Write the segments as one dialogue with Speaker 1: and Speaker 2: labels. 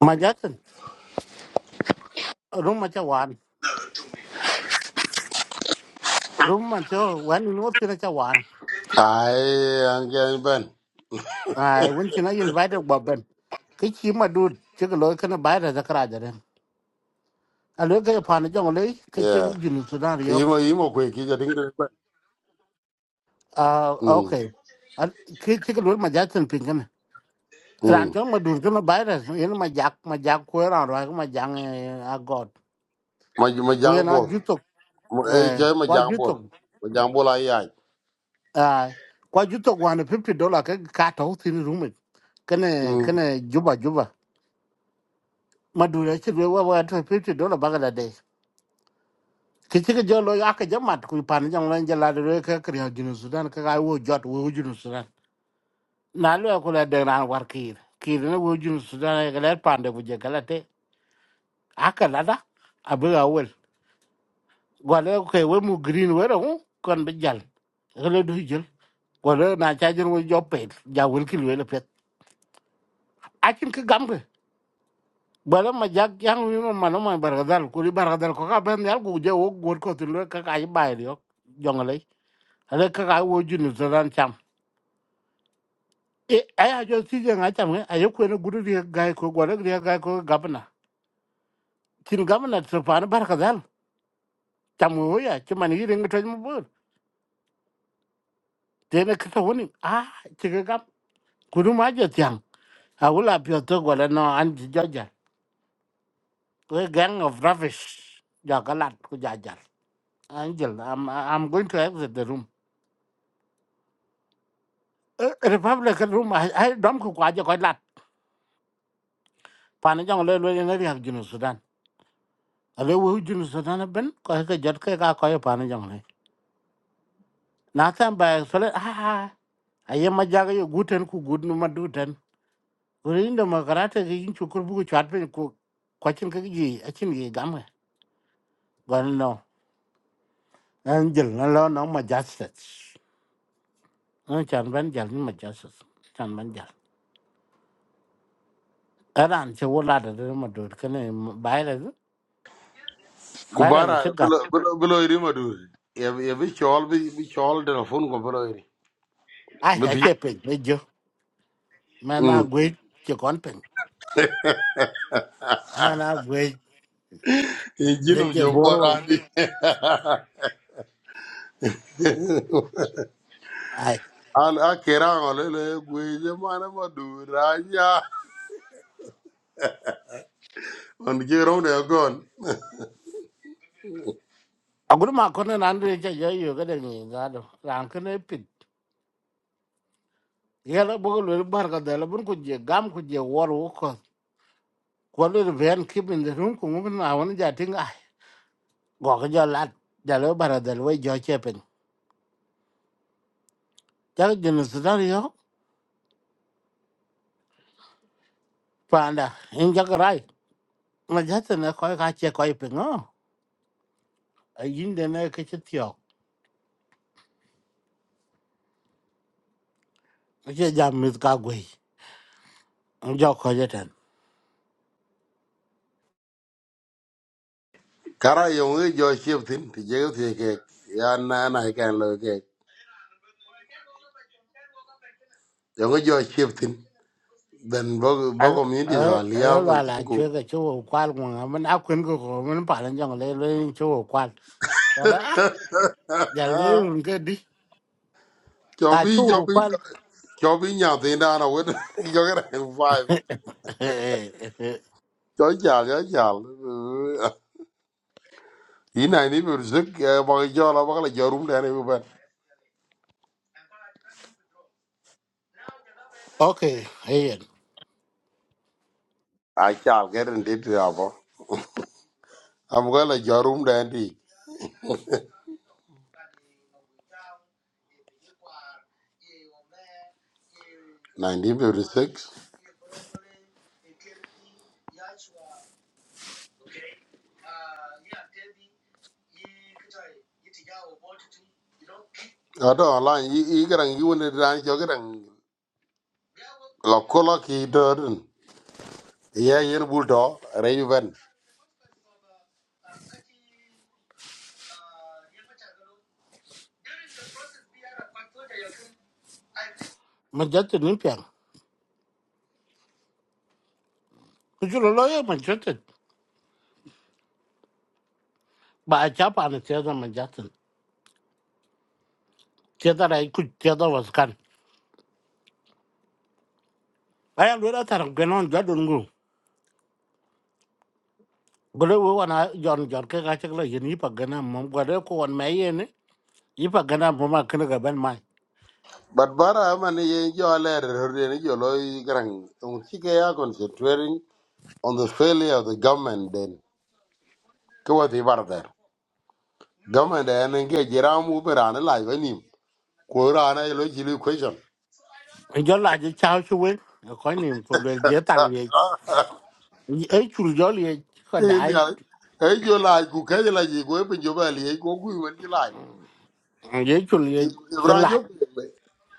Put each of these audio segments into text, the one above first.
Speaker 1: Ma Jackson, room ma chawan, room ma cho wan in what kina chawan.
Speaker 2: Ai an gen ben.
Speaker 1: Ai wun kina invited gobben. Ke chi ma dud, che ko loy kana bayra zakara jare. A loy ke pa na jong le, ke chi
Speaker 2: Yeah.
Speaker 1: junu sudan yo.
Speaker 2: Yimo yimo kwe ki ja ding ding ben.
Speaker 1: Ah
Speaker 2: Mm.
Speaker 1: okay. Al ke chi ko loy ma Jackson pin kana. Ran
Speaker 2: Mm.
Speaker 1: chong ma dud kana bayra, yin ma jak ma jak ko ran ro ma jang a god.
Speaker 2: Ma ma
Speaker 1: Ko
Speaker 2: jang
Speaker 1: yana
Speaker 2: bol.
Speaker 1: jutok
Speaker 2: Ma e
Speaker 1: eh
Speaker 2: je ma
Speaker 1: wa
Speaker 2: jang bol.
Speaker 1: jutok.
Speaker 2: Ma jang bol ai ai.
Speaker 1: Ah kwa jutok wan fifty dollar ke ka to tin room. Kana
Speaker 2: Mm.
Speaker 1: kana juba juba madura ci be wa wa to fifty dollar bangladesh ki ci jo lo aka jamat ku pan jang lan jala de re ka kriya jinu sudan ka ga wo jot wo jinu sudan na lo ko la de ran war kir kir na wo jinu sudan ga le pan de bu je kala te aka la da abu ga wel go le ko we mu green we ro kon be jal ga le du jël go le na cha jël wo joppet ja wel ki le pet akin ka gam Bala ma jak yang wi ma mano ma bargadal kuri bargadal ko ka ben yal ku je wo gor ko tu le ka ka yi bai yo jongale ale ka ka wo junu zaran cham e aya jo si je nga cham ne ayo ko ne guru ri ga ko gor ri ga ko gabna tin gabna tso pa na bargadal cham wo ya ti man yi ringa to mo bur te ne ka to woni a ti ga gab kuru ma je tiang a wula pyo to gole no an ji jaja we gang of rubbish ja galat ku jajar angel i'm i'm going to exit the room Eh, republican room ai ai dom ko kwaje ko lat pana jong le le ne riak jinu sudan ale wo jinu sudan ben ko ka jot ka ka ko pana jong le na tan ba so le a a ye ma jaga yo guten ku gudnu ma duten uri ndo ma karate ge yin chukur bu ku chat pe ku ko chin ka gi a chin gi gam gon no an jil na lo no ma justice an chan ban jal ni ma justice chan ban jal aran che wo la da ma dut ka ne ba ra ba ra
Speaker 2: Kubara
Speaker 1: che gat
Speaker 2: bilo bilo bilo iri ma du. Ye ye bi chol bi bi chol telefon ko bilo iri.
Speaker 1: a a
Speaker 2: Bi.
Speaker 1: che pe ne mana
Speaker 2: Mm.
Speaker 1: gwej ci kon pin mana gwej
Speaker 2: E
Speaker 1: de
Speaker 2: jino
Speaker 1: je
Speaker 2: jo
Speaker 1: borwa
Speaker 2: bora ni.
Speaker 1: ai
Speaker 2: An akera ngole le gwe je mana ma du ranya. On ki ro ne gon.
Speaker 1: aguru ma kon nan de je yo yo ga de ni ga do ran ke ne pin yela bo lo bar ga de la bun ku je gam ku je wor wo ko ko le ben ki bin de run ku mu na won ja tin ai go ga jo lat ja lo bar de lo jo che pin ja je no sudan yo panda in ja ga rai ma ja te ne ko ga che ko pin no ai yin de ne ke che tyo je jam mit ka gwej jo ko je
Speaker 2: Kara yung e jo shifting, ti jego ti ke ya na na ke lo ke. Yung e jo shifting, then bo bo
Speaker 1: Al-
Speaker 2: communities
Speaker 1: al-
Speaker 2: are
Speaker 1: al-
Speaker 2: live and
Speaker 1: ba la
Speaker 2: then go.
Speaker 1: chwe ka chwe wo kwal ngwa man a kwen ko ko man pa lan jong le le chwe wo kwal ya la ah ya le
Speaker 2: Ah,
Speaker 1: run ke di ka
Speaker 2: chobi
Speaker 1: chwe wo
Speaker 2: chobi
Speaker 1: kwal
Speaker 2: chobi nya ti na na wet. Jo ke rang five. Jo chal jo chal. Ina ni bir sik ba jo la ba la jo room da ne ba.
Speaker 1: okay hey
Speaker 2: A chal ke ren dit ya ba. Am ga la jo room da ndi. 1956. Ado online i i garang i wona dan jo garang lo kola ki do ye yen bul to re
Speaker 1: man jat ni pyang ku chu lo ya man jat ba a cha pa na te da man jat te da ra ku te da was kan ay lo da tar gwe non ja dun ngu gole wo wa na jon jon ke ka chak la yin yi pa gana mom gwa de ko wan mai ye ne yi pa gana mom ma kan ga ban
Speaker 2: but bara man ye jo le re ni jo lo gran un chi ya concentrating on the failure of the government then ko wa ti bar der government en ge jira mu bra na la ni ko ra na lo ji lu question
Speaker 1: jo la je chao chuwe ko ni ko le je ta le e chu jo le ko
Speaker 2: en
Speaker 1: dai
Speaker 2: ya e jo la ku ke la ji ko pe jo ba li ko ku wen ji la
Speaker 1: ye chu le je
Speaker 2: ibran
Speaker 1: la
Speaker 2: jo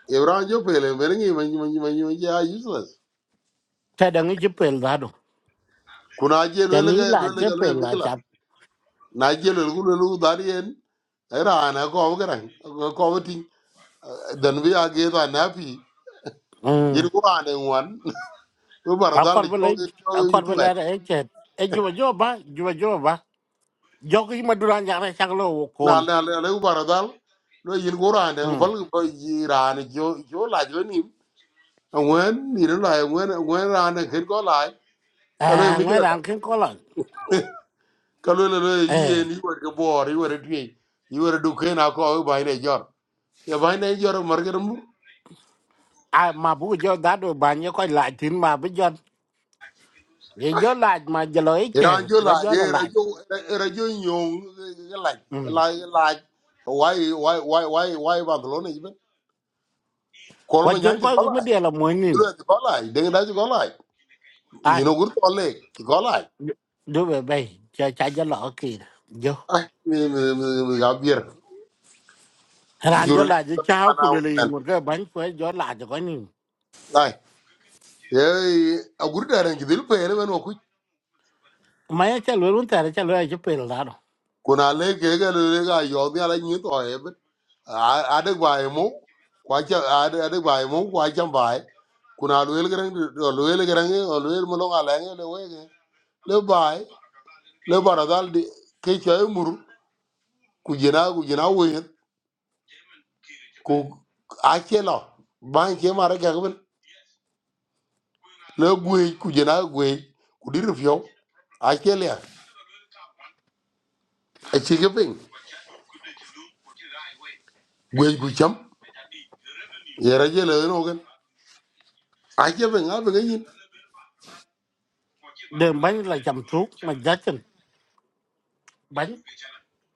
Speaker 2: ibran jo pe le ber ni man man man ya useless
Speaker 1: ta da ngi je pel da do
Speaker 2: kuna je
Speaker 1: ta
Speaker 2: lo le
Speaker 1: ni
Speaker 2: ga
Speaker 1: la
Speaker 2: lo le
Speaker 1: je
Speaker 2: ga lo
Speaker 1: pel la cha
Speaker 2: mikla na jelo gulo lu darien era ana ko gran ko tin dan bi age da na fi
Speaker 1: mm
Speaker 2: yir ko ane wan u
Speaker 1: a
Speaker 2: bar dal
Speaker 1: kor
Speaker 2: di
Speaker 1: bele
Speaker 2: ko
Speaker 1: a
Speaker 2: ko
Speaker 1: kor bele
Speaker 2: yutuet
Speaker 1: e che e ju jo ba ju jo ba jo ki ma duran ja na chak lo kon
Speaker 2: na na le u bar dal lo yir ko ane bal ko yiran jo jo la jo ni wen ni la wen wen ane ken ko la ka lo
Speaker 1: à
Speaker 2: mi
Speaker 1: ngoài
Speaker 2: kra
Speaker 1: ra ran có ko
Speaker 2: ka lo lo
Speaker 1: Ờ, eh
Speaker 2: yi ni wer ko bor yi wer twi yi wer du ken ko ba ne jor ya ba ne jor mar
Speaker 1: mà ma bu đã da do ba ni ko la mà bây giờ, jo ye jo mà giờ je lo e che
Speaker 2: Iran yo
Speaker 1: là
Speaker 2: la
Speaker 1: jo
Speaker 2: ye ra yo ra yo nyong la
Speaker 1: Ừ,
Speaker 2: la la why why why why why Barcelona even call
Speaker 1: la
Speaker 2: me
Speaker 1: chuyện
Speaker 2: nyanji
Speaker 1: coi
Speaker 2: go
Speaker 1: jen
Speaker 2: la
Speaker 1: ko mi là la mo
Speaker 2: you know
Speaker 1: ni
Speaker 2: go la de da go la you know good to le go la
Speaker 1: du bé bay cha cha cho lọ ki jo
Speaker 2: ai me me me gabier
Speaker 1: ran cho
Speaker 2: juro
Speaker 1: la cho cháu ku
Speaker 2: ana
Speaker 1: le le
Speaker 2: wan
Speaker 1: ngur cái bánh ko jo la cho ko ni
Speaker 2: ai ye a gurda ran gidil pe re no ku
Speaker 1: mấy ya cha lo run ta ra cha lo ya pe là do
Speaker 2: kuna le ke ga le ga yo bi ala nyi to a a de gwaye mo, kwa cha a de gwaye mo, kwa cha bai kuna luel gran luel gran luel mo longa lange le wege le bai le baradal di ke cha mur ku jina ku jina wen ku a che lo ban che mara ga ben le gwe ku jina gwe ku dir fyo a che le a che ke ping gwe ku cham yera je le no gen a che ben a ben yin
Speaker 1: de bánh la cham tru mà ja tin bánh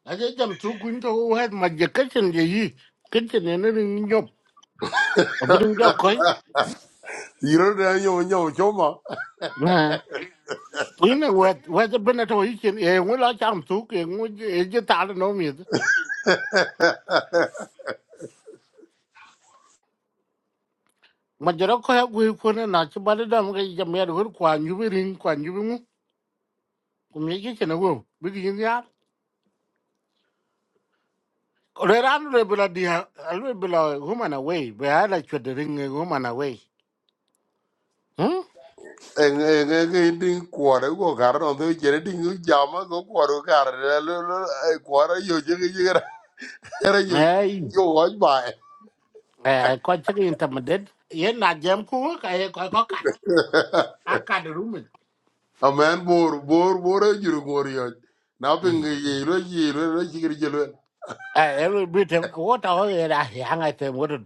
Speaker 1: a ja cham tru ku ni hết mà ma cái ka gì cái yi này nó ne ne ở bên a bu ding jo ko
Speaker 2: yiro da yo nyo choma
Speaker 1: na ku ni wa wa ja ben to yi chen e ngu la cham tru ke ngu e je ta no mi ma ja ro ko ha ku ku na na chi ba da ma ga ja me ru kwa nyu bi rin kwa như bi ngu ku me cái chen wo bi gi ni Red and rebel di a little below woman away, but I like to ring a woman away. Hmm?
Speaker 2: ding cuore go caro non dove c'era ding un giamma go cuore caro cuore io c'è che c'era era io
Speaker 1: Hey,
Speaker 2: io oggi mai
Speaker 1: uh, quite intimidated. You're not jam cook, I got I got a room.
Speaker 2: a man bor bor bor e giuro cuore io na ping eh,
Speaker 1: I
Speaker 2: ye lo ye lo lo ci che gelo
Speaker 1: every bit of water I hang at them water.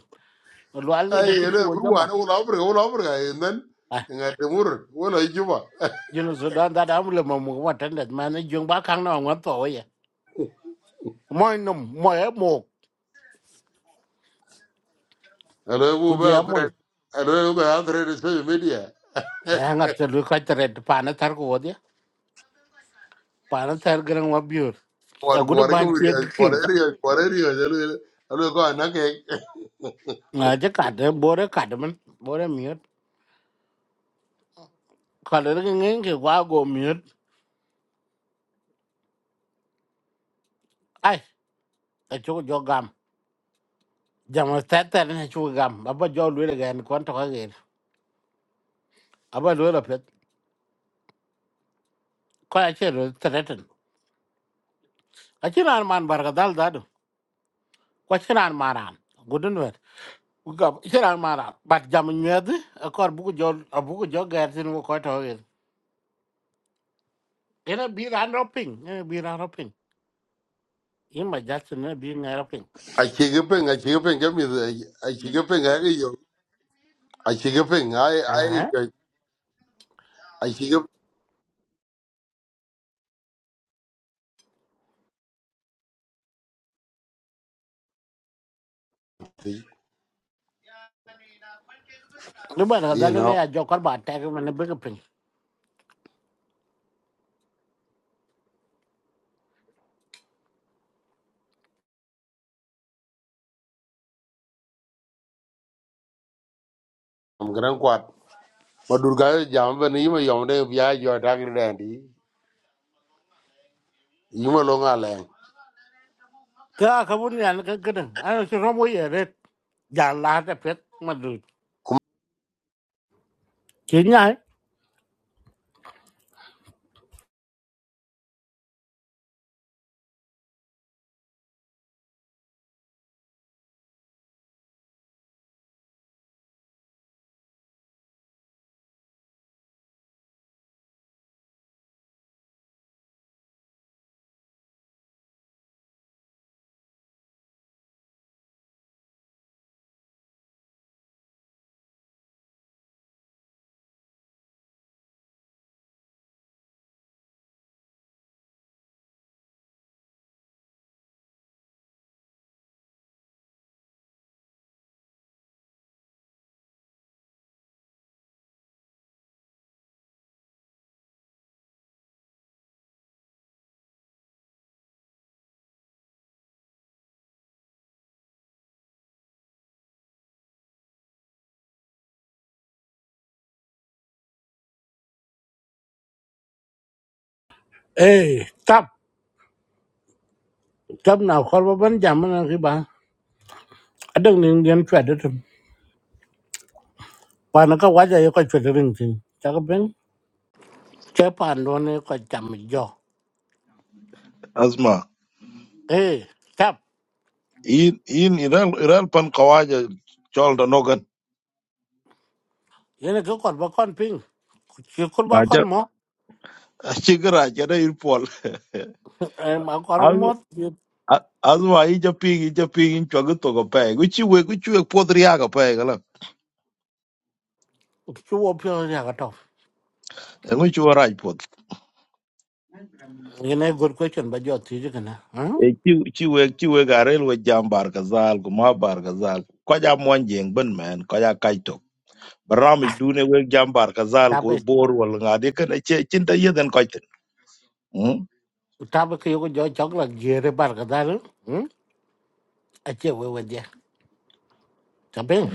Speaker 1: Well, in the
Speaker 2: ai
Speaker 1: kitchen
Speaker 2: lo
Speaker 1: was your
Speaker 2: grua
Speaker 1: man.
Speaker 2: no la pre la pre e nan nga te mur o la juba
Speaker 1: You know, so done that I'm the mom what and that man, young back hang on one for you. Moi no, moi mo,
Speaker 2: allo bu
Speaker 1: could you
Speaker 2: ba
Speaker 1: have moi?
Speaker 2: tre allo ba tre de social media
Speaker 1: Hang at the look at the red panatar go there. Panatar grand wabure. A
Speaker 2: cuore
Speaker 1: good
Speaker 2: cuore che mi
Speaker 1: bunch of
Speaker 2: cuore
Speaker 1: kids.
Speaker 2: io cuore io allo allo go na
Speaker 1: à chắc cả thế bố đấy cả đấy mình bố đấy miết cả đấy cái nghe cái quá gồm miết ai ở chỗ cho gam giờ mà tết tết này chỗ gam bà bà cho lưỡi là gẹn quan trọng cái à bà bà lưỡi là phết coi ai chơi rồi tết tết à chứ nào mà ăn màn bà cái dal đó đâu coi chứ nào mà ăn guten vậy gặp chứ nào mà ăn bắt giờ mình miết à còn bố cho à bố cho gẹn thì nó coi trọng cái cái nó bị ran shopping cái bị ran shopping nhưng mà chắc là bị ngay shopping
Speaker 2: I Achigaping, achigaping, give me the achigaping. I you achigaping. I
Speaker 1: à
Speaker 2: I I achigaping.
Speaker 1: lúc bà cái
Speaker 2: You
Speaker 1: dal này
Speaker 2: know,
Speaker 1: à cho con bà tag mình nó bị cái ping
Speaker 2: I'm gonna quat. But Durga jamba ni ma yomde biya jo tagri dandi. Yuma longa lang.
Speaker 1: ka ka bun yan ka ka dang ano si romo ye ret ja la ta pet ma du
Speaker 2: Kum
Speaker 1: ki nya e tap tap na khol ba ban jam na ki ba adang ning gen chwa de tum pa na ka wa ja ye ko chwa de ring tin ta ka ben che pa no ne ko jam jo
Speaker 3: Asma,
Speaker 1: e tap
Speaker 3: in in iral iral pan kawaja chol da nogan.
Speaker 1: ye na ka kon ba kon ping ki kon ba kon
Speaker 3: Maja
Speaker 1: mo
Speaker 3: chigara jada irpol.
Speaker 1: e ma kon ko ro mo
Speaker 3: Azu a- azma i japing i japing in chogu to go pay. Guchi we guchi we podriya go pay gala.
Speaker 1: ki wo pyo ya ka to
Speaker 3: Guchi we raj pod.
Speaker 1: ye na good question ba jo ti ji kana
Speaker 3: E
Speaker 1: ha
Speaker 3: chi chi we chi we garel we jam bar gazal guma bar gazal. Kaja monjeng ben man kaja kaito. Barami dune we jam bar gazal
Speaker 1: ta
Speaker 3: ko
Speaker 1: be
Speaker 3: bor wal ngadi kan e chinta yeden kaitin.
Speaker 1: ta be ki yo ko jo chok la ge re bar ka da Ache wewe dia. Tapin.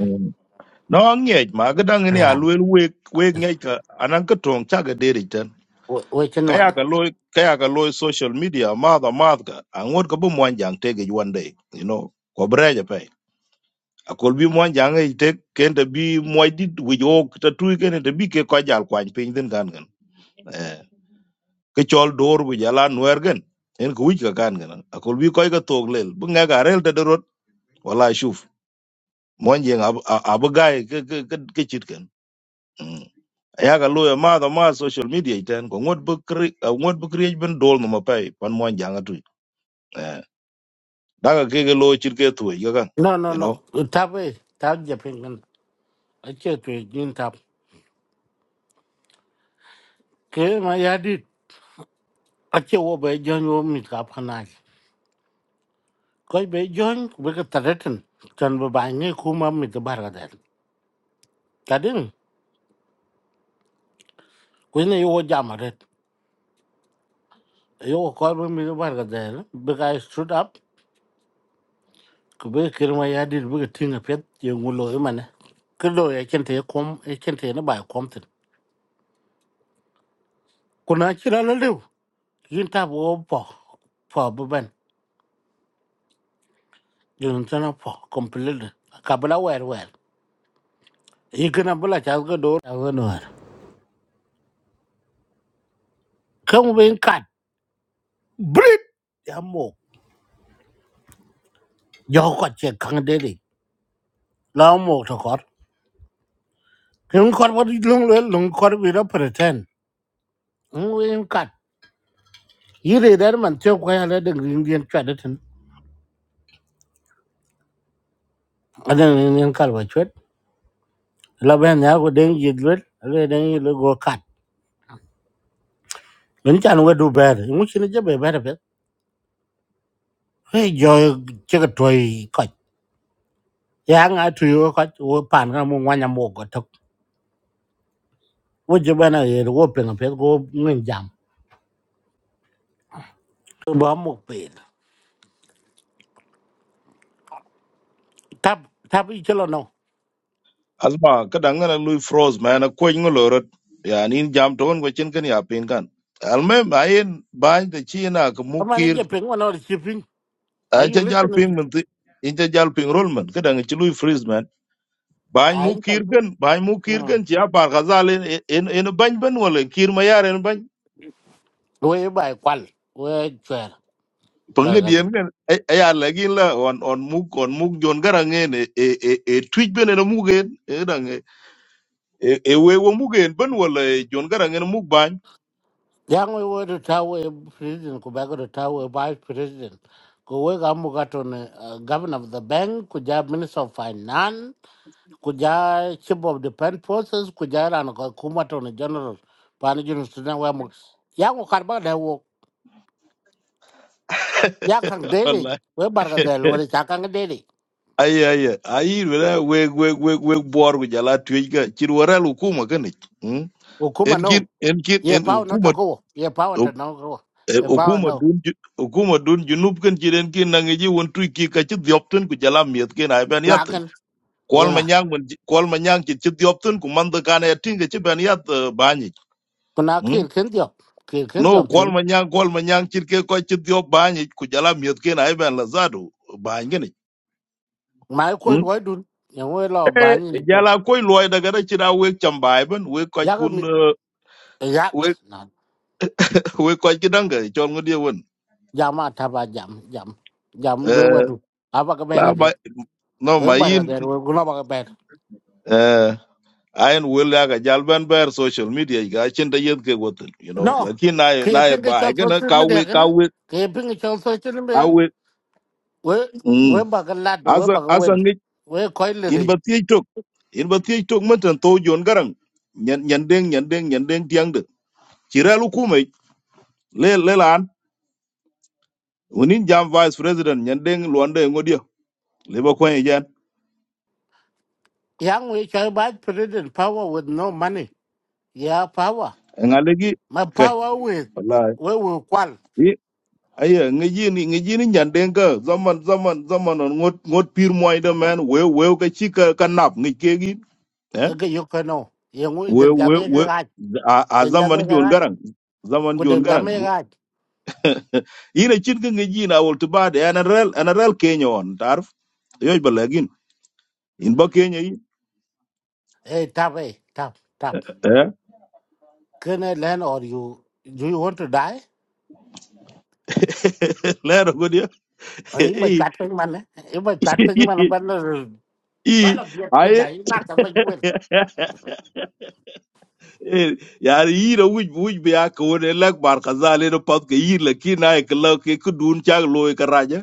Speaker 3: no ngej ma ga dang ni alwel wek wek ngej ka anan ka tong cha ga deri ten
Speaker 1: We chen wan.
Speaker 3: kaya ka loy kaya ka loy social media ma da ma ka angot ka bu mwan jang te ge one day you know ko bre ja pe akol bi mwan jang e te ken te bi moy dit wi jo ta tu ken te bi ke ko jal kwan pin den gan gan eh ke chol dor wi jala nwer gen en ku wi ka gan gan akol bi ko ga tog lel bu nga ga rel te derot wala shuf mwan jang ab ab ga ke ke ke chit ken yaga luya madho ma social media iten ko ngot bu kri ngot bu kriej ben dol no mapai pan mo janga tu eh daga ke ke lo chir ke tu yaga
Speaker 1: No Waiting one. no
Speaker 3: you know
Speaker 1: no. Tape. Tap japin kan. Ache tu jin tap. Ke ma yadi. Ache wo be jon wo mit kap khanai. Koi be jon be ka taratan. Chan be ba nge kuma mit bar ga dal. Tadin. Koi ne yo jamaret. Yo koi be mit bar ga dal. Be cái bà cái đấy bé cái stood up. cái Ku be kir ma yadi be ka tinga pet ye ngulo imane. Kudo ya kente kom nó kente ne ba cô tin. chỉ là la yin ta bo po po bu ben yin ta na po completely ka bla wer wer yi kana bla cha ga do ta ga no ka mu ben kat brit ya mo yo ko che kang de de la mo to kor kin kor bo lung le lung kor bi ra pretend mu ben kat yi re der man te ko ya le de ring dien cha de tin a de ring dien kal ba chwet la ben ya ko den yi dwet le den yi le go kat lun chan we du ber mu chin je be ber be hey yo che ga toy yang a tu yo ka wo pan ka mo wanya mo ko tok wo je bana ye wo pe na pe go ngin jam to ba mo pe tap tap i chelo no
Speaker 3: asma kada ngana lui froze man a ko ngolo rot ya nin jam ton ko chin kan ya pin kan alme bayin bayin de china ko
Speaker 1: ama ne
Speaker 3: mukir
Speaker 1: je pe ngono ri chi pin
Speaker 3: a
Speaker 1: are you
Speaker 3: cha jal
Speaker 1: listening to
Speaker 3: pin man ti in cha jal pin rol man kada ngi lui freeze man bayin
Speaker 1: ai
Speaker 3: mukir
Speaker 1: tal
Speaker 3: kan bayin mukir kan ya par gazal en en bany ben wala kir ma yar en
Speaker 1: wo ye bai kwal wo chwer ba
Speaker 3: pange
Speaker 1: ga de
Speaker 3: dien kan aya lagi la on on muk on muk jon garangen e e e e twitch bene no mugen e dang e e we wo mugen ben wala e jon garangen muk ban
Speaker 1: yang wo wo do ta wo president ko ba go ta wo vice president ko we ga mo ga to ne governor of the bank ko ja minister of finance kuja chief of defense forces kuja ran ko kuma to ne general pani jun sudan wa mu ya ko karba da wo ya kan dele
Speaker 3: wallahi
Speaker 1: we barga da lo ne cha kan dele
Speaker 3: ay ay ay wala we we we we bor gu jala twitch ga cir waral hukuma kan eh, hmm.
Speaker 1: o kuma
Speaker 3: en kin
Speaker 1: no
Speaker 3: en kin
Speaker 1: ye
Speaker 3: en
Speaker 1: paw na to
Speaker 3: hukuma
Speaker 1: ko ye paw ta no ko ye paw
Speaker 3: hukuma
Speaker 1: no
Speaker 3: dun ju- hukuma dun junub kan cir en kin nangi ji won twitch ki ka ci diopten gu jala miet ken ay
Speaker 1: nga
Speaker 3: ben
Speaker 1: kan ye
Speaker 3: kwal
Speaker 1: nga
Speaker 3: manyang mun kwal manyang ci ci diop tun ku man da kane tinga ci ben yat bani
Speaker 1: kuna kir
Speaker 3: no
Speaker 1: kin dio kir kin dio
Speaker 3: kwal
Speaker 1: tin
Speaker 3: manyang kwal manyang ci ke ko ci diop bani ku jala miet ken ay ben la zadu bani ngene
Speaker 1: mai ko lo dun ye we lo ban
Speaker 3: eh
Speaker 1: ni ko
Speaker 3: jala koy loy daga da ci da we cham bay ben we ko
Speaker 1: ya ga
Speaker 3: kun
Speaker 1: mi ya
Speaker 3: we
Speaker 1: na
Speaker 3: we ko ci danga ci ngudi won
Speaker 1: jama ta ba jam jam jam le wa
Speaker 3: eh
Speaker 1: du aba ka
Speaker 3: la
Speaker 1: bere pet
Speaker 3: ba no
Speaker 1: we barga
Speaker 3: mayin
Speaker 1: da wo guna ba
Speaker 3: eh ayen wel ya ga jal ben ber social media ga cin da yet ke gotel you know
Speaker 1: No,
Speaker 3: lakin na na
Speaker 1: kepin ke
Speaker 3: ba
Speaker 1: chal
Speaker 3: gana
Speaker 1: sochil
Speaker 3: ka
Speaker 1: me
Speaker 3: we
Speaker 1: dekhe
Speaker 3: ka
Speaker 1: na,
Speaker 3: we
Speaker 1: kepin ke chal sochil
Speaker 3: ka
Speaker 1: me,
Speaker 3: we
Speaker 1: we
Speaker 3: mm
Speaker 1: we baga lad, we
Speaker 3: asa
Speaker 1: baga
Speaker 3: asa
Speaker 1: win,
Speaker 3: ngi
Speaker 1: we coil
Speaker 3: in ba
Speaker 1: re.
Speaker 3: tiye tok in ba tiye tok man tan to jon garang nyen nyen deng nyen deng nyen deng tiang de ci relu kuma le le lan woni jam vice president nyen deng luande ngodia le ba ko yen
Speaker 1: Yang we chai bad president power with no money. Yeah, power.
Speaker 3: ngalegi
Speaker 1: My
Speaker 3: kay
Speaker 1: power with
Speaker 3: wallahi
Speaker 1: we we kwal.
Speaker 3: yi aye ngi jini ngi jini nyen deng ka zaman zaman zaman on ngot ngot pir moy de man we we ka ci ka kanap ngi kegi eh
Speaker 1: Ege yuko no. Yang we
Speaker 3: we
Speaker 1: deng
Speaker 3: we
Speaker 1: jane
Speaker 3: we
Speaker 1: ke gaj,
Speaker 3: a a
Speaker 1: deng
Speaker 3: zaman
Speaker 1: jane ke
Speaker 3: jon
Speaker 1: gaj,
Speaker 3: garang zaman
Speaker 1: ku
Speaker 3: jon
Speaker 1: deng dame
Speaker 3: garang
Speaker 1: ke gaj.
Speaker 3: ina chin ka ngeji na wol to bade ana rel ana rel kenya on tarf yoy balagin in ba kenya yi
Speaker 1: Hey, tap, hey, tap, tap.
Speaker 3: eh
Speaker 1: Can I land or you, do you want to die?
Speaker 3: lero godia
Speaker 1: Ay, mà
Speaker 3: i
Speaker 1: chặt bên mình ấy, mà chặt bên mình là bên là
Speaker 3: i
Speaker 1: bên là biết cái
Speaker 3: ay
Speaker 1: giấy nát ở bên quên.
Speaker 3: yar yi ra wuj wuj be ak won lak bar khazale no pat ke yi la ki na ek la ke ku dun chag loy ka raja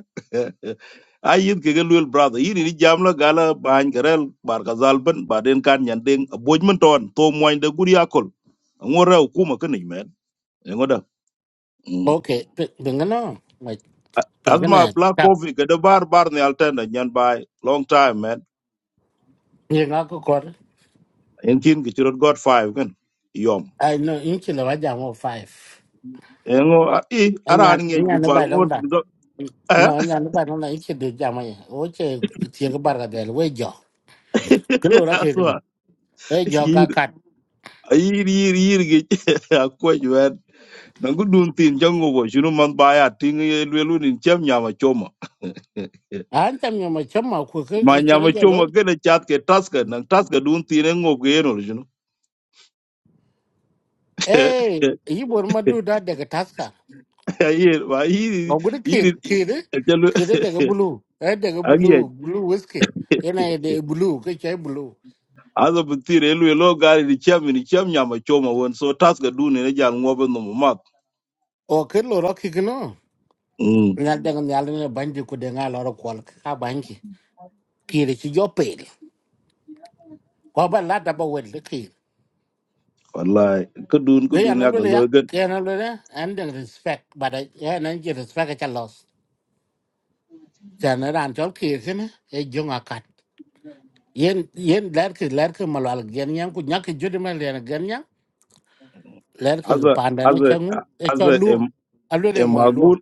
Speaker 3: ay yit ke gelul brother yi ni jam la gala ban garel bar khazal ban baden kan nyandeng boj mun ton to moy de guri akol ngora kuma kan ni men Mm.
Speaker 1: Okay, pengen no, like pengen
Speaker 3: Asma
Speaker 1: eh,
Speaker 3: Black
Speaker 1: tap.
Speaker 3: Coffee kada bar bar ni altenda nyan bai long time man.
Speaker 1: Ni ngak aku kor.
Speaker 3: En kin ki chirot got five kan yom.
Speaker 1: I know inci lewa jam o five.
Speaker 3: Engo a- i
Speaker 1: Anya,
Speaker 3: aran ngi
Speaker 1: anya ne
Speaker 3: gubal
Speaker 1: bai dong
Speaker 3: ngot
Speaker 1: dan.
Speaker 3: do eh
Speaker 1: No, anya ne bai dong dan inci du jam ay. Oce tiya ke bar kadel, we jo. Kelu rak kiri.
Speaker 3: asma
Speaker 1: We jo
Speaker 3: yir
Speaker 1: kakat.
Speaker 3: yir yir yir gi akwa jwen. Nangu dun tin jango bo shinu man baya ting ye lwelu nin chem nyama choma.
Speaker 1: Ancam yang macam mau ku ke
Speaker 3: Ma
Speaker 1: istilah
Speaker 3: nyama choma
Speaker 1: jaloi.
Speaker 3: gede chat ke taska nang taska dun tin engo ge eno shinu.
Speaker 1: Eh, ini baru madu dah dekat taska.
Speaker 3: Yir ma yir
Speaker 1: Ngau gude
Speaker 3: yir
Speaker 1: kiri, kiri, kiri
Speaker 3: yir-
Speaker 1: dekat blue, Eh, dekat
Speaker 3: Agiye
Speaker 1: blue, blue whisky. Ena dekat bulu, ke cai bulu.
Speaker 3: Azo bitire elu elo gari di chem ni chem nyama choma won so tas ga dun ne jang ngobe no mat.
Speaker 1: Oh, kelu ra kiri no.
Speaker 3: Mm
Speaker 1: ngal de ngal ne bandi ku de ngal ro kol ka banki kire ci jopel ko ba la da ba wel ki
Speaker 3: wallahi ka dun ka
Speaker 1: ke ya
Speaker 3: dun
Speaker 1: na
Speaker 3: ya ga
Speaker 1: lule ya
Speaker 3: lo gan.
Speaker 1: ke na lule and then respect but I ya na ji respect ka los ja na ran tol ki ken e jonga kat yen yen ler ki ler ki malal gen yan ku nyak jodi ma len gen yan ler ki
Speaker 3: Azo
Speaker 1: panda no
Speaker 3: azo
Speaker 1: changu e cho
Speaker 3: azo em
Speaker 1: lu a lule
Speaker 3: em
Speaker 1: mo e lu
Speaker 3: magul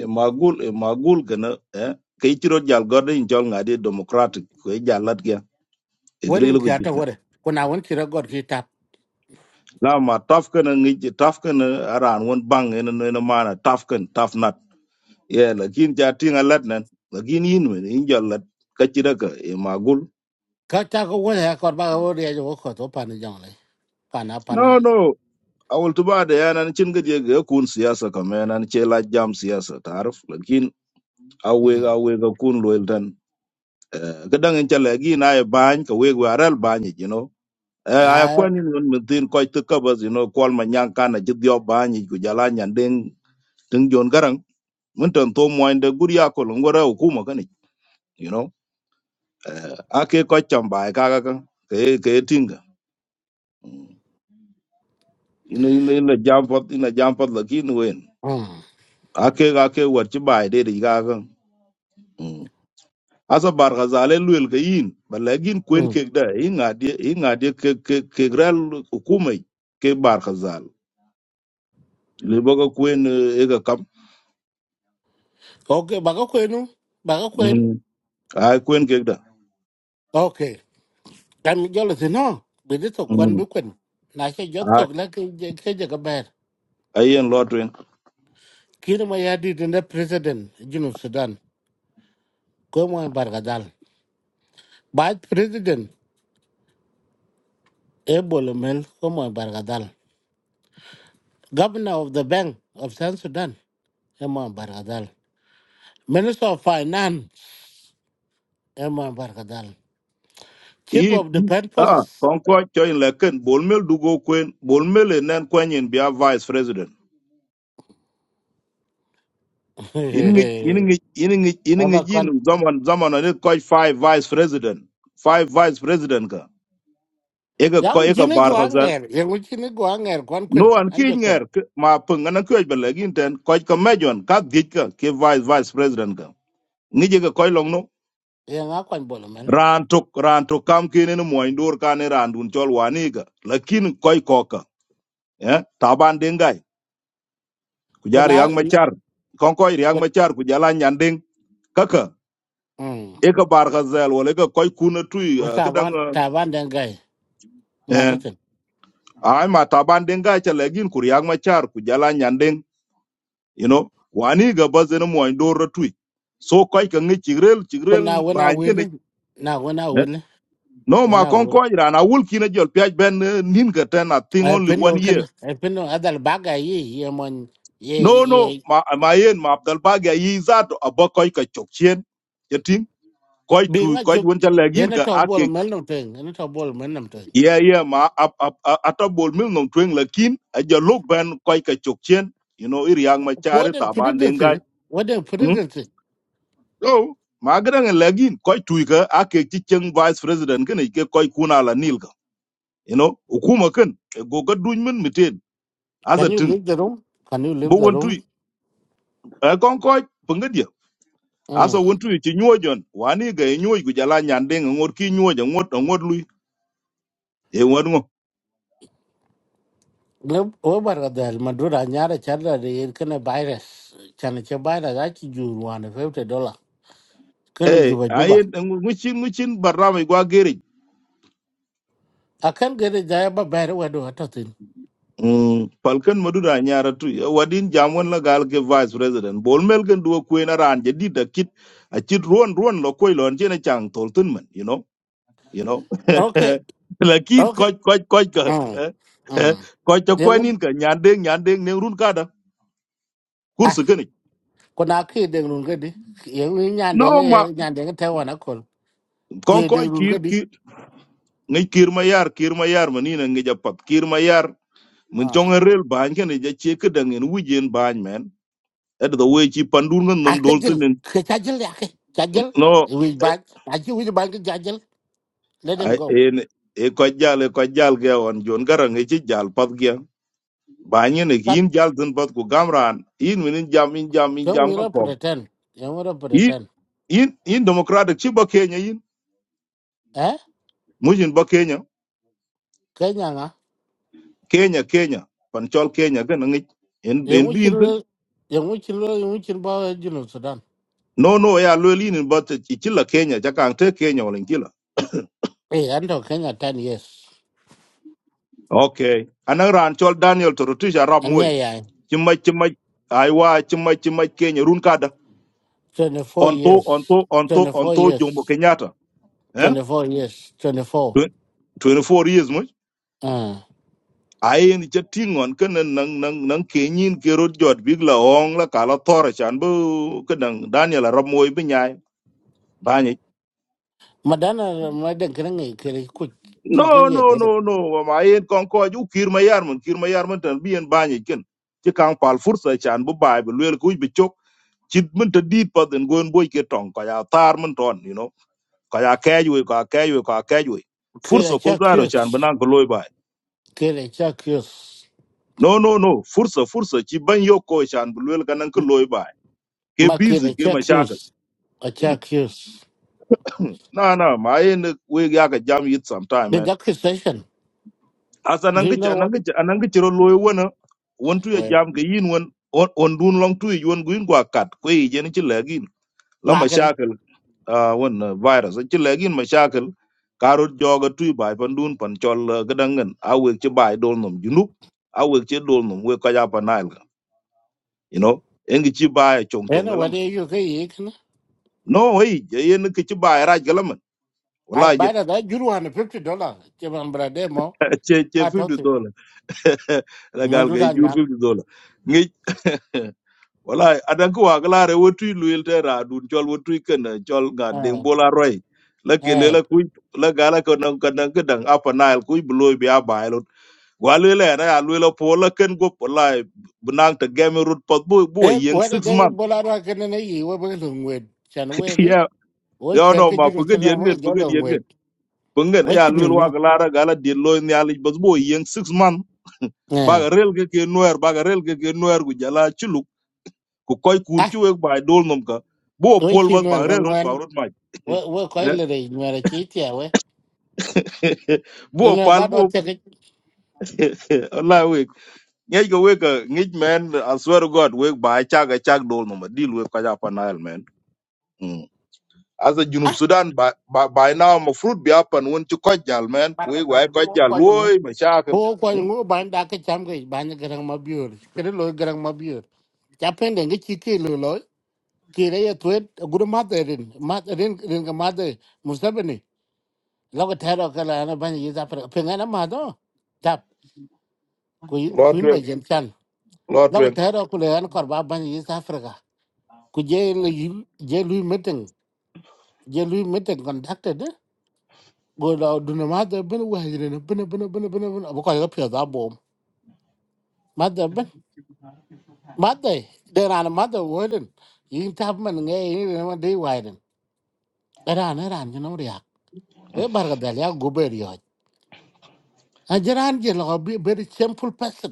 Speaker 3: em magul em magul gana eh kay tiro jal gorde in jol ngadi democratic ko jalat ga igre
Speaker 1: werin
Speaker 3: lo ko
Speaker 1: ki ata
Speaker 3: jit gan.
Speaker 1: wore kuna won ki ra god ki tap
Speaker 3: La ma taf kana ngi taf kana aran won bang ene no ene mana taf kan taf nat. Yeah lakin ja tinga lat nan lakin yin men in jalat ka tira ka em magul
Speaker 1: ka ta ko wore ko ba wore ya jo ko to pan jong le pana
Speaker 3: No,
Speaker 1: panal
Speaker 3: no. awal tu baada yana ni cin gaje ga kun siyasa kamar yana ni ce la jam siyasa tarif lakin awe awe ga kun loyal dan ga dan in chala gi na ya ban ka we wa ral ban you know Eh, a
Speaker 1: Đấy.
Speaker 3: kwani non min tin ko ta ka ba you know kwal ma nyang kana ji dio ban ku jala nyan den tin jon garang mun tan to mo inda guriya ko longora hukuma kani you know Eh, ake ko chamba ka ka ka ke ke tinga Mm. ina ina ina jam pot ina jam pot lakin wen
Speaker 1: Ừ.
Speaker 3: ake ake war ci bai de ga Mm. asa bar ka zale luel ka yin ba lagin kwen
Speaker 1: Ừ.
Speaker 3: kek da i ngadi i ngadi ke ke ke gral hukumai ke bar ka zal le boga kwen eh, e ka kam
Speaker 1: Ok, bà có quên không? Bà có quên.
Speaker 3: mm ai kwen kek da
Speaker 1: Ok. Cảm gió là thế nó. Bị đứt thuộc quan
Speaker 3: mm
Speaker 1: bức quên. Nà cái gió
Speaker 3: ai
Speaker 1: thuộc là cái cái cái gió cái bè.
Speaker 3: ai yen lotwen
Speaker 1: Khi nó mà ya đi đến president Junub Sudan. Cô mà bà gà đal. Bà president. Ê bộ lầm hên. Cô mà bà gà đal. Governor of the Bank of South Sudan. em mà bà gà đal. Minister of Finance. em mà bà gà đal. Chief
Speaker 3: i
Speaker 1: of the Defense
Speaker 3: ah
Speaker 1: Forces.
Speaker 3: kon ko choin la ken bol mel du go kwen bol mel e nen kwen yin bia vice president in ngi in ngi in ngi in
Speaker 1: Ê
Speaker 3: ngi
Speaker 1: bà
Speaker 3: jin zaman zaman ne ko five vice president five vice president ka e ka
Speaker 1: Yang
Speaker 3: ko e
Speaker 1: jini gwa
Speaker 3: bar
Speaker 1: ngher, yang u jini gwa ngher kwan kwen,
Speaker 3: no an ki
Speaker 1: anje kwen.
Speaker 3: nger k- ma pung an ku be le gin ten ko ka mejon ka dik ka ke vice vice president ka ni je ka ko long no
Speaker 1: Yang a kwan bolo men.
Speaker 3: ran to ran to kam ki ne mo ndur ka ne ran dun chol wani ka lakin ko ko ka eh taban de ngai ku jar
Speaker 1: Kuna,
Speaker 3: yang machar kon ko yang
Speaker 1: kuna,
Speaker 3: machar ku jala nyanding kaka
Speaker 1: mm,
Speaker 3: e ka bar ka zel wala ka koy kuna tui
Speaker 1: u
Speaker 3: eh, ka dang
Speaker 1: taban, taban den gai,
Speaker 3: eh
Speaker 1: madatin.
Speaker 3: ay ma taban de ngai cha le gin ku yang machar ku jala nyanding you know wani ga bazen mo ndoro tui so koy ka ngi chigrel
Speaker 1: Kuna
Speaker 3: chigrel
Speaker 1: wena
Speaker 3: bañ ke
Speaker 1: wili,
Speaker 3: ne
Speaker 1: na wena wili,
Speaker 3: no ma
Speaker 1: wena
Speaker 3: kon
Speaker 1: wili.
Speaker 3: ko ira na wul kina jol piaj ben eh, nin ga ten i think
Speaker 1: Ay
Speaker 3: only
Speaker 1: pindo
Speaker 3: one year
Speaker 1: kena, ay pindo adal baga yi, ye mon, ye,
Speaker 3: no
Speaker 1: ye,
Speaker 3: no ma ma yen ma abdal bagi yi zato abo koy ka chok chen jetin koy
Speaker 1: bi
Speaker 3: tu
Speaker 1: nga
Speaker 3: koy
Speaker 1: juk,
Speaker 3: won ta lagin
Speaker 1: yana
Speaker 3: ka
Speaker 1: tau bolo
Speaker 3: ake
Speaker 1: men nam teng, yana tau bolo men nam teng.
Speaker 3: yeah yeah ma ap ap atabol mil nom twen lakin a jalo ben koy ka chok chen you know iri yang ma chari
Speaker 1: Waden
Speaker 3: ta ban
Speaker 1: presidency,
Speaker 3: dengai
Speaker 1: waden presidency.
Speaker 3: so magran lagin koy tuiga ake ci ceng vice president kan ke koy kuna la nil ka you know hukuma kan e goga duñ men miten
Speaker 1: Can
Speaker 3: asa
Speaker 1: you
Speaker 3: tin
Speaker 1: leave the room? Can you
Speaker 3: bo
Speaker 1: leave the
Speaker 3: won
Speaker 1: room?
Speaker 3: tuy e kon koy penga dia asa
Speaker 1: Mm.
Speaker 3: won tuy ci ñojon wani ga e ñoy gu jala nyande ngor ki ñoja ngot ngot lui e won ngo
Speaker 1: we barka dhal madura nyara chadla de yen kene virus chana che virus achi jur wane fifty dollar kene
Speaker 3: e
Speaker 1: juba juba
Speaker 3: ayen ngucin ngucin barrama gwa
Speaker 1: akan gere jaya ba bayar wedo hatatin
Speaker 3: Mm, Falcon Madura nyara tu wadin jamon la gal ke vice president bol mel gen duo kuen aran je dit a kit a kit ruon ruon lo koi lon chen chang tol tun man you know you know
Speaker 1: okay
Speaker 3: lakin
Speaker 1: okay
Speaker 3: koj koj koj ka
Speaker 1: mm mm
Speaker 3: koj ta kwen
Speaker 1: yang
Speaker 3: in ka nyandeng nyandeng ne run kada
Speaker 1: ah
Speaker 3: kursu gani
Speaker 1: kona ki deng nun gedi yang ni nyan
Speaker 3: no
Speaker 1: deng
Speaker 3: ma
Speaker 1: ye nyan deng te wana kol
Speaker 3: kon
Speaker 1: ki
Speaker 3: koj
Speaker 1: deng nun
Speaker 3: kir
Speaker 1: gedi
Speaker 3: kir ngai kir ma yar kir ma yar mani na ngai japat kir ma yar mun chong en
Speaker 1: ah
Speaker 3: rel ban ken je che ke dangen wujen ban men at the way chi pandur ngan
Speaker 1: ah
Speaker 3: nom dol
Speaker 1: kajil
Speaker 3: tun en.
Speaker 1: ke kajil ya ke kajil
Speaker 3: no
Speaker 1: we bag achi we bag kajil let him
Speaker 3: ai
Speaker 1: go
Speaker 3: en e ko jal e ko jal ge on jon garang e ci jal pat ge ba ni ne
Speaker 1: but
Speaker 3: kin jal tin pat ku gamran in min jam in jam in
Speaker 1: can
Speaker 3: jam
Speaker 1: we
Speaker 3: ko
Speaker 1: not
Speaker 3: ko
Speaker 1: pretend can we not
Speaker 3: in
Speaker 1: pretend
Speaker 3: in in democratic ci ba kenya in
Speaker 1: eh
Speaker 3: mujin ba kenya kenya kenya pan chol kenya ge ngi en
Speaker 1: Yang
Speaker 3: en bi
Speaker 1: wikir
Speaker 3: in tin
Speaker 1: yang wikir yang wikir bawa Junub Sudan.
Speaker 3: no no ya lo lin in bat ci ci la kenya ja kan te kenya wala ci la
Speaker 1: Eh, anto Kenya 10 years.
Speaker 3: okay anan ran chol daniel torutisha rab
Speaker 1: Ange
Speaker 3: moy
Speaker 1: ya
Speaker 3: ci ma ci ma ai wa ci ma ci ma kenya run kada
Speaker 1: 24
Speaker 3: on to on to
Speaker 1: years.
Speaker 3: on to on
Speaker 1: 24
Speaker 3: to jombo
Speaker 1: years.
Speaker 3: kenyatta Eh?
Speaker 1: 24 years. 24.
Speaker 3: Twen- 24 years much
Speaker 1: Ah.
Speaker 3: ai ni cha tingon kan nang nang nang kenyin ke rod jot big la ong la kala tora chan bu kadang daniel ramoy bi nyai banyi
Speaker 1: Madana madan kira ngai kira ku
Speaker 3: no
Speaker 1: cin kan
Speaker 3: no
Speaker 1: ya da.
Speaker 3: no no ma yen kon ko ju kir ma yar mun kir ma yar mun tan bi en banyi ken ti kan pal fursa chan bu bay bu lel ku bi chok chit mun ta dit pa den gon boy ke tong ka ya tar mun ton you know ka ya kay ju ka kay ju ka kay ju
Speaker 1: Kira
Speaker 3: fursa ko
Speaker 1: cha
Speaker 3: garo chan
Speaker 1: kius.
Speaker 3: banan ko loy
Speaker 1: Kira cha kius.
Speaker 3: no no no fursa fursa ci ban yoko shan bulwel kanan ka loy ba ke
Speaker 1: Ma
Speaker 3: busy
Speaker 1: kira
Speaker 3: ke
Speaker 1: cha
Speaker 3: mashaka
Speaker 1: kius. A cha
Speaker 3: Hmm,
Speaker 1: kius.
Speaker 3: na na ma yin we ya ka jam yit sometime
Speaker 1: The
Speaker 3: man
Speaker 1: gas station.
Speaker 3: asa
Speaker 1: Do
Speaker 3: nan
Speaker 1: you
Speaker 3: gicha
Speaker 1: know
Speaker 3: nan
Speaker 1: what?
Speaker 3: gicha nan gicha ro loy wona
Speaker 1: Ah,
Speaker 3: won tu ya
Speaker 1: Well,
Speaker 3: jam ga yin won on on dun long tu yi won guin gwa kat ko yi jen ci lagin la
Speaker 1: ngakan.
Speaker 3: mashaka ah won ah, virus ci lagin mashaka karot joga tu ba pan dun pan chol ah, gadangan awe ci ba dol nom junub awe ci dol nom we ka ya pa you know engi ci ba chong
Speaker 1: Ana
Speaker 3: chong
Speaker 1: wale yu kai
Speaker 3: No, hey, yen ke ci ba raj galaman.
Speaker 1: I
Speaker 3: Wala
Speaker 1: buy
Speaker 3: je
Speaker 1: that I you one fifty dollar. Chevron brother mo
Speaker 3: che che
Speaker 1: I
Speaker 3: 50
Speaker 1: thought it.
Speaker 3: dollar. La gal ga
Speaker 1: Madura
Speaker 3: jur
Speaker 1: nyang.
Speaker 3: 50 dollar. Ngi wala adan ko wagala re wotu luel te ra dun chol wotu ken chol ga deng
Speaker 1: Eh
Speaker 3: bola roy. La ke le
Speaker 1: eh.
Speaker 3: la kuy la gala ko nan kan nan kedan apa nail kuy bloy bi abailot. Wale le na ya luel po la ken go wala bunang te game root pot bu bu
Speaker 1: Eh
Speaker 3: yen
Speaker 1: Whether
Speaker 3: 6
Speaker 1: they
Speaker 3: month.
Speaker 1: bola ra kene ne yi we bang long wed. Chan we ge.
Speaker 3: Yeah,
Speaker 1: We
Speaker 3: yo
Speaker 1: chwer
Speaker 3: no
Speaker 1: ke
Speaker 3: ma
Speaker 1: jiro chana
Speaker 3: pugedien
Speaker 1: we
Speaker 3: gen
Speaker 1: jo long
Speaker 3: pugedien
Speaker 1: wed.
Speaker 3: bungan
Speaker 1: We
Speaker 3: ya
Speaker 1: chini
Speaker 3: lul wa
Speaker 1: mi.
Speaker 3: klara gala de lo ni ali basbo yeng 6 month
Speaker 1: Eh.
Speaker 3: baga rel ke ke noer baga rel ke ke noer gu jala chuluk ku koy kun
Speaker 1: Ah.
Speaker 3: ci wek bay dol nom ka bo
Speaker 1: We
Speaker 3: pol bas
Speaker 1: chini wer
Speaker 3: ba re
Speaker 1: kang
Speaker 3: rot ba
Speaker 1: wen.
Speaker 3: rot maj
Speaker 1: We we koi le re nywer chi tia we.
Speaker 3: bo
Speaker 1: Ina
Speaker 3: pal
Speaker 1: da do
Speaker 3: bo
Speaker 1: te ke.
Speaker 3: allah wek ngej go wek a- ngej men i swear to god wek ba chaga chag dol nom a dil wek ka ja panal men Mm. as a junub
Speaker 1: Ah.
Speaker 3: sudan by, by, by now ma fruit bi apan won ci kojjal men ku
Speaker 1: Barga
Speaker 3: wek way
Speaker 1: dan bu wo
Speaker 3: kojjal
Speaker 1: kwa nyu.
Speaker 3: loy ma
Speaker 1: Bu
Speaker 3: chaakal
Speaker 1: wo kwa nyu ban da ke cham ke ban garang ma biur. Kere lo garang ma biur. Chapen de ge chi chike lo kire ya tuet guru mate rin mat rin rin ka mate mustabani lo ka thero ka la na ban yi da par pe na ma do tap ku kuin ba jem chan lo ka
Speaker 3: lotwen
Speaker 1: thero ku le an kor ba ban yi da par ka ku je le yi je lu meeting je lu meeting conducted eh, go la du na mate ben wa rin ben ben ben ben ben ba ka ga pya da bom mate ben mate de na mate wo rin yin tap man nge yin ma de wa rin ra na ran no ria e bar ga da ya go ber Ajar Angela a jaran je lo be very simple person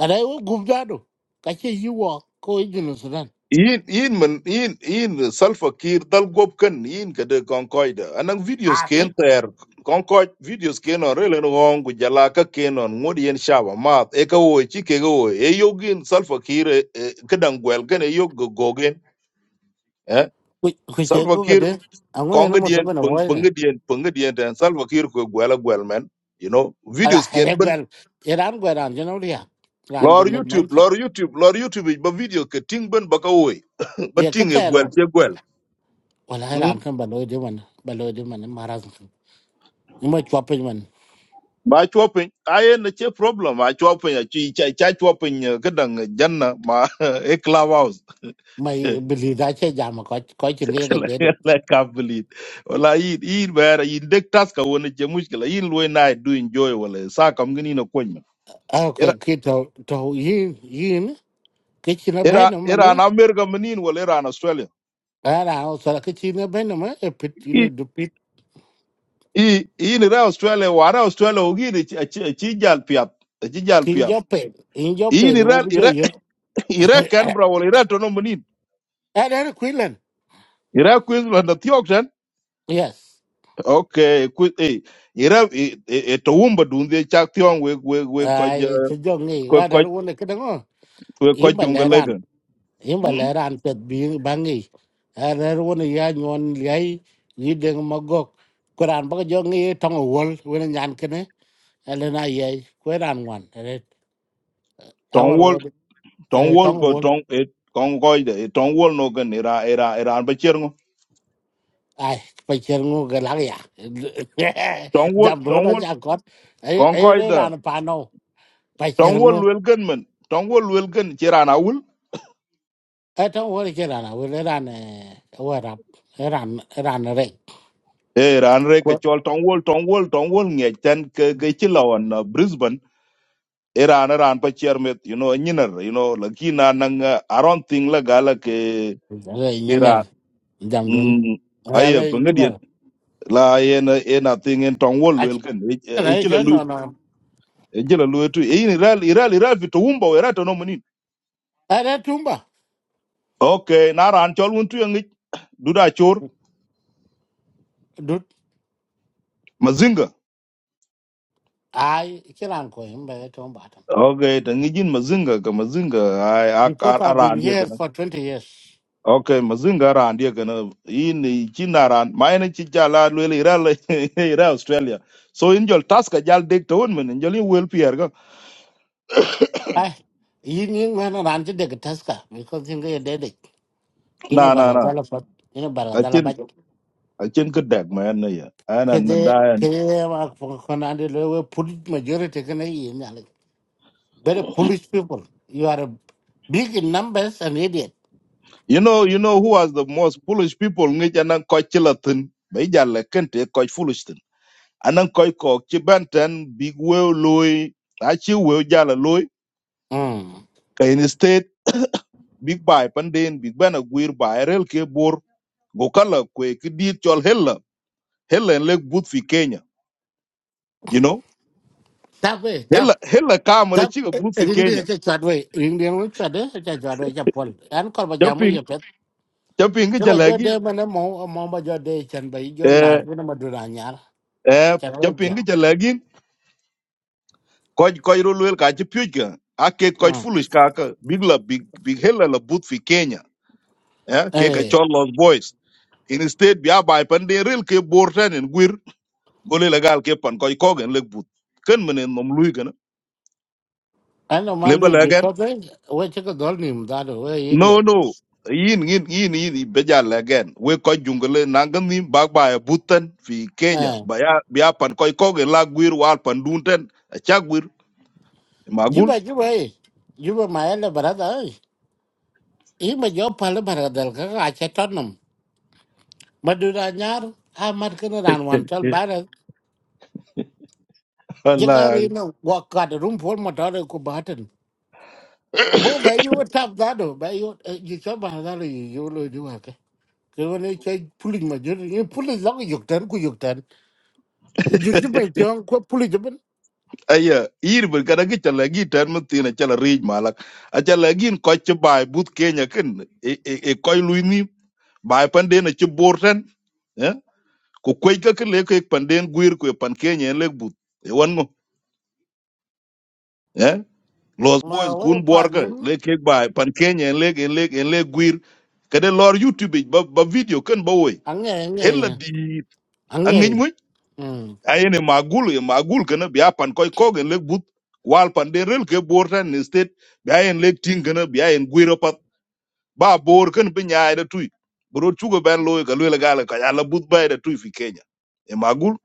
Speaker 1: ara wo gubda do ka che yi wo ko yi no sudan
Speaker 3: yin yin man yin yin Salva kir dal gob kan yin ka de kon koy de anang
Speaker 1: a
Speaker 3: videos
Speaker 1: ti
Speaker 3: ken ter kon koy videos ken on relen won gu jala ka ken on ngod yen shaba mat e ka wo chi ke go e yogin salfa kir e, e, kedan gwel ken e yog go go gen eh
Speaker 1: ku ku che
Speaker 3: salfa
Speaker 1: go ga
Speaker 3: kir
Speaker 1: de a ngo
Speaker 3: kon
Speaker 1: yen
Speaker 3: ga
Speaker 1: mo to
Speaker 3: dien
Speaker 1: na wo
Speaker 3: pung pung
Speaker 1: ne
Speaker 3: dien pung dien ten salfa kir ko gwela gwel men you know
Speaker 1: ara
Speaker 3: videos ken
Speaker 1: he
Speaker 3: ben
Speaker 1: gwel iran gwel ran je no ria ran de
Speaker 3: lor
Speaker 1: ne men
Speaker 3: youtube
Speaker 1: cha
Speaker 3: lor youtube lor youtube ba video ke ting ben ba ka wo ba
Speaker 1: ye ka
Speaker 3: ting e
Speaker 1: te ro
Speaker 3: gwel che gwel
Speaker 1: wala
Speaker 3: hmm?
Speaker 1: ran kan ba lo de man ba lo de man maraz ni mo chwa pe man
Speaker 3: ba chuo piny aye na che problem a chuo piny a chi cha cha chuo piny ka dang janna ma e club house
Speaker 1: mai bili da che ja ma ko ko chin ge ga de
Speaker 3: la ka believe wala yin yin ba yin dek tas ka wona che mushkila yin lo na e do enjoy wala sa kam ngini na ko men
Speaker 1: a
Speaker 3: era
Speaker 1: ke ki to to yin yin ke chi na be
Speaker 3: era
Speaker 1: no
Speaker 3: era na america menin wala era na australia
Speaker 1: ara o sala ke chi na be no ma e pit
Speaker 3: i
Speaker 1: ni
Speaker 3: i yin ra australia wa ra australia o gi chi chi jal piat chi jal
Speaker 1: in
Speaker 3: piat
Speaker 1: your pain, in your
Speaker 3: yin
Speaker 1: pain, wo
Speaker 3: ra
Speaker 1: bu
Speaker 3: ira
Speaker 1: joyo.
Speaker 3: ira kan bra wala ira to no menin
Speaker 1: Ada Quinlan.
Speaker 3: ira queensland na
Speaker 1: Yes.
Speaker 3: Okay, ku eh ira eh eh, eh, to wumba dunde chak tion we we we ko
Speaker 1: Ai to jo ngi,
Speaker 3: ko ko
Speaker 1: ada wo ne kada ngo.
Speaker 3: we ko
Speaker 1: Imba leran,
Speaker 3: jungalegan.
Speaker 1: imba
Speaker 3: Hm?
Speaker 1: leran pet bi bangi. Ada wo ne ya nyon yai yi deng magok. Quran ba jo ngi tong wol wo ne nyan kene. Ele na yai Quran wan. Ele
Speaker 3: Ton
Speaker 1: awar wo
Speaker 3: wol ton wol
Speaker 1: tong
Speaker 3: ko
Speaker 1: wol.
Speaker 3: ton eh kon koida eh ton wol no gan ira ira ira an bachirngo.
Speaker 1: Ai pa cher ngo galang ya.
Speaker 3: Ton wol
Speaker 1: Jam ro
Speaker 3: ton
Speaker 1: na
Speaker 3: wol
Speaker 1: cha kot. Ai
Speaker 3: kon
Speaker 1: ai
Speaker 3: koida
Speaker 1: ran pa no. Pa
Speaker 3: ton wol wel gan men ton wol wel gan chira na wul.
Speaker 1: e to wor che ran a wel ran e wor rap ran ran re
Speaker 3: Eh ran re ka
Speaker 1: ko
Speaker 3: chol ton wol ton wol ton wol nge tan ke ke chilawan uh, Brisbane ira na ran bachirmet you know nyinar you know lakina nang uh, around thing la gala ke
Speaker 1: re nyeler jam dun
Speaker 3: Mm, aye
Speaker 1: ale
Speaker 3: pengediet
Speaker 1: nyeler
Speaker 3: la yen en a thing en tong wol
Speaker 1: a che
Speaker 3: wel ken e
Speaker 1: re
Speaker 3: chila
Speaker 1: che
Speaker 3: lu
Speaker 1: no no
Speaker 3: e chila lu tu e ni ral iral iral fi to umba we rato no munin
Speaker 1: are tumba
Speaker 3: okay na ran chol un tu ngi duda chor
Speaker 1: dut
Speaker 3: mazinga
Speaker 1: ai che ran ko him ba tumba tam
Speaker 3: okay ta ngi jin mazinga ka mazinga ai
Speaker 1: because i've been
Speaker 3: aran dia
Speaker 1: here
Speaker 3: kana
Speaker 1: for twenty years
Speaker 3: okay mazinga ran dia kana in chin ran ma en chi jala lu iral iral australia so in jol taska jal dek to un men jol wel pier ga
Speaker 1: ai yin yin wen ran che de taska because yin ge de de
Speaker 3: na
Speaker 1: nó
Speaker 3: na
Speaker 1: bara
Speaker 3: na
Speaker 1: dala pat nó bara
Speaker 3: a
Speaker 1: dala
Speaker 3: chin
Speaker 1: ba
Speaker 3: a chin ka dag ma en ya ana
Speaker 1: ke
Speaker 3: na
Speaker 1: de
Speaker 3: da
Speaker 1: ke mà con anh đi le we put majority ke ne yin Very foolish people. You are a- big in numbers and idiot.
Speaker 3: You know, you know who was the most foolish people ngi anan koy ci latin bay jalle kente koy foolish tin. Anan koy ko ci benten big wew loy a ci wew jala loy
Speaker 1: Mm.
Speaker 3: kay in state big buy, panden big bana guir bay rel ke bor go kala kwe ki dit chol hella hella en lek but fi Kenya. You know
Speaker 1: Tap way,
Speaker 3: hella
Speaker 1: tap.
Speaker 3: hella kamala
Speaker 1: Tap.
Speaker 3: ci but fi
Speaker 1: Ring đi
Speaker 3: Kenya.
Speaker 1: cho chọt vậy. Ring đi nó chọt đấy, cho chọt vậy cho Paul. Anh còn bây giờ mới
Speaker 3: Chapin
Speaker 1: hiểu biết.
Speaker 3: chapin ngi
Speaker 1: Cái bây giờ
Speaker 3: jalagi
Speaker 1: đây mà nó mau, mau bây giờ đây chân bây giờ lạt
Speaker 3: eh
Speaker 1: với nó mà đưa ra nhà.
Speaker 3: eh
Speaker 1: Chân nó
Speaker 3: chapin
Speaker 1: giờ.
Speaker 3: ngi jalagi koj koj ro luel ka ci pyuj ka ake koj foolish ka ka big la big big hella la but fi kenya eh ke ka
Speaker 1: Ê,
Speaker 3: chol los boys Instead state bia bai pan de rel ke borten en guir gole la gal ke pan koj kogen le but ken menen mom lui kana
Speaker 1: anh nó mà
Speaker 3: le ba
Speaker 1: lui bị
Speaker 3: lagen
Speaker 1: có thế. Ôi chứ có đó niệm ra rồi, ôi
Speaker 3: no
Speaker 1: idiot.
Speaker 3: no yin yin yin yin be ja lagen we koj jungle nangan ni bag bai buten fi kenya
Speaker 1: Ờ.
Speaker 3: baya bia pan koj kogen la guir wal pan dunten achak guir
Speaker 1: Như
Speaker 3: magul
Speaker 1: vậy, như vậy. Như vậy mà anh là bà ơi. Ý mà gió phá là bà ra cái ai chết Madura nyar a mat kana ran wan chal bara
Speaker 3: Allah
Speaker 1: jigari no wa kad rum pol matare ko batan bo ba yu tap dado ba yu ji cha ba dado yu lo ju ha ke ke woni che pulik ma jur ni pulik log yuk tan ku yuk tan ju ju pe chong ko pulik ben
Speaker 3: aya yir bir kada gi chala gi tan mun tina chala rij malak a chala gin ko ci bay but kenya ken e e koy luy ni bay pande na ci bortan eh ko koy ka ke le ke pande guir ko pan kenya le but e wan mo eh los
Speaker 1: ma
Speaker 3: boys
Speaker 1: wa
Speaker 3: kun
Speaker 1: pa
Speaker 3: bor ka
Speaker 1: nu
Speaker 3: le ke bay pan kenya le ke le ke le guir kada lor youtube ba ba video ken ba woy
Speaker 1: ange ange
Speaker 3: hella di
Speaker 1: ange
Speaker 3: angin
Speaker 1: mm
Speaker 3: ayene magul ye magul kana biya pan koy kogen lek but wal pan de rel ke bor tan ni state biya en lek ting kana biya en guiro pat ba bor kan be nyaay da tuy bro chugo ben loy ka lele gala ka ala but bay da tuy fi kenya e magul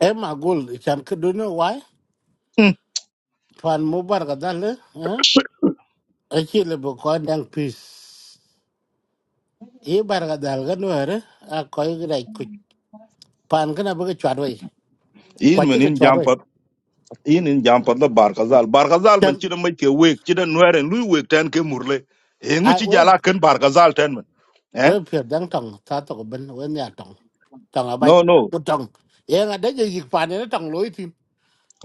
Speaker 1: e ma gol chan ke du no wa
Speaker 3: hmm,
Speaker 1: pan mu bar ga dal eh a chi le bo ko dang pis e bar ga dal ga no re a ko yu pan kana baka chwat wai kwa
Speaker 3: yin men
Speaker 1: chika
Speaker 3: in
Speaker 1: chwat wai
Speaker 3: jampat yin in jampat la bar kazal bar kazal men
Speaker 1: chan
Speaker 3: chida mai ke wek chida nweren lui wek tan ke murle e ngu
Speaker 1: ai
Speaker 3: chi
Speaker 1: we
Speaker 3: jala kan bar kazal tan men
Speaker 1: we
Speaker 3: eh
Speaker 1: pyo dang tong sa to ko ben we nya tong tong abai
Speaker 3: no no
Speaker 1: bu tong ye nga de yik pan ne tong loi tin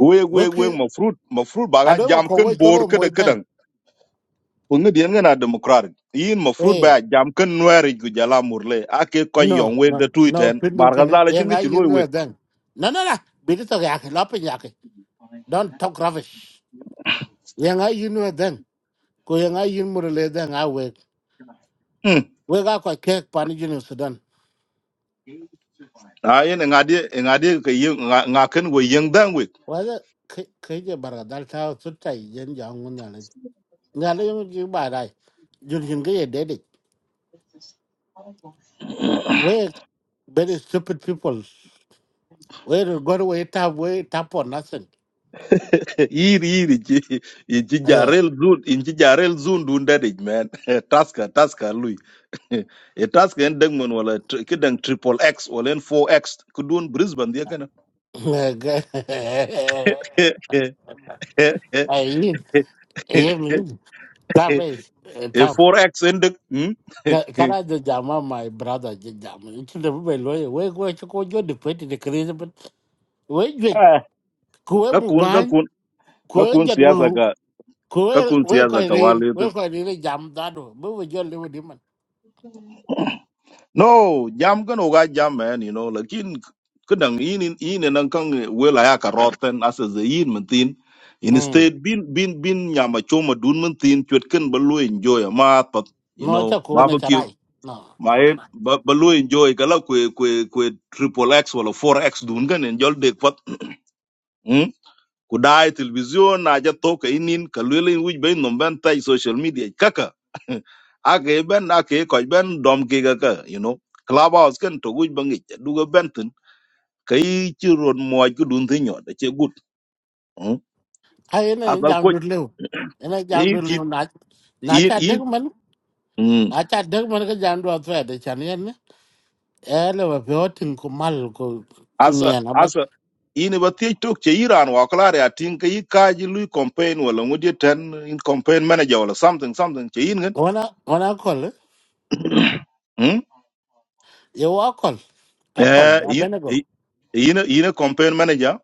Speaker 3: wek
Speaker 1: we
Speaker 3: wek
Speaker 1: ki
Speaker 3: wek ma fruit ma fruit baga
Speaker 1: a do wa
Speaker 3: jam
Speaker 1: ko we
Speaker 3: kan bor
Speaker 1: cholo moi
Speaker 3: kada kada
Speaker 1: den
Speaker 3: Pungi dien ngana democratic. Yin ma fruit
Speaker 1: eh
Speaker 3: ba jam kan nuari gu jala murle. Ake ko
Speaker 1: no
Speaker 3: yon we
Speaker 1: no
Speaker 3: de
Speaker 1: no
Speaker 3: tuiten.
Speaker 1: pindu
Speaker 3: Barga
Speaker 1: kana
Speaker 3: zala
Speaker 1: ye
Speaker 3: chingi
Speaker 1: nga
Speaker 3: chiloi
Speaker 1: yin
Speaker 3: we.
Speaker 1: we den no no no bi to ya ke lo pin ya ke don talk rubbish ye nga yin we den ko ye nga yin mu le den a we
Speaker 3: Hmm.
Speaker 1: we ga ko ke pan jinu sudan
Speaker 3: Ayen ngadi ngadi ke yeng ngaken we yeng dang we.
Speaker 1: wa ke ke je barga dal ta su tai yen ja ngun nhà lấy những cái bài này dùng những cái gì đấy đi we very stupid people we don't go away tap we tap for nothing
Speaker 3: Yiri yiri chi chi
Speaker 1: yeah
Speaker 3: jarel zun in chi jarel zun dun dadich man. Taska taska lui. E taska en dengmon wala tri- kidang triple X wala en 4X kudun Brisbane dia kana.
Speaker 1: ai nhìn em nhìn tap ấy
Speaker 3: E
Speaker 1: tap
Speaker 3: 4X endek. Hmm.
Speaker 1: cái này giờ jama my brother giờ jama chúng ta phải lo we we cho cô cho được phải thì cái gì bên we duyệt cô
Speaker 3: ka
Speaker 1: mu
Speaker 3: kun ka
Speaker 1: ban
Speaker 3: kun ka
Speaker 1: cô
Speaker 3: kun
Speaker 1: giật
Speaker 3: siyasa
Speaker 1: wu
Speaker 3: ka
Speaker 1: cô
Speaker 3: ka kun
Speaker 1: we
Speaker 3: siyasa
Speaker 1: coi
Speaker 3: ka
Speaker 1: đi
Speaker 3: wale tu
Speaker 1: we coi đi jam đó đâu bây giờ lưu đi mà
Speaker 3: No, jam kan oga jam man, you know, lakin kadang ini ini nang kang wela ya ka rotten as a yin mentin. Instead bin bin bin nyama choma dun mentin chwet kan balu enjoy ma pat, you
Speaker 1: nó
Speaker 3: know,
Speaker 1: cho cô nó chả
Speaker 3: barbecue.
Speaker 1: rai nó
Speaker 3: My balu enjoy kala kwe kwe kwe triple X wala four x dun kan enjoy dek pat. ku dai television na ja to ka inin ka lwelin wij be nom ben tai social media kaka ake ben ake ko ben dom ke ga ka you know clubhouse kan to wij bangi du ga ben tin kai ci ron mo ju dun tin yo da ce gut mm.
Speaker 1: ai ene
Speaker 3: aka ko
Speaker 1: jamdu lew ene
Speaker 3: yin
Speaker 1: jamdu
Speaker 3: ki
Speaker 1: lew na na
Speaker 3: yin
Speaker 1: cha
Speaker 3: yin
Speaker 1: deg man
Speaker 3: mm.
Speaker 1: a cha deg man ka jamdu atwa de chan yen ne ele wa pyo tin ko mal ko ko
Speaker 3: asa
Speaker 1: nien aba
Speaker 3: asa ini ba ti tok ce iran wa klar ya tin kai ka ji lui campaign wala ngudi ten in campaign manager wala something something ce yin gan
Speaker 1: ona ona kol
Speaker 3: mm
Speaker 1: ye wa kol a kol
Speaker 3: eh
Speaker 1: a
Speaker 3: yin
Speaker 1: benego
Speaker 3: yin yin campaign manager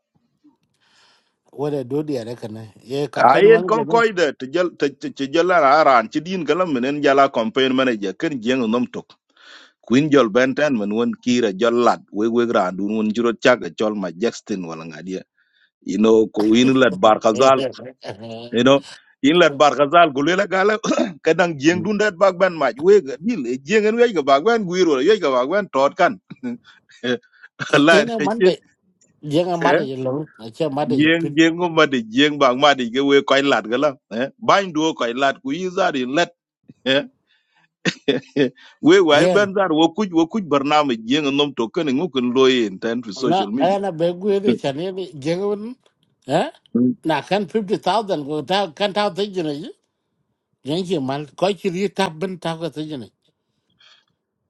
Speaker 1: wore do di are kana ye campaign
Speaker 3: ayen
Speaker 1: man ge
Speaker 3: kon
Speaker 1: no
Speaker 3: koy de te jël te ci jëlar aran ci din galam menen jala campaign manager ken jeng nom tok kuin jol benten men won kira jol lad we we randu won juro tiaga jol ma jackson wala ngadia you know ko in lad bar khazal you know in lad bar khazal gule la gala kadang jeng dun det bag ben maj we ga dil jengen we ga bag ben guiro ye ga bag ban tot kan la
Speaker 1: ene
Speaker 3: ci
Speaker 1: man de jenga made ye lo na che made ye
Speaker 3: jeng
Speaker 1: pit
Speaker 3: jeng ko made jeng bag made ge we koy lad gala eh bañ do koy lad ku yi Eh, eh, eh. we wai
Speaker 1: yen
Speaker 3: ben dar wo kuj wo kuj barnaamij jeng nom to kene ngukin loye in ten
Speaker 1: na
Speaker 3: social media
Speaker 1: ana be gu de chan yen jenga un eh na kan fifty thousand, ko ta kan ta de yang chi mal ko chi ri ta ben ta ko te jene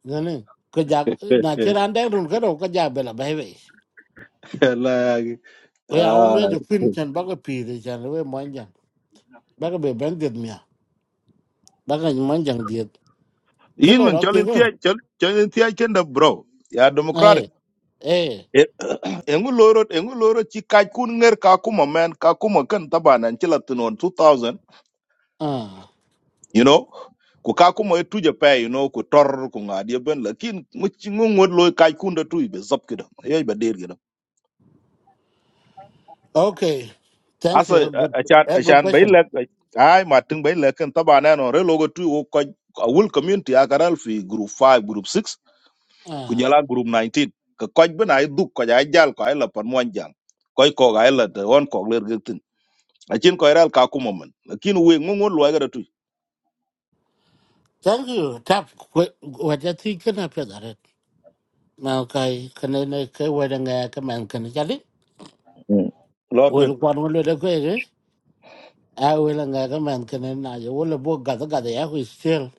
Speaker 1: ngane ko ja na che ran de run ka ro ka ja be la bai bai
Speaker 3: la yagi
Speaker 1: ko ya um ya
Speaker 3: ah
Speaker 1: ju pin chen ba ko pi de chen we mon jan ba ko be ben de mia ba ko mon jan de ke
Speaker 3: yin
Speaker 1: lo
Speaker 3: men
Speaker 1: ro
Speaker 3: cholin
Speaker 1: ke ko
Speaker 3: tiya cholin tiya kenda bro ya democratic
Speaker 1: eh eh
Speaker 3: Eh, engu loro engu loro ci kaj kun nger ka kuma men ka kuma kan tabanan ci latinon 2000
Speaker 1: ah
Speaker 3: you know ku ka kuma e tuje pe you know ku tor ku ngadi ben lakin mu ci ngod loy kaj kun da tuy be zap kida yoy ba
Speaker 1: okay thank
Speaker 3: asa
Speaker 1: you a good
Speaker 3: achan
Speaker 1: a good
Speaker 3: achan bay
Speaker 1: question
Speaker 3: lek ay ma tin bay lek kan taba na no re logo tu o ko a wul community akaral fi group five, group 6 ku
Speaker 1: ah
Speaker 3: jala group nineteen. ka koj bena ay duk ko ay jal ko ay la pan mon jang koy ko ay la de won ko ler gertin achin ko ral ka ku momon lakin we ngongo lo ga tu
Speaker 1: thank you tap wa ja ti kana pe da re ma kai kana ne ke wa da nga ka man kana ja li
Speaker 3: lo tu
Speaker 1: wel kwan wel de ko ai will nga ka man kana na y will bo ga ga da ya hu sel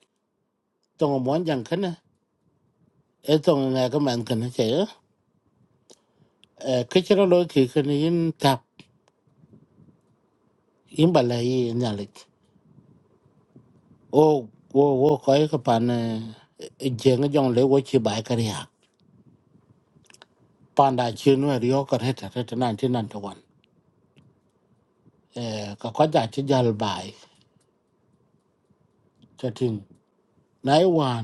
Speaker 1: tong mo j a n kana e tong nga ka man kana che e k chro lo ki kana i n tap i n bala yi na le o wo wo ko ka pan e je nga jong le wo chi bai ka ya pan da chi no ri yo ka re ta t nan ti nan to w n e ka ko ja chi jal bai ta t n nai w n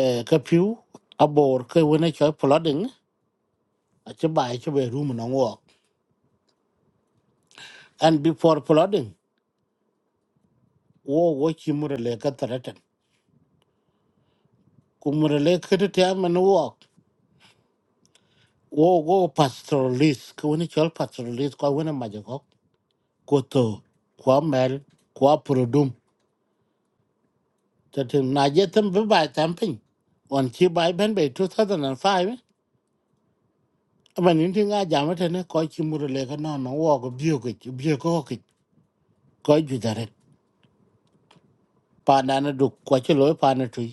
Speaker 1: e ka p u abor ke wona choy ploding a chi bai chi be ru mo ngok and before ploding wo wo chimurele kataratan kumurele kete man wo wo wo pastoralis ko ni chol pastoralis ko wona majako ko to ko mel ko produm tete na jetem be ba tamping on chi bai ben be 2005 aban inti nga jamate ne ko chimurele ka no no wo go bio ko bio ko ko ko ju dare pa na na du ko chi loy pa na tu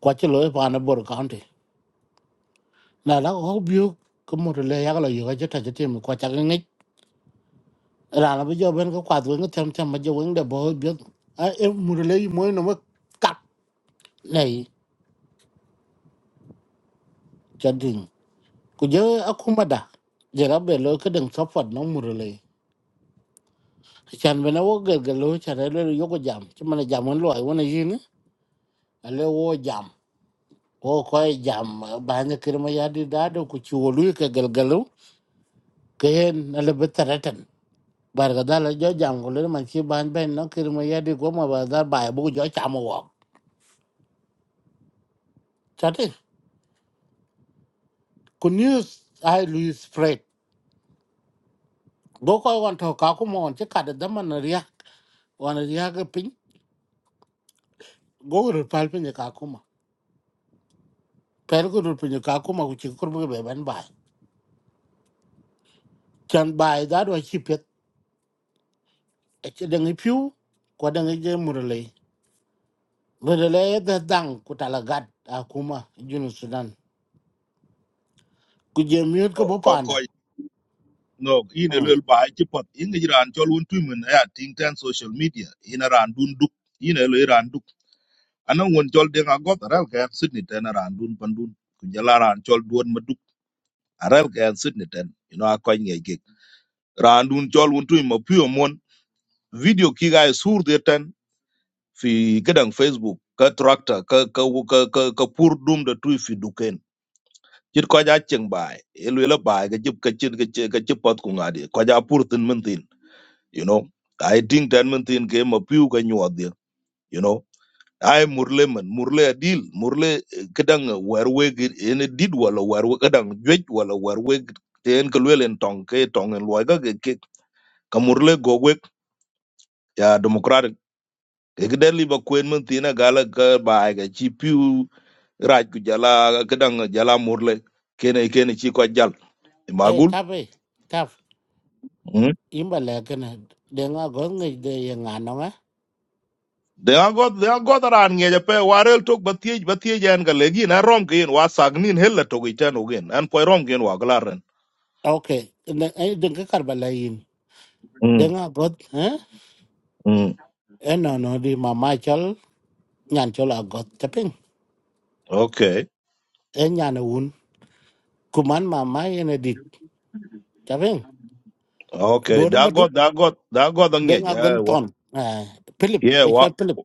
Speaker 1: ko chi loy pa na bor county na la ko bio ko murele ya ko yo ga jeta jetem ko cha rana bây giờ bên có quạt với cái thằng thằng mà giờ vẫn để bỏ biết à em muốn lấy mỗi nó mới cắt này cho đình cứ giờ à không mà đã giờ nó về lối cái đường sắp phật nó muốn lấy chẳng bên nó có gần gần lối chả thấy lối yếu có giảm chứ mà là giảm hơn loại quan này gì nữa à lối ô giảm ô coi giảm bán cái kia mà giá đi đá đâu cứ chùa lối cái gần gần lối cái hen nó là bết tara tận bà cái đó là do giảm của lối mà khi bán bên nó kia mà giá đi có mà bà ra bài bố gió chạm mà ku news ai Louis Fred go ko wan to ka kuma wan ce kada da man riya wan riya ga pin go ru pal pin ka kuma per go ru pin ka kuma ku ci kurbu be ban ba can ba da do ci pet e ce da ngi piu ko da ngi je murle murle da dang ku talagat a kuma junu Sudan ku je miut ko bo
Speaker 3: kon ko
Speaker 1: panda
Speaker 3: no ine
Speaker 1: mm.
Speaker 3: lel ba ci pot ingi ran chol won tu mun ya ting tan social media ina ran dun duk ine le ran ana won chol ding a got aral ka sydney ten aran dun pandun ku jala ran chol duon maduk aral ka sydney ten you know akoy nge ge ran dun chol won tu ma pio mon video ki ga sur de ten fi kedang facebook ka tractor ka ka ka ka, ka pur dum de tu fi duken chit ko ja cheng bai elu la bai ga jip ka chit ka chip pot ku ngadi ko ja pur tin men tin you know i think ten men tin ke ma pio ka nyuat dia you know ai murle man murle a deal murle eh, kedang werwe ene did wala werwe kedang jwej wala werwe ten kelwel en tong ke tong en loiga ke ke ka murle gogwe ya democratic ke gede liba kwen man tina gala ka bae ga chi piu raj ku jala kedang eh, jala murle kene kene chi ko jal E
Speaker 1: eh
Speaker 3: magul
Speaker 1: tabe tab
Speaker 3: mm.
Speaker 1: imba le kana de nga go ngi de ya nga no ma
Speaker 3: de agot de agot ran nge je pe warel tok batiej batiej en ga legi na rom ke en wasagnin hella to gitan ogen an po rom gen wa glaren
Speaker 1: okay de ka karba la yin de
Speaker 3: mm
Speaker 1: có, god
Speaker 3: mm
Speaker 1: eno no di mama chol nyan chol agot chaping
Speaker 3: okay
Speaker 1: e nyan un kuman mama ene dit chaping
Speaker 3: Okay,
Speaker 1: dor
Speaker 3: da
Speaker 1: maduk
Speaker 3: got da got da got ang yeah
Speaker 1: deng
Speaker 3: yeah
Speaker 1: agon
Speaker 3: wa
Speaker 1: ton Ah, philip
Speaker 3: yeah
Speaker 1: e
Speaker 3: wa
Speaker 1: chol philip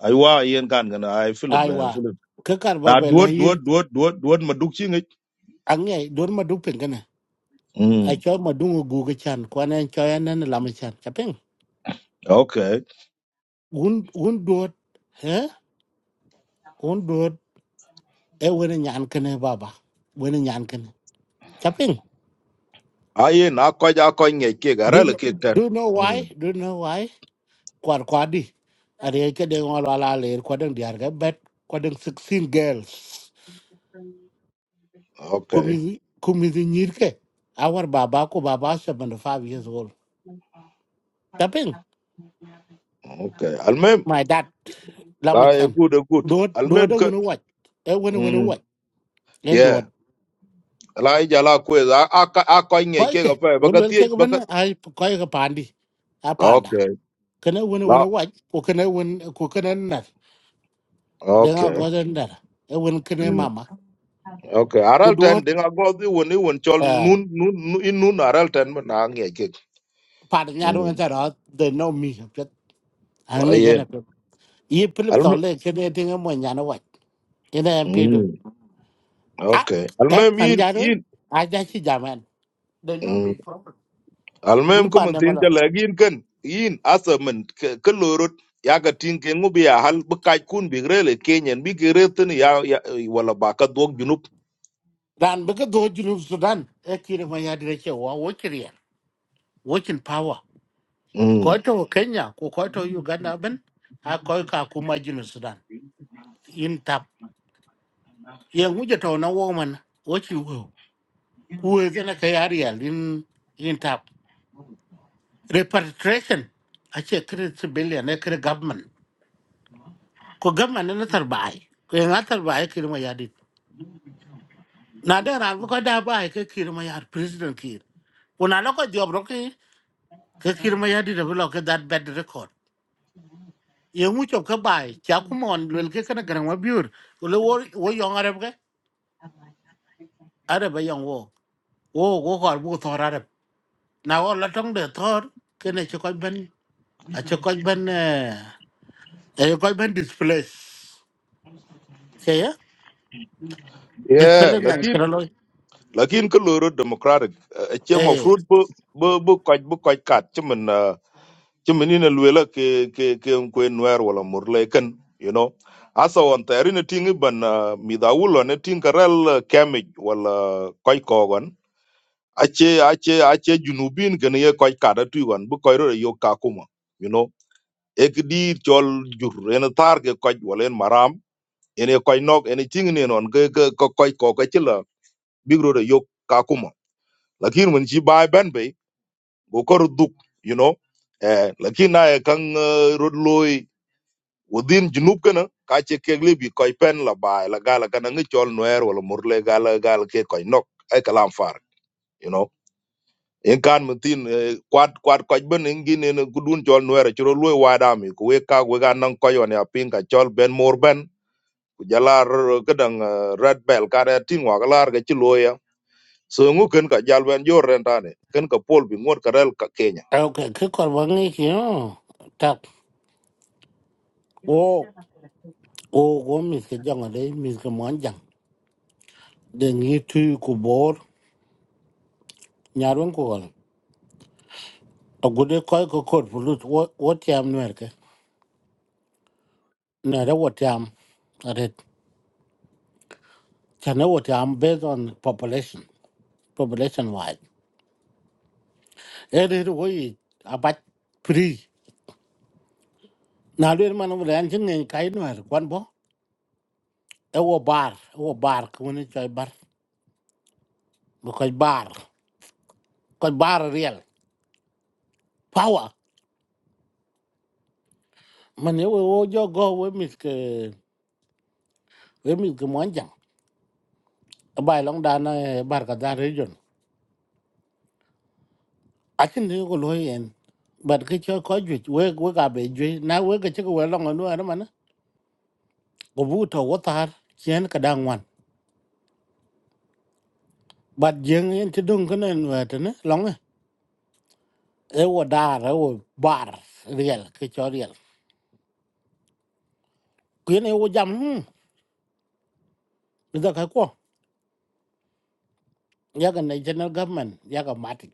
Speaker 3: ay wa yen kan gan ay Philip eh,
Speaker 1: aiwa
Speaker 3: Philip
Speaker 1: ke kar ba
Speaker 3: na
Speaker 1: bela
Speaker 3: duot
Speaker 1: yin
Speaker 3: duot duot duot duot maduk chi ngi
Speaker 1: ange dor maduk pengana
Speaker 3: mm
Speaker 1: a chol madung gu ga chan kwane choya nen lam chan chaping
Speaker 3: okay
Speaker 1: un un dot he un dot e wene nyan kene baba wene nyan kene chaping
Speaker 3: ay na ko ja ko ngi ke
Speaker 1: do,
Speaker 3: garal ke tan
Speaker 1: do you know
Speaker 3: mm
Speaker 1: why do you know why kwar kwadi are ke de ngol wala le ko den diar ga bet ko den 16 girls
Speaker 3: okay
Speaker 1: kumi kumi nyir ke our baba ko baba seventy five years old tapin
Speaker 3: okay almem
Speaker 1: my dad
Speaker 3: la e
Speaker 1: lamachan
Speaker 3: good eh, good
Speaker 1: do do
Speaker 3: almem
Speaker 1: do
Speaker 3: ke
Speaker 1: wono wat e wono wono
Speaker 3: mm
Speaker 1: wat en do
Speaker 3: yeah la e jala ko za a a ko ngi
Speaker 1: ko
Speaker 3: ke ga
Speaker 1: ke
Speaker 3: pa ba
Speaker 1: won
Speaker 3: ga
Speaker 1: wel
Speaker 3: tie
Speaker 1: ke
Speaker 3: ba
Speaker 1: ben
Speaker 3: ga
Speaker 1: ay ko ke pandi a panda
Speaker 3: okay
Speaker 1: kana wono
Speaker 3: la
Speaker 1: wono wat ko kana won ko kana na de ga
Speaker 3: okay
Speaker 1: go den dar e won kana
Speaker 3: Ừ.
Speaker 1: mama
Speaker 3: Okay,
Speaker 1: ko
Speaker 3: aral
Speaker 1: do
Speaker 3: ten ding ago di woni won chol nun nun nu, in nun aral ten man ang ye ke.
Speaker 1: pa nya do
Speaker 3: Mm.
Speaker 1: ngata they know me Ang jana
Speaker 3: Ayen.
Speaker 1: pe. Ye pilip
Speaker 3: Alme.
Speaker 1: tole kede tinga mo nyana wat. Ina yan pe do.
Speaker 3: Mm.
Speaker 1: Ah,
Speaker 3: Okay.
Speaker 1: eh,
Speaker 3: Almem
Speaker 1: an
Speaker 3: in
Speaker 1: jaro.
Speaker 3: in.
Speaker 1: Aja chi jaman. They know
Speaker 3: Mm.
Speaker 1: me proper.
Speaker 3: Almem
Speaker 1: Gudu
Speaker 3: ko man
Speaker 1: pande
Speaker 3: tin
Speaker 1: mala.
Speaker 3: chala in kan. In asa man ke ke lorot ya ga tin ke ngubi ya hal bu kaj kun bi grele kenyen bi gere tin ya ya wala ba ka dog junup.
Speaker 1: Ran beka do junub Sudan. E kire ma ya dire che wa wo kiriya. Wakin power. Ko
Speaker 3: Mm.
Speaker 1: to Kenya ko ko to Uganda ben. A ko ka kuma junub Sudan. In tap. Ye nguje to na wo man. Wakin wo. Kuwe gana ka yariya in in tap. Repatriation. Ache kire civilian e kire government. ko gamma na na tarbaye ko yan tarbaye kirma ya yadit, na da ran ko da baye ke kirma ya president kir una lo ko job ro ke ke kirma yadit dit blo ke that bad record ye mu chop ka baye cha ku mon lel ke kana gran wa biur ko le wo wo yong arab ke arab yang wo wo wo ko bu thor arab na wo la tong de thor ke ne che ko ben a che ko ben eh e ko ben displace ke ya
Speaker 3: Yeah,
Speaker 1: displace ngan
Speaker 3: lakin
Speaker 1: kro lo
Speaker 3: lakin ke lorot democratic. Che ma
Speaker 1: eh
Speaker 3: fruit bu bu bu kaj bu kaj kat chimen ci menina luela ke ke ke kwe nwer wala murle ken you know asa on tayari ne tingi ban uh, midawulo ne ting karel uh, kemij wala koy kogon ache ache ache junubin ken ye koy kada tuigon bu koy ro yo kakuma you know ek di chol jur en tar ke koy wala en maram en ye koy nok en tingi ne non ke ke ko koy ko ke chila bigro ro yo kakuma lakin mun ci bay ban be go kor duk you know eh lakin na kan uh, rod loy within junub kana ka che kek libi koy pen la bai la gala kana ngi chol noer wala murle gala gala ke koy nok ay kalam far you know en kan mutin kwat kwat koy ben ngi ne ne gudun chol noer chro luy wada mi ku we ka we ga nan koy one apin ka chol ben mor ben ku jala kedang red bell ka da tin wa galar ga chi loya so ngu ken ka jal ben jor rentane ken ka pol bi ngot karel ka kel
Speaker 1: ok cái còn vấn ấy kia tập ô ô có mình cái dòng ở đây mình cái món chẳng để nghĩ thui của bố nhà luôn của con ở cái đấy coi có cột phụ lụt ô ô tiệm nữa cái này đó ô tiệm ở đây cho nên ô tiệm based on population population wide ở đây rồi ấy à bắt free nào luôn mà nó vừa ăn chừng cái nữa quan bố ô bar ô bar cái này chơi bar mà coi bar coi bar real power mình yêu wo cho go với mit ke với mit ke mon jang bài long da na bar ka đa region a chin ni ko lo yen bat cái chơi ko ju với với ga be ju na với we ke che ko we long no ara man có bu to wo tar chen ka da ngwan bat jeng yen ti dung ken en wa te ne long e E wo đa rồi wo bar real cái chơi real ku ne wo jam hm da ka ko ya ga national government ya ga mati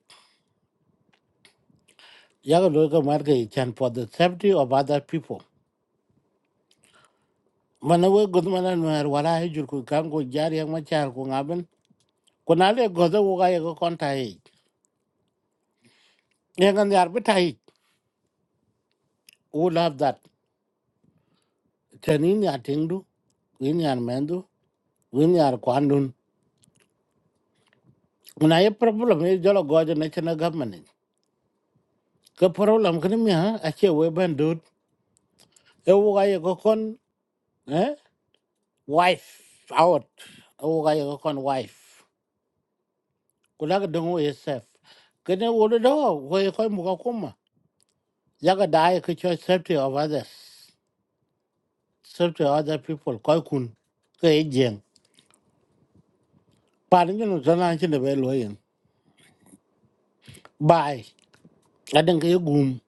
Speaker 1: ya ga lo ga mar ke chan for the safety of other people mana we god mana nwer wala he jur ku kan go jar yang ma char ku ngaben ku na le go zo ga ye go kon ta ye ye ngan yar bi ta ye u love that tenin ya tingdu win yar mendu win yar kwandun na ye problem ye jolo go je ne chena government ke problem kan mi ha a che we ben dut e u ga ye go kon eh wife out u ga ye go kon wife ku la ga dungu ye sef kene wo do wo ye ko mu ga kuma ya ga dai ke cho safety of others serve to other people koi kun ke ye jeng pa ni no zana chi ne be lo yin bai a den ke gum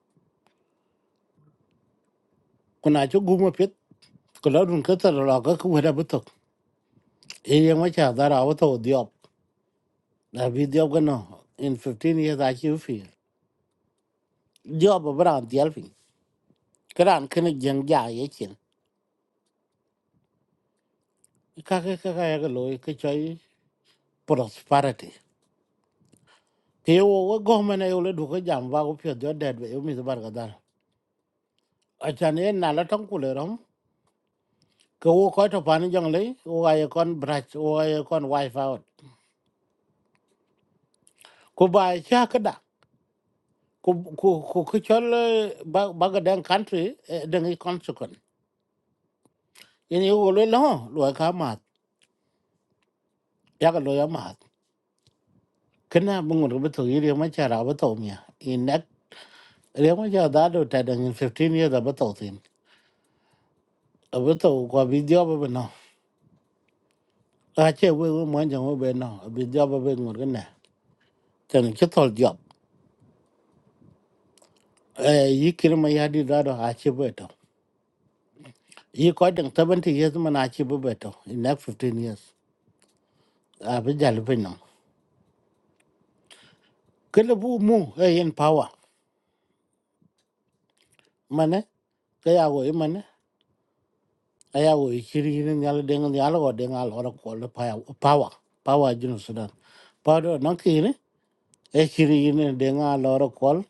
Speaker 1: kuna chi gum pet ko la dun ka tar la ka ku da butok e ye ma cha da ra wa to diop na bi diop ga no in fifteen years a chi fi diop bra dial fi kran ken jeng ja ye chin ka ka ka ka ya ga lo ke choi prosperity ke yo wo go ma na yo le du ka jam ba ko pyo do da be yo mi bar ga da a chan ye na la tong ku le rom ke wo ko to pan jang le wo ay kon brach wo ay kon wife out ku ba cha ka da ku ku ku ku chol eh, ba ba ga den country eh, den i consequent yin yo lo lo lo ka ma ya ga lo ya ma kana bungu ru to yiri ma cha ra ba to mi in nak re ma cha da do ta den in 15 years ba to tin ba to ko video ba ba no a che we we mo jang we be no video ba be ngur ne tan che tol job eh yikir ma ya di da do a che be to yi ko dang 70 years mana chi bu beto in next 15 years a bi jal pe no kele bu mu e in power mane ka ya go e mane a ya go e chiri ni yal deng ni yal go deng al ro ko le power power power jinu sudan power no ki ni e chiri ni deng al ro ko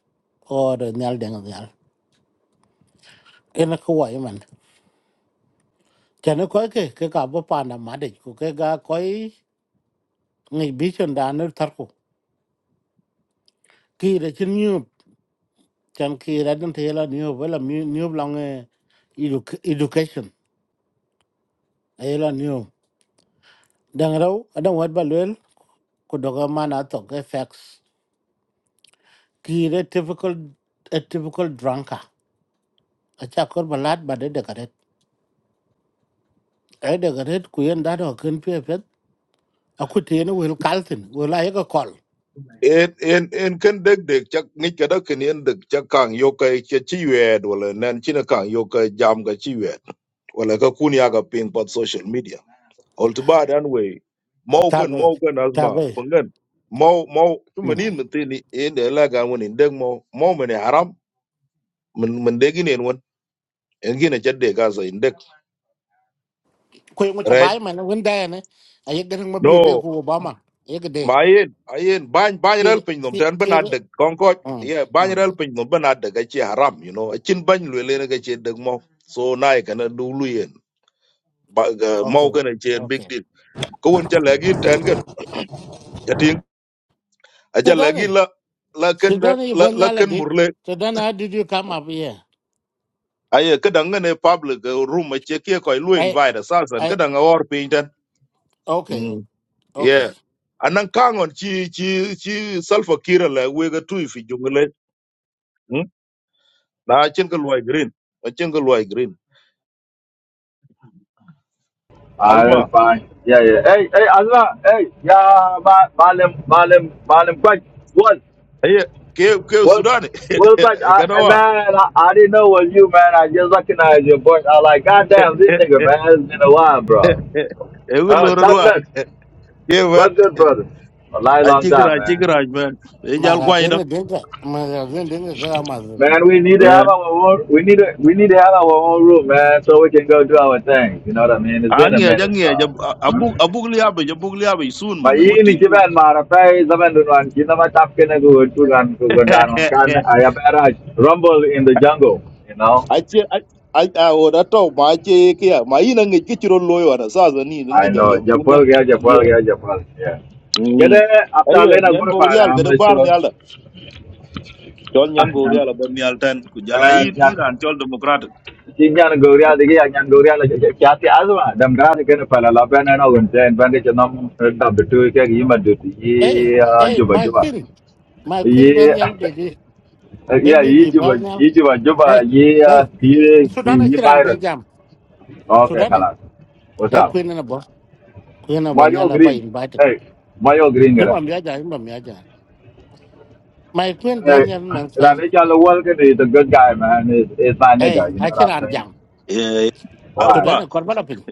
Speaker 1: or nyal deng nyal en ko wa e man chane ko ke ke ka bo pa na ma de ko ke ga ko ngi bi chon da ne tar ko ki re chin chan ki radin te la new wala new long eh, edu- education ay la new dang raw adan wat ba lel ko doga mana to ke facts ki re typical a typical drunker a cha kor balat ba de de karet ay de karet ku yen da do ken pe pet aku te ne wel kaltin wel ay ko kol
Speaker 3: en en en ken dek dek chak ngi ka dak ken en dek chak kang yo ka che chi wed wala nan chi na kang yo ka jam ka chi wed wala ka kun ya ka ping pat social media all to bad anyway mau kan
Speaker 1: tabe
Speaker 3: mau kan azma
Speaker 1: tabe
Speaker 3: pangan mau mau tu menin menti ni en de la ga won in dek mau mau men e haram men men dek ni en won en gi na chad dek ka sa in dek
Speaker 1: ko ngo ta
Speaker 3: right
Speaker 1: bay man won da ne ay de ma biu de
Speaker 3: no
Speaker 1: ku obama ay de
Speaker 3: ma yen ayen ban ban
Speaker 1: ki
Speaker 3: ral pin nom
Speaker 1: ki
Speaker 3: tan ban ad
Speaker 1: ki-
Speaker 3: konko
Speaker 1: mm,
Speaker 3: ye ban
Speaker 1: mm.
Speaker 3: ral pin nom ban ad ga chi haram you know chin ban lwe le ga chi dag mo so nai kana du lu yen ba ga
Speaker 1: okay
Speaker 3: mo kana chi big
Speaker 1: okay
Speaker 3: deal ko won cha
Speaker 1: Ừ.
Speaker 3: lagi tan gan yatin a cha lagi
Speaker 1: Sudani,
Speaker 3: la la kan
Speaker 1: Sudani, you
Speaker 3: la
Speaker 1: born
Speaker 3: la
Speaker 1: there,
Speaker 3: kan
Speaker 1: did.
Speaker 3: murle
Speaker 1: Sudani, how did you come up here?
Speaker 3: aye ka dang ne public eh, room a che ke ko lu
Speaker 1: I,
Speaker 3: invite sa san ka
Speaker 1: I,
Speaker 3: dang or pin tan
Speaker 1: okay,
Speaker 3: mm
Speaker 1: o-
Speaker 3: yeah
Speaker 1: okay.
Speaker 3: anan kangon chi chi chi sulfur kira la we ga tu fi jungle na cin ka luwai green na cin ka luwai green
Speaker 4: Ah,
Speaker 3: azma
Speaker 4: that's fine. Yeah, yeah. Hey, hey, Azra, hey, yeah, ba- Balim, Balim, Balim, Quack. What?
Speaker 3: aye ke ke
Speaker 4: What?
Speaker 3: sudan
Speaker 4: Well, Quack,
Speaker 3: e
Speaker 4: I, eh,
Speaker 3: kanawa
Speaker 4: man, I, I didn't know it was you, man. I just recognized your voice. I was like, goddamn, this nigga, man, it's been a while, bro.
Speaker 3: e ngi
Speaker 4: Uh,
Speaker 3: loro
Speaker 4: top
Speaker 3: ruwa
Speaker 4: nuts.
Speaker 3: ke wer
Speaker 4: What's good, brother? A long,
Speaker 3: a
Speaker 4: long
Speaker 3: cigira
Speaker 4: time, man.
Speaker 3: cigira man e jal kwai da
Speaker 1: Marazin dinga, marazin dinga kala mazu.
Speaker 4: Man, we need to
Speaker 3: Eh,
Speaker 4: have our own, we need to, we need to have our own room, man, so we can go do our thing. You know what I mean? It's
Speaker 3: a
Speaker 4: been a
Speaker 3: ngi ja
Speaker 4: minute,
Speaker 3: ngi ja
Speaker 4: bro.
Speaker 3: abu
Speaker 4: Huh?
Speaker 3: abu liabe ja abu liabe sun man ngi tit
Speaker 4: Mainit si
Speaker 3: ku
Speaker 4: Ben, marapay sa Ben Dunwan. Kinamatap kinagutugan kugundan on kan ayaperaj rumble in the jungle. You know,
Speaker 3: a ce a a wada to ma ce ke ya ma ina ngi kiciro loyo na sa zani
Speaker 4: I
Speaker 3: ngi jal
Speaker 4: know.
Speaker 3: yam tunde
Speaker 4: Japol kaya Japol
Speaker 3: ye
Speaker 4: kaya Japol. Yeah. Kada
Speaker 3: mm
Speaker 4: after
Speaker 3: aye
Speaker 4: lena
Speaker 3: nyan go
Speaker 4: gurpa
Speaker 3: real ga
Speaker 4: am
Speaker 3: da
Speaker 4: isto
Speaker 3: bar ni chol
Speaker 4: ah
Speaker 3: nyan go
Speaker 4: nan
Speaker 3: real about ni alten ku jala
Speaker 4: eh,
Speaker 3: in
Speaker 4: nan
Speaker 3: iran chol democratic
Speaker 4: tinjan goria digi yan goria la kyati azma dam dara kana pala la ben na gun ten ben ke nam dab tu ke yima du
Speaker 1: Hey,
Speaker 4: yi ah,
Speaker 1: hey,
Speaker 4: juba
Speaker 1: my
Speaker 4: juba.
Speaker 1: queen, my queen born there,
Speaker 4: Yi
Speaker 1: baby,
Speaker 4: Uh, yeah,
Speaker 1: Baby, the
Speaker 4: Ijuba,
Speaker 1: born there.
Speaker 4: Ijuba, Juba,
Speaker 1: Hey,
Speaker 4: yeah,
Speaker 1: hey,
Speaker 4: yeah,
Speaker 1: Sudani,
Speaker 4: yeah,
Speaker 1: Chiran
Speaker 4: virus.
Speaker 1: Bejam,
Speaker 4: Okay,
Speaker 1: Sudani.
Speaker 4: hello. What's
Speaker 1: Hey,
Speaker 4: up?
Speaker 1: queen na bo, queen na born there,
Speaker 4: Mario
Speaker 1: la ba
Speaker 4: Green.
Speaker 1: invited.
Speaker 4: Hey, Mario Green,
Speaker 1: Ni
Speaker 4: gara.
Speaker 1: wa miaja, ni wa miaja. My queen born there,
Speaker 4: Hey,
Speaker 1: man say.
Speaker 4: Rani Chalawakan is a good guy, man. Is is my
Speaker 1: Hey,
Speaker 4: nigga, you know
Speaker 1: I
Speaker 4: what I'm
Speaker 1: Chiran
Speaker 4: saying?
Speaker 1: Jam,
Speaker 3: eh
Speaker 4: Why?
Speaker 3: azwa
Speaker 1: Sudani, korbala pin.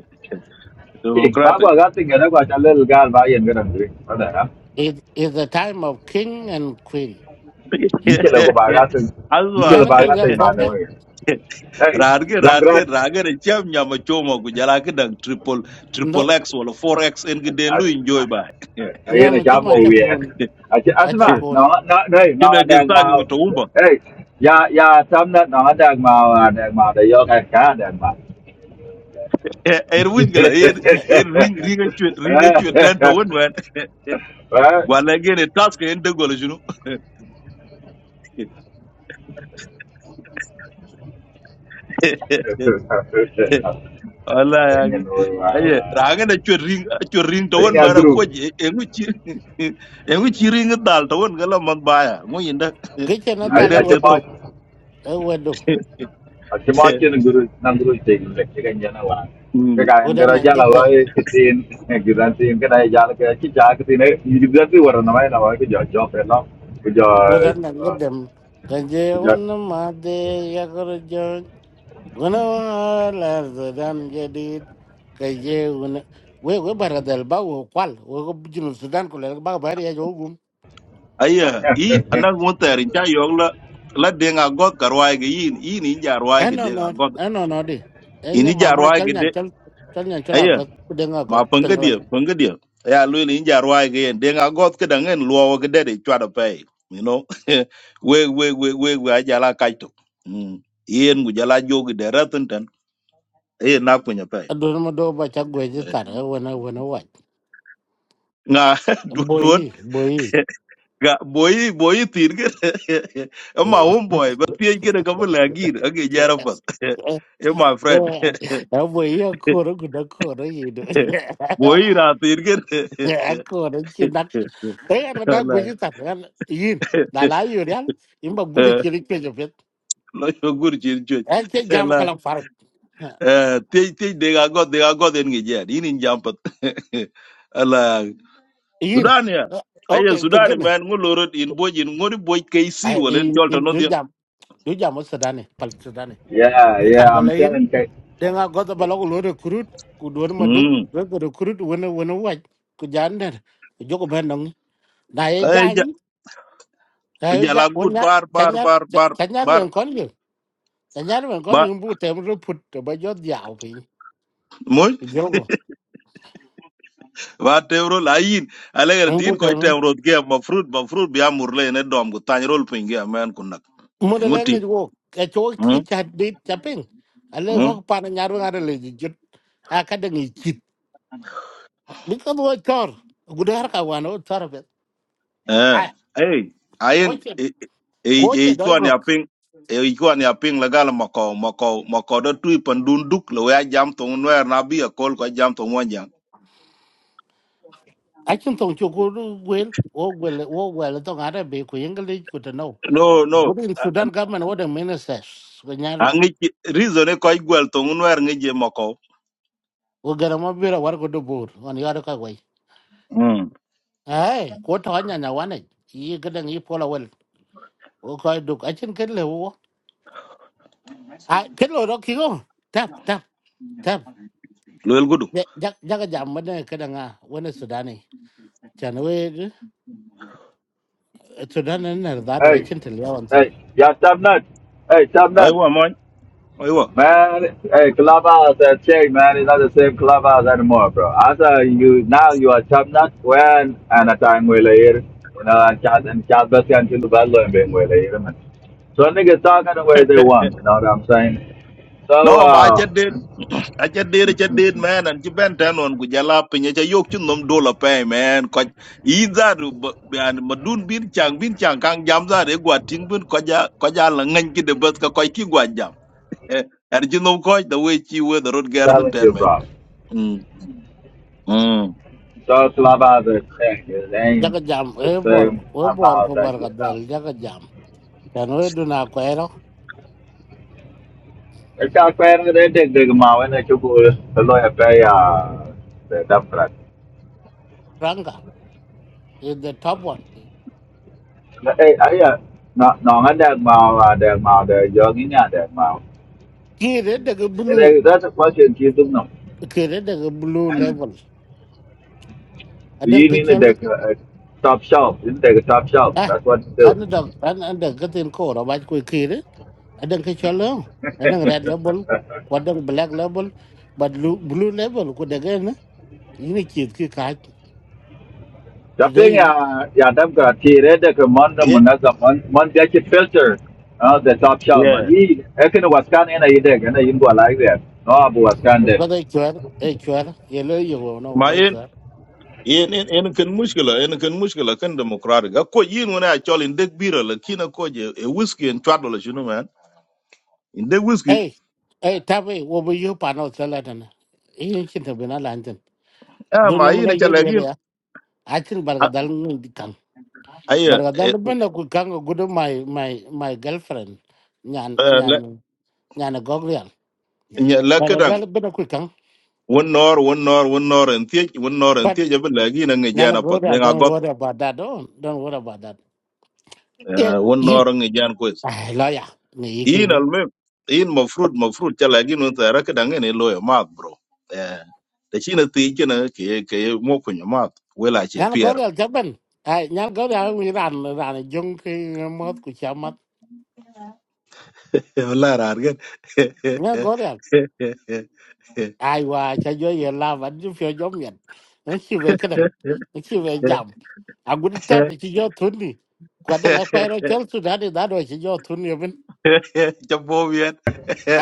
Speaker 4: King,
Speaker 3: democratic
Speaker 4: bagwa gasing gara kwa chalil gal ba yen gara You Ada ya?
Speaker 1: It is the time of king and queen.
Speaker 4: Inchila You bagasing,
Speaker 3: azwa
Speaker 4: inchila
Speaker 1: Nyana go real
Speaker 4: bagasing by the
Speaker 1: banyang
Speaker 4: way. Hey,
Speaker 3: rarge rarge
Speaker 4: Democrat.
Speaker 3: rage re cham nyama chomo ku jala ke dang triple
Speaker 1: no
Speaker 3: triple x wala four x en ge den lu enjoy ba
Speaker 4: Ayan na
Speaker 1: nyama chama
Speaker 4: jamo
Speaker 1: cha
Speaker 4: weird.
Speaker 1: kon
Speaker 4: Aja
Speaker 1: acha
Speaker 4: asma,
Speaker 1: kon
Speaker 4: no no no no
Speaker 3: kilo ge
Speaker 4: adang
Speaker 3: sag ngi
Speaker 4: mau.
Speaker 3: to umba
Speaker 4: Hey, ya ya sam na no adang mau adang mau da yo ka ka adang mau.
Speaker 3: er wuj gila er er ring ring a chwet ring a chwet ten to won man
Speaker 4: Right?
Speaker 3: gwala ge ne task e en de golo junu wallahi agi
Speaker 4: Ayan no.
Speaker 3: aye ranga na chwer ring a chwer ring to
Speaker 4: I
Speaker 3: won
Speaker 4: think
Speaker 3: mara ko
Speaker 4: Andrew.
Speaker 3: je engu chi engu chi ring dal to won gala man baya ngo yinda
Speaker 1: kiche na
Speaker 4: I
Speaker 3: ring
Speaker 1: dale
Speaker 4: I
Speaker 3: dat je
Speaker 4: just
Speaker 1: wedu
Speaker 3: tok
Speaker 4: bought.
Speaker 1: e wedu
Speaker 4: akimwakyin guru nan guru te le Jana. ga nyana wa ke
Speaker 3: Mm.
Speaker 4: ga en
Speaker 1: udan
Speaker 4: gara
Speaker 1: nang
Speaker 4: jala wa
Speaker 1: gedem
Speaker 4: ke tin ne gidan tin ke dai jala ke chi ja ke tin ne gidan ti war na mai na wa ke jo jo pe la ke jo
Speaker 1: udan nang gedem kanje
Speaker 4: ke jo
Speaker 1: un ma de ya kor jon gona la sudan jedid kanje un we we baradel ba wo kwal we go jinu sudan ko le ba ba ya jo gum
Speaker 3: aye in anan won ter in cha yong la la denga god karwai ge in in in jarwai ge
Speaker 1: eno
Speaker 3: denga
Speaker 1: no
Speaker 3: god
Speaker 1: eno no di
Speaker 3: in
Speaker 1: enye mama
Speaker 3: jarwai
Speaker 1: chal
Speaker 3: ge
Speaker 1: nyan chal chal nyan chala
Speaker 3: de
Speaker 1: got kudenga
Speaker 3: ma
Speaker 1: got
Speaker 3: pöŋkä
Speaker 1: tengwa
Speaker 3: diöl pöŋkä diöl ya luili in ja ruwaayigi yen deŋ a got kädäŋen luwowo kädedi cwadö pei you know we we we we we ajala kac tok Mm. yen ku jala jogi de röthön tön yen na kunya pei
Speaker 1: adon mo do ba cha gwe ji tar wona wona
Speaker 3: ŋa duduwöt
Speaker 1: Bùi, bùi.
Speaker 3: ga boyi boyi thir kädä ema humboi ba thiec kädä käbïlä agir age jara pöth e my friend
Speaker 1: Nó bùi, à, cô nó cũng nó cô nó gì nữa.
Speaker 3: boy ra thir kädä
Speaker 1: Cô nó chỉ nắng. Ê, nó đang quý chứ thật. Yên, đã lá yêu đấy. Yên bà gùi đi chỉ đi chơi cho biết.
Speaker 3: lo yogur cin cuec
Speaker 1: Ê, chế giam cái lòng phạt.
Speaker 3: Eh, tej tej dega god dega god en gi jer in in jampat ala
Speaker 1: Yên.
Speaker 3: sudan ya
Speaker 1: Ok,
Speaker 3: aye
Speaker 1: phình
Speaker 3: sudan
Speaker 1: cái này.
Speaker 3: man ngulorot in boj in ngori boj kc
Speaker 1: Ai,
Speaker 3: wolen
Speaker 1: yên,
Speaker 3: tolta
Speaker 1: yên,
Speaker 3: no
Speaker 1: đứa
Speaker 3: dia
Speaker 1: giam. Đứa giam ở Sudan này, Palestine này.
Speaker 4: yeah
Speaker 1: Cái
Speaker 4: yeah
Speaker 1: cản bà
Speaker 4: i'm
Speaker 1: lấy
Speaker 4: telling you
Speaker 1: denga gota bala ko lo recruit ku do ma duk
Speaker 3: mm
Speaker 1: we ko recruit wona wona waj ku jander ku jogo ben nong na ye
Speaker 3: ay ja
Speaker 1: jany ta ye
Speaker 3: ja la
Speaker 1: ja
Speaker 3: gut
Speaker 1: wona
Speaker 3: bar bar
Speaker 1: tanyar
Speaker 3: bar bar
Speaker 1: tanyar
Speaker 3: bar
Speaker 1: ben kon yo tanyar ben kon
Speaker 3: ba
Speaker 1: yum bu tem ro put to ba jot yaw pin
Speaker 3: moy
Speaker 1: ku jogo
Speaker 3: va tevro la yin ala ger
Speaker 1: an
Speaker 3: tin
Speaker 1: bu
Speaker 3: ko
Speaker 1: tem
Speaker 3: tevro ge ma fruit ma fruit bi amur le ne dom go tan rol pin ge man kunak
Speaker 1: mo de
Speaker 3: ngoti
Speaker 1: lenge wo ka cho ki chat dit chapin ale
Speaker 3: mm
Speaker 1: ho pa na nyar wa le ji jot a ka de ngi chit bi ko bo chor gudu har ka wano tor be
Speaker 3: Eh,
Speaker 1: ai
Speaker 3: eh,
Speaker 1: ko
Speaker 3: ayen
Speaker 1: che
Speaker 3: eh eh
Speaker 1: ko
Speaker 3: eh, kwa ni
Speaker 1: che
Speaker 3: aping eh kwa ni aping lagala mako mako mako do tui pandunduk lo ya jam to nwer na bi akol ko jam to monja.
Speaker 1: Akin tong chu ku gwel o gwel o gwel tong ara be ku english ku to know.
Speaker 3: No no,
Speaker 1: Good in Sudan government what the ministers ko nyarin.
Speaker 3: angi reason e ko igwel to nwer ngi je mako.
Speaker 1: O gara mo bira war ko do bur on yar ka wai.
Speaker 3: Mm.
Speaker 1: Ai ko to nya nya wane yi gadan yi pola wel. O ko duk akin ken le wo. Ai ken lo ro ki go. Tap tap tap.
Speaker 3: Lo el gudu.
Speaker 1: Ja ja ga jam ne kadan a wani Sudani. Chan we Sudan ne na da do
Speaker 4: hey
Speaker 1: akin tel yawan tin.
Speaker 4: hey yeah tab nut hey tab
Speaker 3: Aiwa moy. aiwa.
Speaker 4: Man, hey, clubhouse that changed, man. It's not the same clubhouse anymore, bro. After you now you are champion when and a time will here. You know, and chat and chat best can kill the battle and being well here, man. So niggas talking the way they want, you know what I'm saying?
Speaker 3: no
Speaker 4: So
Speaker 3: ma cha
Speaker 4: uh
Speaker 3: det
Speaker 4: I'm
Speaker 3: a cha det cha det man an chi ben tan on ku jala pinya cha yok chun nom dola pe man ko i za ru ban madun bin chang bin chang kang jam za re gwa ting bin ko ja ko ja la ngan ki de bas ka ko ki gwa jam Eh, er chi nom ko the way chi we the road garden
Speaker 4: telling
Speaker 3: ten
Speaker 4: you
Speaker 3: man
Speaker 4: bro.
Speaker 3: mm mm
Speaker 4: So clubhouse that changed. It
Speaker 1: Ja
Speaker 4: ain't
Speaker 1: ga jam
Speaker 4: the
Speaker 1: e bor
Speaker 4: same
Speaker 1: o bor
Speaker 4: clubhouse
Speaker 1: ko bar
Speaker 4: that
Speaker 1: ga
Speaker 4: you know.
Speaker 1: del ja ga jam. Chan we du na ko
Speaker 4: It's out there, they dig dig them out and they took a lawyer pay uh the Democrat.
Speaker 1: Ranga is the top one.
Speaker 4: Na- Hey, I no no nga dag mau uh, dag mau the jogging nga dag mau.
Speaker 1: Kire daga
Speaker 4: And
Speaker 1: blue,
Speaker 4: uh, that's a question you do know.
Speaker 1: kire daga blue
Speaker 4: And
Speaker 1: level. Adan
Speaker 4: we
Speaker 1: ka
Speaker 4: need a
Speaker 1: chol
Speaker 4: dag uh, top shelf. You take a top shelf.
Speaker 1: ah
Speaker 4: That's what you do.
Speaker 1: kan da kan da katin ko ra ba ko kire adan ka chol adan red level ko adan black level but blue, blue level ko daga na yini kit ki ka
Speaker 4: Shopping
Speaker 1: today na
Speaker 4: ya ya dam ka tire de ka mon na mon
Speaker 3: Eh,
Speaker 4: na mon mon ga chi filter. Uh, the top shelf
Speaker 3: yeah
Speaker 4: but he ekin was kan ina ide gana yin go like that. No abu was scan there.
Speaker 1: ba da chwar e chwar yelo yo no
Speaker 3: ma
Speaker 1: wa
Speaker 3: en
Speaker 1: chwar
Speaker 3: en en en kan mushkila en kan mushkila kan democratic ko yin wona chol in dek bira la kina ko je e whiskey en twadol you know man in dek whiskey
Speaker 1: hey hey tabe wo bu yo pa no sala tan yin chin ta bina lantin
Speaker 3: ah
Speaker 1: do
Speaker 3: ma
Speaker 1: no ma ga
Speaker 3: yin cha
Speaker 1: yedi ya achin barga
Speaker 3: A-
Speaker 1: dal ngi
Speaker 3: Aya, eh,
Speaker 1: Bargadal bena ku kanga gudu my my my girlfriend nyan
Speaker 3: eh, la-
Speaker 1: nyan nyan gogrial.
Speaker 3: nya lakadang
Speaker 1: Bargadal bena ku kang
Speaker 3: wun nor wun nor wun nor en tiech wun nor en
Speaker 1: but
Speaker 3: tiech abin lagi na
Speaker 1: nyan
Speaker 3: ngejan apat
Speaker 1: gogrial
Speaker 3: deng
Speaker 1: don't
Speaker 3: agot
Speaker 1: worry about that. don't don't worry about that. Yeah,
Speaker 3: eh, wun nor
Speaker 1: you.
Speaker 3: ngejan kwes.
Speaker 1: Ai lawyer ni
Speaker 3: In
Speaker 1: ikingu.
Speaker 3: alme in mafrut mafrut cha lagi nun ta rakadang en loya mat bro. Eh, Da chi na tiech na ke ke mo kunya mat wela che
Speaker 1: Nyan
Speaker 3: pier.
Speaker 1: gogrial jaban. Ai nyan gogrial mi ran ran jong ki mot ku chamat.
Speaker 3: Wala rar gan.
Speaker 1: Nyan gogrial ai qua cho vô giờ la vẫn chứ phiêu giống nhận nó chỉ về cái đằng nó chỉ về giảm à cũng đi tập thì chỉ do thun đi quả đằng ở quay nó chốt xuống đá đi đá rồi chỉ do thun đi bên
Speaker 3: Chapo bien.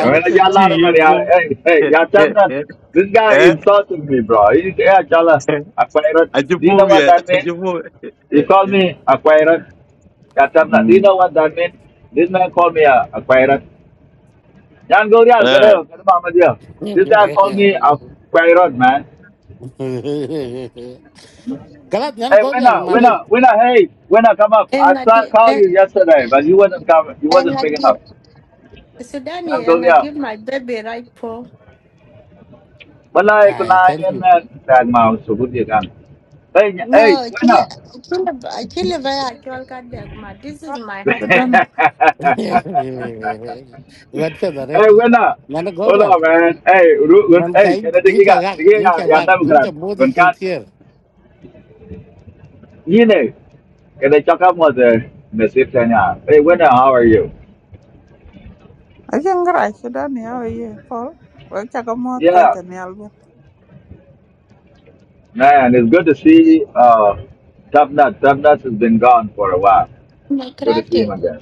Speaker 4: I mean, I
Speaker 1: phiêu
Speaker 4: got a
Speaker 3: Chi
Speaker 1: giống
Speaker 4: lot of
Speaker 1: nhận rồi
Speaker 4: money.
Speaker 1: đấy
Speaker 4: I,
Speaker 3: yepo.
Speaker 4: hey, hey, y'all tell me that. This guy insulted me, bro. He said, yeah, Chala, acquired. Do you know what
Speaker 3: Ajipowie,
Speaker 4: that means?
Speaker 3: ajipowie.
Speaker 4: He called me acquired. Y'all tell me that. Do you
Speaker 3: Mm.
Speaker 4: know what that means? This man called me uh, acquired. Yan Gorial,
Speaker 3: Ah.
Speaker 4: Gadeo, Gadamama Dio. This guy called me acquired, man.
Speaker 1: cái lát nhắn
Speaker 4: Hey,
Speaker 1: gọi
Speaker 4: winner,
Speaker 1: điện mà lên
Speaker 4: winner, winner, hey, winner, come up. I
Speaker 5: And I
Speaker 4: tried to
Speaker 5: did,
Speaker 4: call
Speaker 5: and,
Speaker 4: you yesterday, but you wasn't coming. You
Speaker 5: and
Speaker 4: wasn't
Speaker 5: I
Speaker 4: picking
Speaker 5: did.
Speaker 4: up.
Speaker 5: So
Speaker 4: Yan
Speaker 5: Danny, and I
Speaker 4: Gorial.
Speaker 5: did my baby right paw.
Speaker 4: Wala eh,
Speaker 1: ai thank
Speaker 4: kunayan
Speaker 1: you
Speaker 4: na tag mausugod ya kan. Ay, nya- ay,
Speaker 5: No,
Speaker 4: wena.
Speaker 5: chile, chile, chile, vaya. Actual kadagma. This is my
Speaker 6: Shidani.
Speaker 5: husband.
Speaker 1: vẫn phiêu rồi đấy
Speaker 4: ay, wena.
Speaker 1: nhắn gọi
Speaker 4: Hola,
Speaker 1: điện
Speaker 4: man. Ay, ru, gun,
Speaker 1: mà
Speaker 4: ay,
Speaker 1: cái
Speaker 4: kada
Speaker 1: anh
Speaker 4: digi
Speaker 1: chả
Speaker 4: ka.
Speaker 1: gạt
Speaker 4: Digi
Speaker 1: anh chả
Speaker 4: ya, ya
Speaker 1: gạt
Speaker 4: tam
Speaker 1: cũng chả
Speaker 4: kran.
Speaker 1: mua được
Speaker 4: Gun
Speaker 1: chuyện
Speaker 4: kat.
Speaker 1: thiệt
Speaker 4: Yine. Kada chaka mo the nasip tanya. Hey, wena, how are you?
Speaker 6: Akin garai Shidani how are you? Paul. Wek chaka moth
Speaker 4: Yeah.
Speaker 6: koita ni album.
Speaker 4: Man, it's good to see uh Top Nut. Top Nut has been gone for a while. Good to see him
Speaker 5: Democratic.
Speaker 4: again.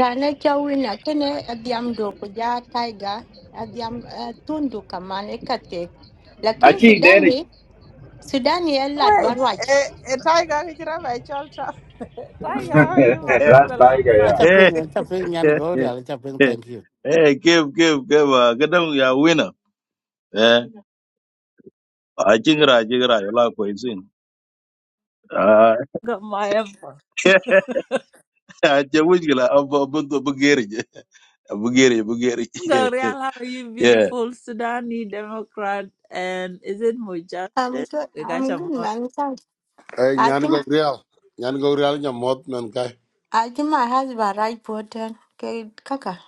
Speaker 5: Rana chawina kene abiamdo kuja tiger abiam eh, tundu kamane kate. Lakin
Speaker 4: Actually, Danny.
Speaker 5: Sudani, Sudani a lad
Speaker 6: Wait,
Speaker 5: barwaj.
Speaker 6: eh, eh, Tiger kichira by Cholta. Tiger, how
Speaker 5: Mm,
Speaker 6: are you, my
Speaker 3: Eh,
Speaker 4: That's
Speaker 6: brother? Long
Speaker 4: Tiger,
Speaker 1: anh
Speaker 4: yeah.
Speaker 6: time.
Speaker 1: chấp
Speaker 3: eh,
Speaker 1: phim anh chấp phim nhắn
Speaker 3: eh,
Speaker 1: gọi điện
Speaker 3: eh,
Speaker 1: anh chấp phim
Speaker 3: eh.
Speaker 1: thank you
Speaker 3: Eh, give, give, give. Uh, get them, you are winner. Eh, ajigra, ajigra, you like what you seen. Ah,
Speaker 6: Got my effort.
Speaker 3: ajipowie, abu, abu, abu, geri, abu, geri, abu, geri.
Speaker 6: Gabriel, how are you,
Speaker 3: Yeah.
Speaker 6: beautiful Sudani Democrat? And is it
Speaker 5: I'm
Speaker 6: Mujahid?
Speaker 5: good.
Speaker 6: We got
Speaker 5: I'm
Speaker 6: your
Speaker 5: good,
Speaker 6: mom.
Speaker 5: man. Thanks.
Speaker 2: eh
Speaker 5: I
Speaker 2: nyan go
Speaker 5: think
Speaker 2: real. Nyan go real nyam mot nan kai.
Speaker 5: I think my husband right voted. Okay, kaka.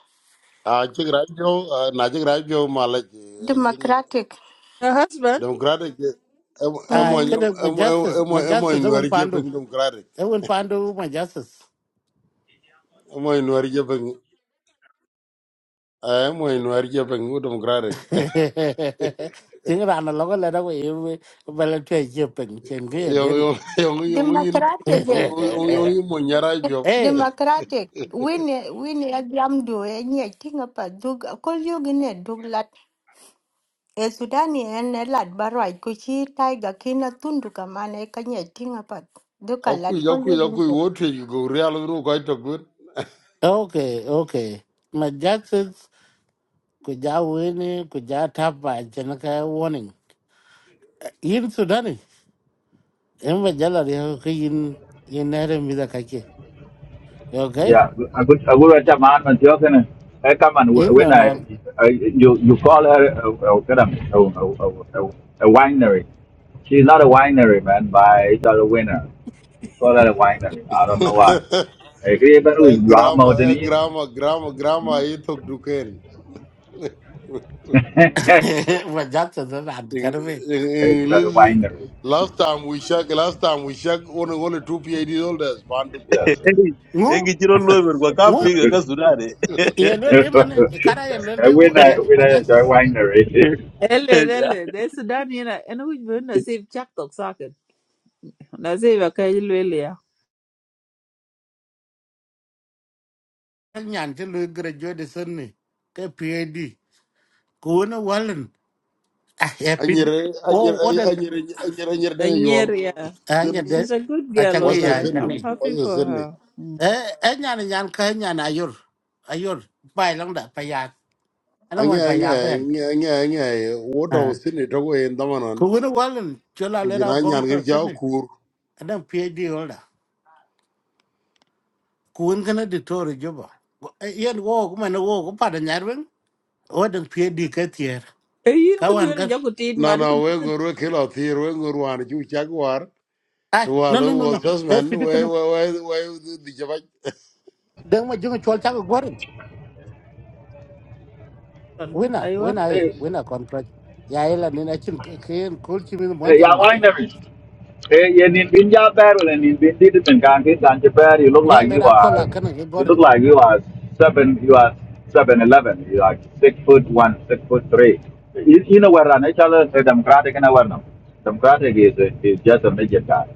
Speaker 2: A chigra jo na chigra jo mala chi.
Speaker 5: Democratic.
Speaker 6: Her husband?
Speaker 2: Democratic emo emo
Speaker 1: ai
Speaker 5: Mm-hmm.
Speaker 1: kada
Speaker 2: emo
Speaker 1: majasus,
Speaker 2: emo emo
Speaker 1: majasus e won
Speaker 2: inuari je
Speaker 1: pandu
Speaker 2: peng democratic.
Speaker 1: e won pandu majasus.
Speaker 2: Emo inuari je peng. ah, Emo inuari je peng democratic.
Speaker 1: majasis ting rana logo la dago e bala tue je peng chen ge
Speaker 2: Yung
Speaker 1: dedi
Speaker 2: yung yung yung yin
Speaker 5: democratic
Speaker 2: yung
Speaker 5: eh,
Speaker 2: yung yung yung mo nyara jop.
Speaker 1: eh
Speaker 5: democratic wini wini ya jamdu e nye tinga pa dug kol yogine dug lat e sudani en lat barwai kuchi taiga kina tundu kamane kanye tinga pa duka
Speaker 2: Aku
Speaker 5: lat kol
Speaker 2: aku
Speaker 5: yogine
Speaker 2: aku wote go real no kai to good.
Speaker 1: okay okay majasis ku ja wini tháp ja tapa chen cái warning yên Sudan đi, em yin là en majala cái ko yin yin nere mi da kake okay
Speaker 4: Yeah, a good a good at man man tio can I come and wh-
Speaker 1: yin no
Speaker 4: when
Speaker 1: no
Speaker 4: I, I you you call her a a a, a, a, a a winery. She's not a winery man, but it's not a winner. You call her a winery. I don't know why. I agree but who
Speaker 2: A
Speaker 4: is drama
Speaker 2: grama
Speaker 4: than
Speaker 2: a
Speaker 4: it.
Speaker 2: grama grama grama e to duken.
Speaker 1: majasis ran
Speaker 2: In
Speaker 1: karbe
Speaker 2: in
Speaker 4: It's not a
Speaker 2: English
Speaker 4: winery.
Speaker 2: last time we check last time we check only only two PhD holders pan to
Speaker 4: Yes.
Speaker 1: ngu
Speaker 3: Eh, kichiro lover kwa
Speaker 1: ngu
Speaker 3: kapiga kasudani.
Speaker 1: ye lo
Speaker 4: when
Speaker 1: de man e kara ye lo de
Speaker 4: I when
Speaker 1: ma
Speaker 4: I a
Speaker 1: jasis
Speaker 4: winery.
Speaker 6: Hello, hello. There's Sudani and I. And we've been a safe chat talk socket. Nasib, okay,
Speaker 1: nyan ti lo grejo de sonni ke pd ko no walan ah ye pd
Speaker 2: Anyere
Speaker 1: o
Speaker 2: anyere
Speaker 1: o de
Speaker 2: anyere anyere anyere dang yol.
Speaker 6: Anyeria.
Speaker 1: anya
Speaker 2: Sydney.
Speaker 1: de
Speaker 6: She's a good
Speaker 1: a
Speaker 6: girl,
Speaker 2: What's
Speaker 1: changi
Speaker 2: the
Speaker 1: ya
Speaker 6: Ola.
Speaker 2: Sydney?
Speaker 1: changi
Speaker 6: I'm
Speaker 2: What's
Speaker 6: happy
Speaker 2: the
Speaker 6: for
Speaker 2: Sydney?
Speaker 6: her. Mm.
Speaker 1: eh eh nyan nyan ka nyan ayur ayur pai lang da pa ya ana mo
Speaker 2: Anya
Speaker 1: pa
Speaker 2: anya
Speaker 1: ya ben
Speaker 2: anya anya anya wote
Speaker 1: ah
Speaker 2: Sydney to in damanan.
Speaker 1: ko no walan chola le ra
Speaker 2: Kujina
Speaker 1: bong
Speaker 2: nyan gir
Speaker 1: to
Speaker 2: jau
Speaker 1: sonni
Speaker 2: kur.
Speaker 1: adam pd ola ko n kana de tore joba yen wo ko man wo ko pa da nyarwen o de pd ka tier
Speaker 6: Eh, Yin could do
Speaker 1: kawan
Speaker 6: any job with it,
Speaker 2: No,
Speaker 6: man.
Speaker 2: no,
Speaker 6: Could
Speaker 2: we go kill out here, we go one, you check
Speaker 1: Ai,
Speaker 2: To all
Speaker 1: no, no, no,
Speaker 2: who
Speaker 1: no. Eh,
Speaker 2: assessment, we,
Speaker 1: pidi
Speaker 2: we,
Speaker 1: kini.
Speaker 2: we, we, the Java
Speaker 1: Deng ma junga chol chaka gwarin.
Speaker 6: do
Speaker 1: Wina,
Speaker 6: Iwa.
Speaker 1: wina e, wina contract. Ya ila nina chin kiyin kul chimin mwanjang
Speaker 4: ya
Speaker 1: madi.
Speaker 4: wai na Eh, you need been job battle and in been did it and can't get You look
Speaker 1: Ya
Speaker 4: like you
Speaker 1: lera kola
Speaker 4: are,
Speaker 1: kana ki
Speaker 4: you
Speaker 1: gwarin.
Speaker 4: look like you are seven, you are seven eleven. You are six foot one, six foot three. You, you know where Ranichal is democratic and aware them. Democratic is, is just a midget guy,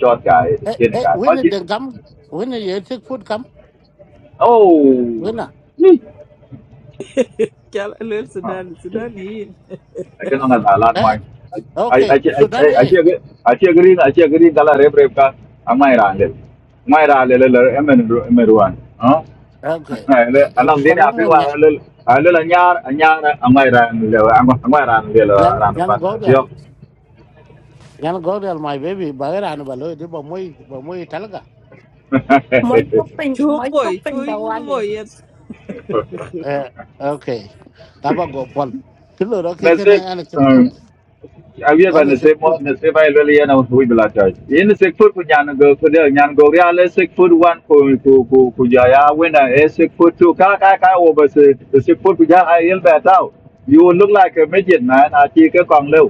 Speaker 4: short guy,
Speaker 1: Eh,
Speaker 4: skinny
Speaker 1: eh,
Speaker 4: guy. Oh,
Speaker 1: wina
Speaker 4: jeez.
Speaker 1: deng kam. Wina ye tik food kam.
Speaker 4: oh.
Speaker 1: Wina.
Speaker 6: Cal a little
Speaker 4: Huh.
Speaker 6: Sudan, Sudan, yin.
Speaker 4: I cannot alarm
Speaker 1: Eh,
Speaker 4: my. I I I
Speaker 1: okay.
Speaker 4: I
Speaker 1: Sudan
Speaker 4: I
Speaker 1: e.
Speaker 4: agree. I agree. I agree. Kalau rep rep ka, amai rale. Amai rale le le emen emeruan. Huh?
Speaker 1: Okay.
Speaker 4: Le
Speaker 1: Eh, eh,
Speaker 4: alam dini
Speaker 1: kola
Speaker 4: api
Speaker 1: mo
Speaker 4: wa
Speaker 1: nya,
Speaker 4: le le le nyar nyar amai rale le amai amai rale le
Speaker 1: nyana,
Speaker 4: ran
Speaker 1: nyana
Speaker 4: depan.
Speaker 1: gorial.
Speaker 4: Tiok.
Speaker 1: Nyana gorial my baby. Bagera anu balo. Di ba moi, ba moi talaga.
Speaker 5: mo chopin
Speaker 6: Chum
Speaker 5: mo
Speaker 6: boy,
Speaker 5: chopin da
Speaker 6: chewing boy,
Speaker 5: wale
Speaker 6: yet
Speaker 1: Eh, okay. Taba go pon. Kilo roke kene ana chin food.
Speaker 4: Nasib. awie ba
Speaker 1: Ana
Speaker 4: ne se
Speaker 1: chin food.
Speaker 4: mo ne se ba ile ya na wi bla ta ye ne se fu ku nyan go ku de nyan go ya le se fu wan ku ku ku ku ya ya we na e se fu tu ka ka ka wo ba se se fu ku ya ai el ba ta you look like a midget man a ti ke kong leu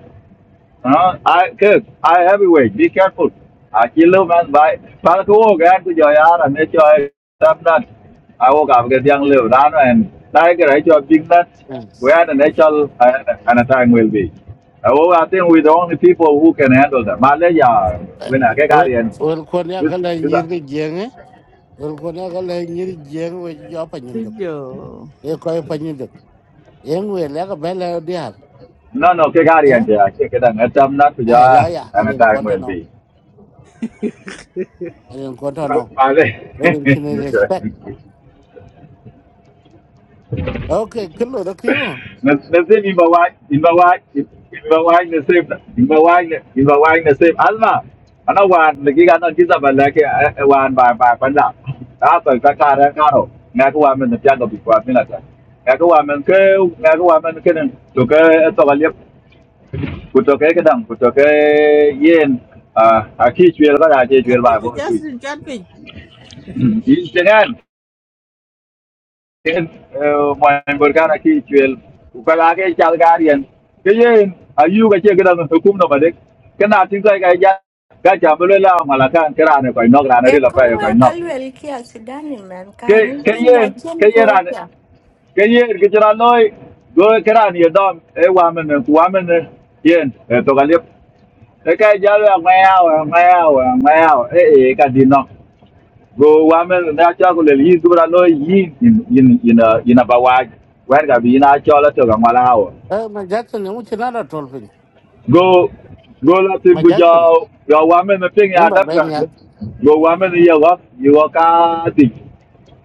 Speaker 4: Đó, ai cứ ai heavyweight be careful à chỉ lưu man bài bà cứ ô gan cứ giờ ra là nên chơi tâm đất ai ô gặp cái tiếng lưu đó nó em đây cái đấy cho big nuts
Speaker 1: Wel
Speaker 4: where the natural uh, and a time will be I, oh, I think we're the only people who can handle that Malaysia when I get out
Speaker 1: wel kon ya
Speaker 4: you
Speaker 1: kala
Speaker 4: you got
Speaker 1: nyirgi jenge. Wel kon ya kala nyirgi jenge we yo panyum
Speaker 6: to
Speaker 1: dok.
Speaker 6: Joe.
Speaker 1: E ko yo panyum dok. Yen we la ka bela diar.
Speaker 4: no no cái gà đi anh
Speaker 1: Eh?
Speaker 4: chị à cái cái đằng ở tâm đất
Speaker 1: Ai la ya,
Speaker 4: and a
Speaker 1: erin
Speaker 4: time
Speaker 1: konta
Speaker 4: will
Speaker 1: no.
Speaker 4: be
Speaker 1: Erin konta
Speaker 4: à
Speaker 1: no.
Speaker 4: à
Speaker 1: Erin sin respect. Okay, kullo da kiyo.
Speaker 4: Nasema imba wine, imba wine, imba wine nasema, imba wine, imba wine nasema. Alma, ana wan lagi kana kisa balake wan ba ba panda. Apa kakara karo. Ngaku wan men tiang ko bikwa mina ta. Ngaku wan men ke, ngaku wan men ke nang. To ke eh, to galip. Ku to ke kedang, ku to ke yen. Ah, aki chuel ba da che
Speaker 6: I
Speaker 4: chuel ba
Speaker 6: think we
Speaker 4: bo tu.
Speaker 6: just in chatting.
Speaker 4: Yin tengan. ken moy bor ki chwel ku ka ke chal garian ke yen ayu ga che gran to kum no bade kana tin ka ga ja ga cha bele la mala kan kra ne ko nok ra ne
Speaker 5: e
Speaker 4: la pa
Speaker 5: komo
Speaker 4: ko
Speaker 5: ya
Speaker 4: nok
Speaker 5: kalwel kia sudani man
Speaker 4: ke
Speaker 5: ka ngi
Speaker 4: ke
Speaker 5: tinga
Speaker 4: yen ke
Speaker 5: jen
Speaker 4: yen ran ke yen ke jra noy go kra ni dom e wa men ku wa men yen to ga lep e ka ja la ma ya wa ma ya wa ma ya e e ka di nok go wamen na chakule yi dubra lo yi in in in a in a bawaj wer ga bi na chola to ga mala hawo
Speaker 1: Eh ma Jackson ne mutu na da tolpin.
Speaker 4: go go la tin
Speaker 1: Ma
Speaker 4: gu jo
Speaker 1: Jackson.
Speaker 4: yo women, na ping
Speaker 1: Number
Speaker 4: Adam,
Speaker 1: bay
Speaker 4: dam ga
Speaker 1: nyal.
Speaker 4: go women, ye wa yi wa ka ti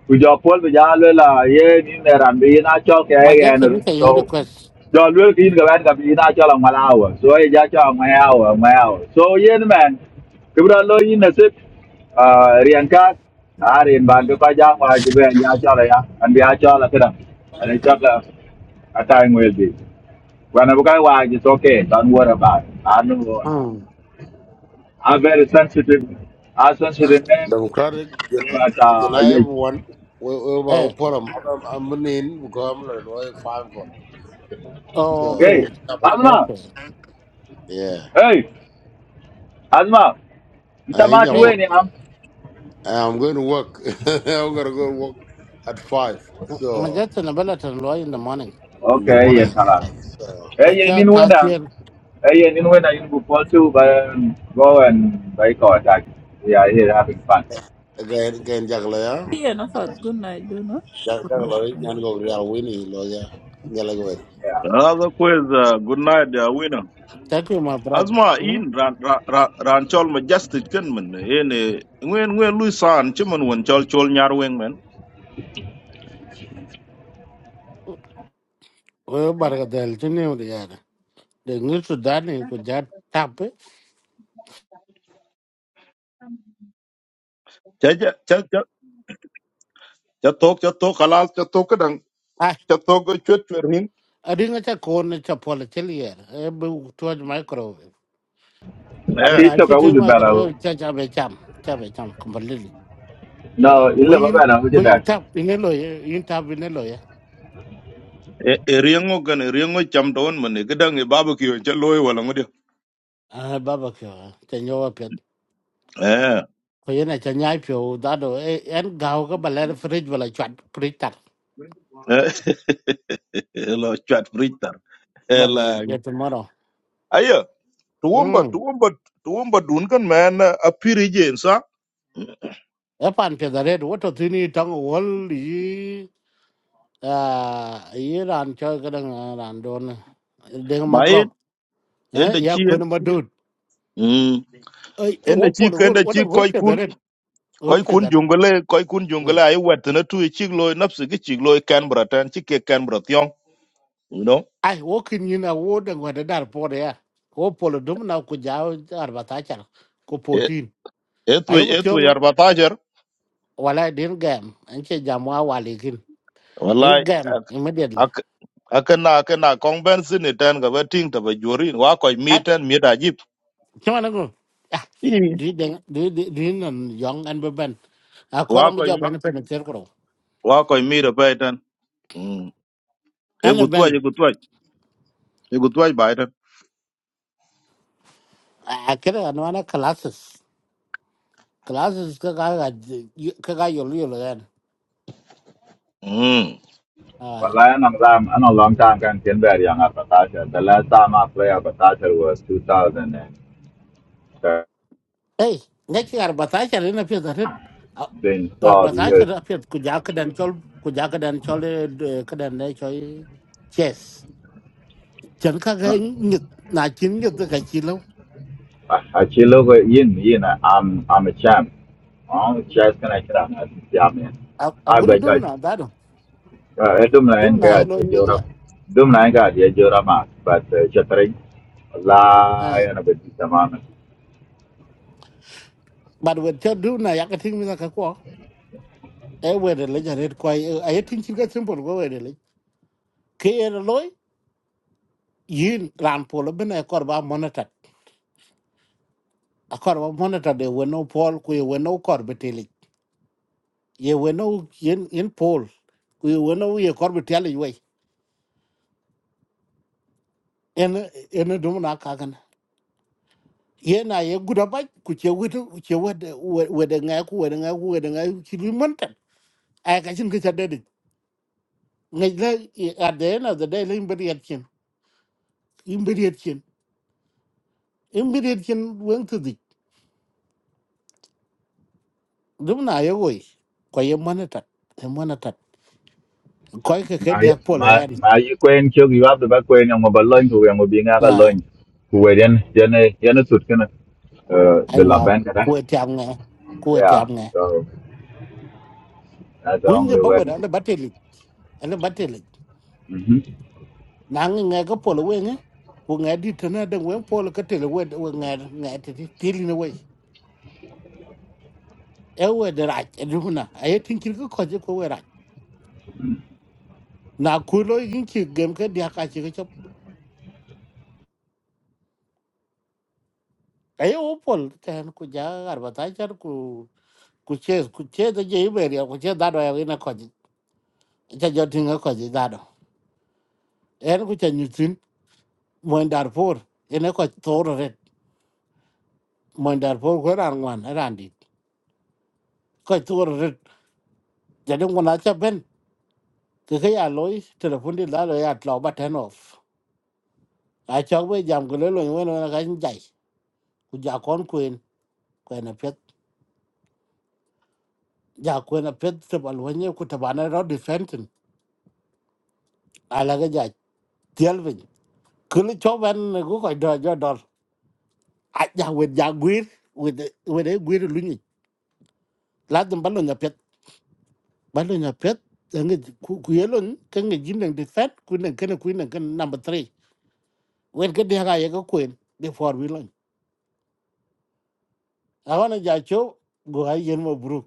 Speaker 4: ku jo pol bi ja le la ye ni ne ran bi na cho ke
Speaker 1: Ma
Speaker 4: ye ne
Speaker 1: Jackson ni
Speaker 4: so
Speaker 1: kan request.
Speaker 4: jo lu ki ga ban ga bi na cho la mala wa so ye ja cho ma ya wa ma ya wa so ye ne man ki bra lo yi ne se a rian ka a rin ban ko ja wa ju be ja cho la ya an bi ja cho la ka an cho la a ta ngwe bi wa na bu ka wa ji so ke dan wo ra ba an wo
Speaker 1: Mm.
Speaker 4: a very sensitive a sensitive name
Speaker 2: Democratic,
Speaker 4: but
Speaker 2: can
Speaker 4: uh
Speaker 2: I have
Speaker 4: yeah
Speaker 2: one? We, we,
Speaker 1: Eh,
Speaker 2: we, put them, I'm, I'm in, become like five go.
Speaker 4: hey
Speaker 2: So,
Speaker 1: okay.
Speaker 4: asma
Speaker 1: Okay.
Speaker 2: yeah,
Speaker 4: hey Azma,
Speaker 2: I think
Speaker 4: mtamachi
Speaker 2: I'm,
Speaker 1: Hey,
Speaker 4: weni am.
Speaker 2: I'm going to work. I'm going to go work at five.
Speaker 1: ma
Speaker 2: So,
Speaker 1: Jackson na bela tan lo in the morning.
Speaker 2: in the
Speaker 4: Okay,
Speaker 2: morning
Speaker 4: yes,
Speaker 2: at
Speaker 4: hala.
Speaker 2: five. So,
Speaker 4: Eh,
Speaker 1: Kwa
Speaker 4: ye
Speaker 1: cha
Speaker 4: nin wenda.
Speaker 1: ta
Speaker 4: Eh, ye nin wenda in football too, but um, go and buy car attack. We are here having fun.
Speaker 2: again, again, Jack Lawyer,
Speaker 6: Yeah, no, for good night, do
Speaker 2: Jack Jack
Speaker 6: not.
Speaker 2: Lawyer, and go real winning lawyer. Yeah, like, wait.
Speaker 4: Yeah.
Speaker 3: Another quiz. Uh, good night, uh, winner.
Speaker 1: Thank you, my brother.
Speaker 3: Asma
Speaker 1: Hmm?
Speaker 3: in ran ran ran ran chol ma justice ken men ene ngwen ngwen lui san chimen won chol chol nyar weng men
Speaker 1: Wewe barga del chini uri yara. De ngi su dani ku ja tape.
Speaker 3: cha cha cha cha cha tok cha tok kalas cha tok kadang
Speaker 1: Ai,
Speaker 3: cha tok go chwet chwer nin
Speaker 1: adinga cha kone cha pola chili yara. Ebe tuwaj microwave.
Speaker 3: eh
Speaker 4: Aki
Speaker 1: Kuna chi
Speaker 4: choka
Speaker 1: tu
Speaker 4: wuju bela.
Speaker 1: microwave cha cha be cham. Cha be cham completely.
Speaker 4: No,
Speaker 1: Kwa
Speaker 4: illa ba
Speaker 1: yin,
Speaker 4: bela wuju
Speaker 1: kwa yin
Speaker 4: that.
Speaker 1: tap inelo ya, yin tap inelo ya.
Speaker 3: e e riengo gan riengo cham don men e kadang e barbecue cha loy wala ngodi
Speaker 1: Ah, baba kiwa, cha nyowa pet.
Speaker 3: eh
Speaker 1: Kwa yin cha nyai pyo, dado, eh, en gao ka balera fridge wala chwat, fridge tak.
Speaker 3: eh, lo chat fritar
Speaker 1: Baba,
Speaker 3: ela
Speaker 1: ya tomorrow.
Speaker 3: ayo tuomba
Speaker 1: Hmm.
Speaker 3: tuomba tuomba dun kan men a piri jensa
Speaker 1: Epan pia da red, wato tini tango wali à ý ran cho cái đằng ran đồn này. đừng mà
Speaker 3: mai
Speaker 1: gọc
Speaker 3: ende
Speaker 1: eh ya
Speaker 3: chien
Speaker 1: quên mà đút
Speaker 3: mm
Speaker 1: ấy
Speaker 3: ende
Speaker 1: wo
Speaker 3: chi
Speaker 1: pol gol
Speaker 3: ende
Speaker 1: wo
Speaker 3: chi
Speaker 1: đang gol
Speaker 3: koy
Speaker 1: phe đó đấy gol
Speaker 3: koy
Speaker 1: phe
Speaker 3: kun
Speaker 1: đó đấy
Speaker 3: jungule koy kun jungule ay wetna tu chik loy nafsi gi chik loy kan bratan chik ke kan bratyon you know
Speaker 1: ai wo kin ni na wo đang wa da dar po đấy à wo pol dum na ku jaw arba ta char ku
Speaker 3: e
Speaker 1: potin
Speaker 3: etu
Speaker 1: ayo ko
Speaker 3: etu
Speaker 1: tiong
Speaker 3: yar batajer
Speaker 1: wala din gam an che jamwa wali kin in
Speaker 3: wallahi
Speaker 1: gam immediately
Speaker 3: ak akana akana konbensi ni tan ga batin ta bajori wa koy
Speaker 1: at
Speaker 3: mitan mita jip
Speaker 1: chama na go ah
Speaker 3: Ii,
Speaker 1: di den di di di nan yong an be ben a ko
Speaker 3: wa
Speaker 1: ram
Speaker 3: koy
Speaker 1: jo ben pen ter
Speaker 3: wa koy mira paitan mm e gutwa
Speaker 1: ko
Speaker 3: e gutwa e gutwa baitan
Speaker 1: a kira ga nwana classes classes ka ga ga ji- yi- ka ga yolo yolo gan
Speaker 3: mm
Speaker 1: ah
Speaker 4: But I anang ram, anang long time can kien bear yang Patasha. The last time I played Patasha was 2013,
Speaker 1: eh ne ki arba ta cha rena pe da red arba
Speaker 4: 12
Speaker 1: ta cha
Speaker 4: years
Speaker 1: da pe ku ja ka dan chol ku ja ka dan chol eh, de- ka dan ne choi chess chan ka ga nyit na chin nyit da ka chi lo
Speaker 4: achilogo yin yin I'm I'm a champ. On chess kana kira na siame.
Speaker 1: a a guri
Speaker 4: Agba ka
Speaker 1: dum na da do
Speaker 4: edum na
Speaker 1: dum
Speaker 4: en
Speaker 1: na ye
Speaker 4: ga
Speaker 1: lo nyit
Speaker 4: jora
Speaker 1: ya
Speaker 4: dum na en ga jora ma but chatrai la
Speaker 1: eh
Speaker 4: ya na bedi tamam.
Speaker 1: but when cha dum na ya ka ting mi na ka ko e we de le ja red ko ai tin chi ga simple go we de le ke ye lo yin ran polo bin e kor ba monitor a kor ba monitor de weno pol ku ye weno kor beteli ye weno yin yin pol ku ye weno ye kor beteli we en en dum na ka kan ye na ye guda ba ku che wetu ku che wede wede nga ku wede nga ku wede nga ki lu monta a ka chin ka chade de ngai la at the end of the day le imberi at chin imberi at chin imberi at chin wen tu di dum na ye we ko ye monitor ye monitor ko ke ke
Speaker 4: Ma
Speaker 1: dia polo
Speaker 4: ma
Speaker 1: yani
Speaker 4: ma yi kwen chog yu abda ba kwen ngo ba loin ku ngo bi nga ga loin. Ku weden jene jene tut kana uh
Speaker 1: ai
Speaker 4: the
Speaker 1: wa
Speaker 4: laban kada.
Speaker 1: ku tiam nga ku
Speaker 4: Yeah.
Speaker 1: tiam nga
Speaker 4: So that's the
Speaker 1: kun je
Speaker 4: only
Speaker 1: bawa
Speaker 4: way.
Speaker 1: da ba tele ala ba tele
Speaker 4: Mhm.
Speaker 1: na nga nga ga polo we nga ku nga di tana da wen polo ka tele we we nga nga ti ti tili na we e we da ra e du na ay tin kir ko ko je ko we ra na ku lo yin ki gem ka dia ka chi ka chop ay o pol ten ku ja ar ba ta char ku ku che ku che da je be ya ku che da do ya na ko ji cha jo tin ga ko ji da do en ku cha nyu tin mo dar por en ko toro mình mo dar por ko ran wan ran đi, coi tur rồi, giờ dum na cha ben ke ke ya loy telefon dit la lo ya tlo ba ten off a cha we jam ko le lo ni wen ka jai ku ja kon kuin ko na pet ja ko na pet se bal wen ye ku ta ba na ro defensin ala ga ja tiel vin ku le cho ben ku ko do jo dor a ja we ja gwir we we de gwir lu ni la dum ba lo na pet ba lo na pet ngi ku ku ye lo ka ngi jin dang defense ku nang kana ku nang kana number 3 wen ke dia ga ye ko kwen before we launch awana ja cho go ga yen mo bru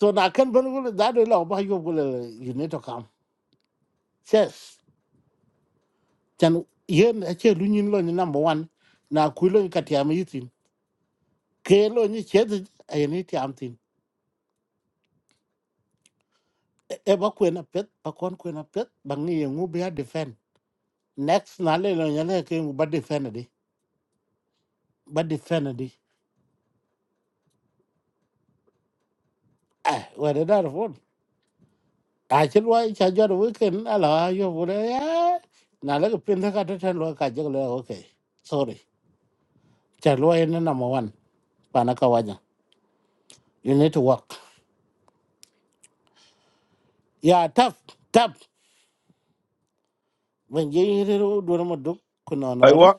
Speaker 1: so na kan ban gol da de lo ba yo gol you need to come yes chan yen a che lu nyin lo ni number 1 na ku lo ni katia mi tin ke lo ni che de a ni ti am tin e e ba kwen a pet ba kon kwen a pet ba ngi ye ngu be defend next na le lo ni le ke ngu ba defend di ba defend di eh wa da da a ci lo cha jo ru ken ala yo bu le ya na le pin ta ka ta ten lo ka je le okay sorry cha lo en na mo wan pa na ka wanya you need to work ya tap tap when je ri ru du mo du ku no no re
Speaker 3: aywa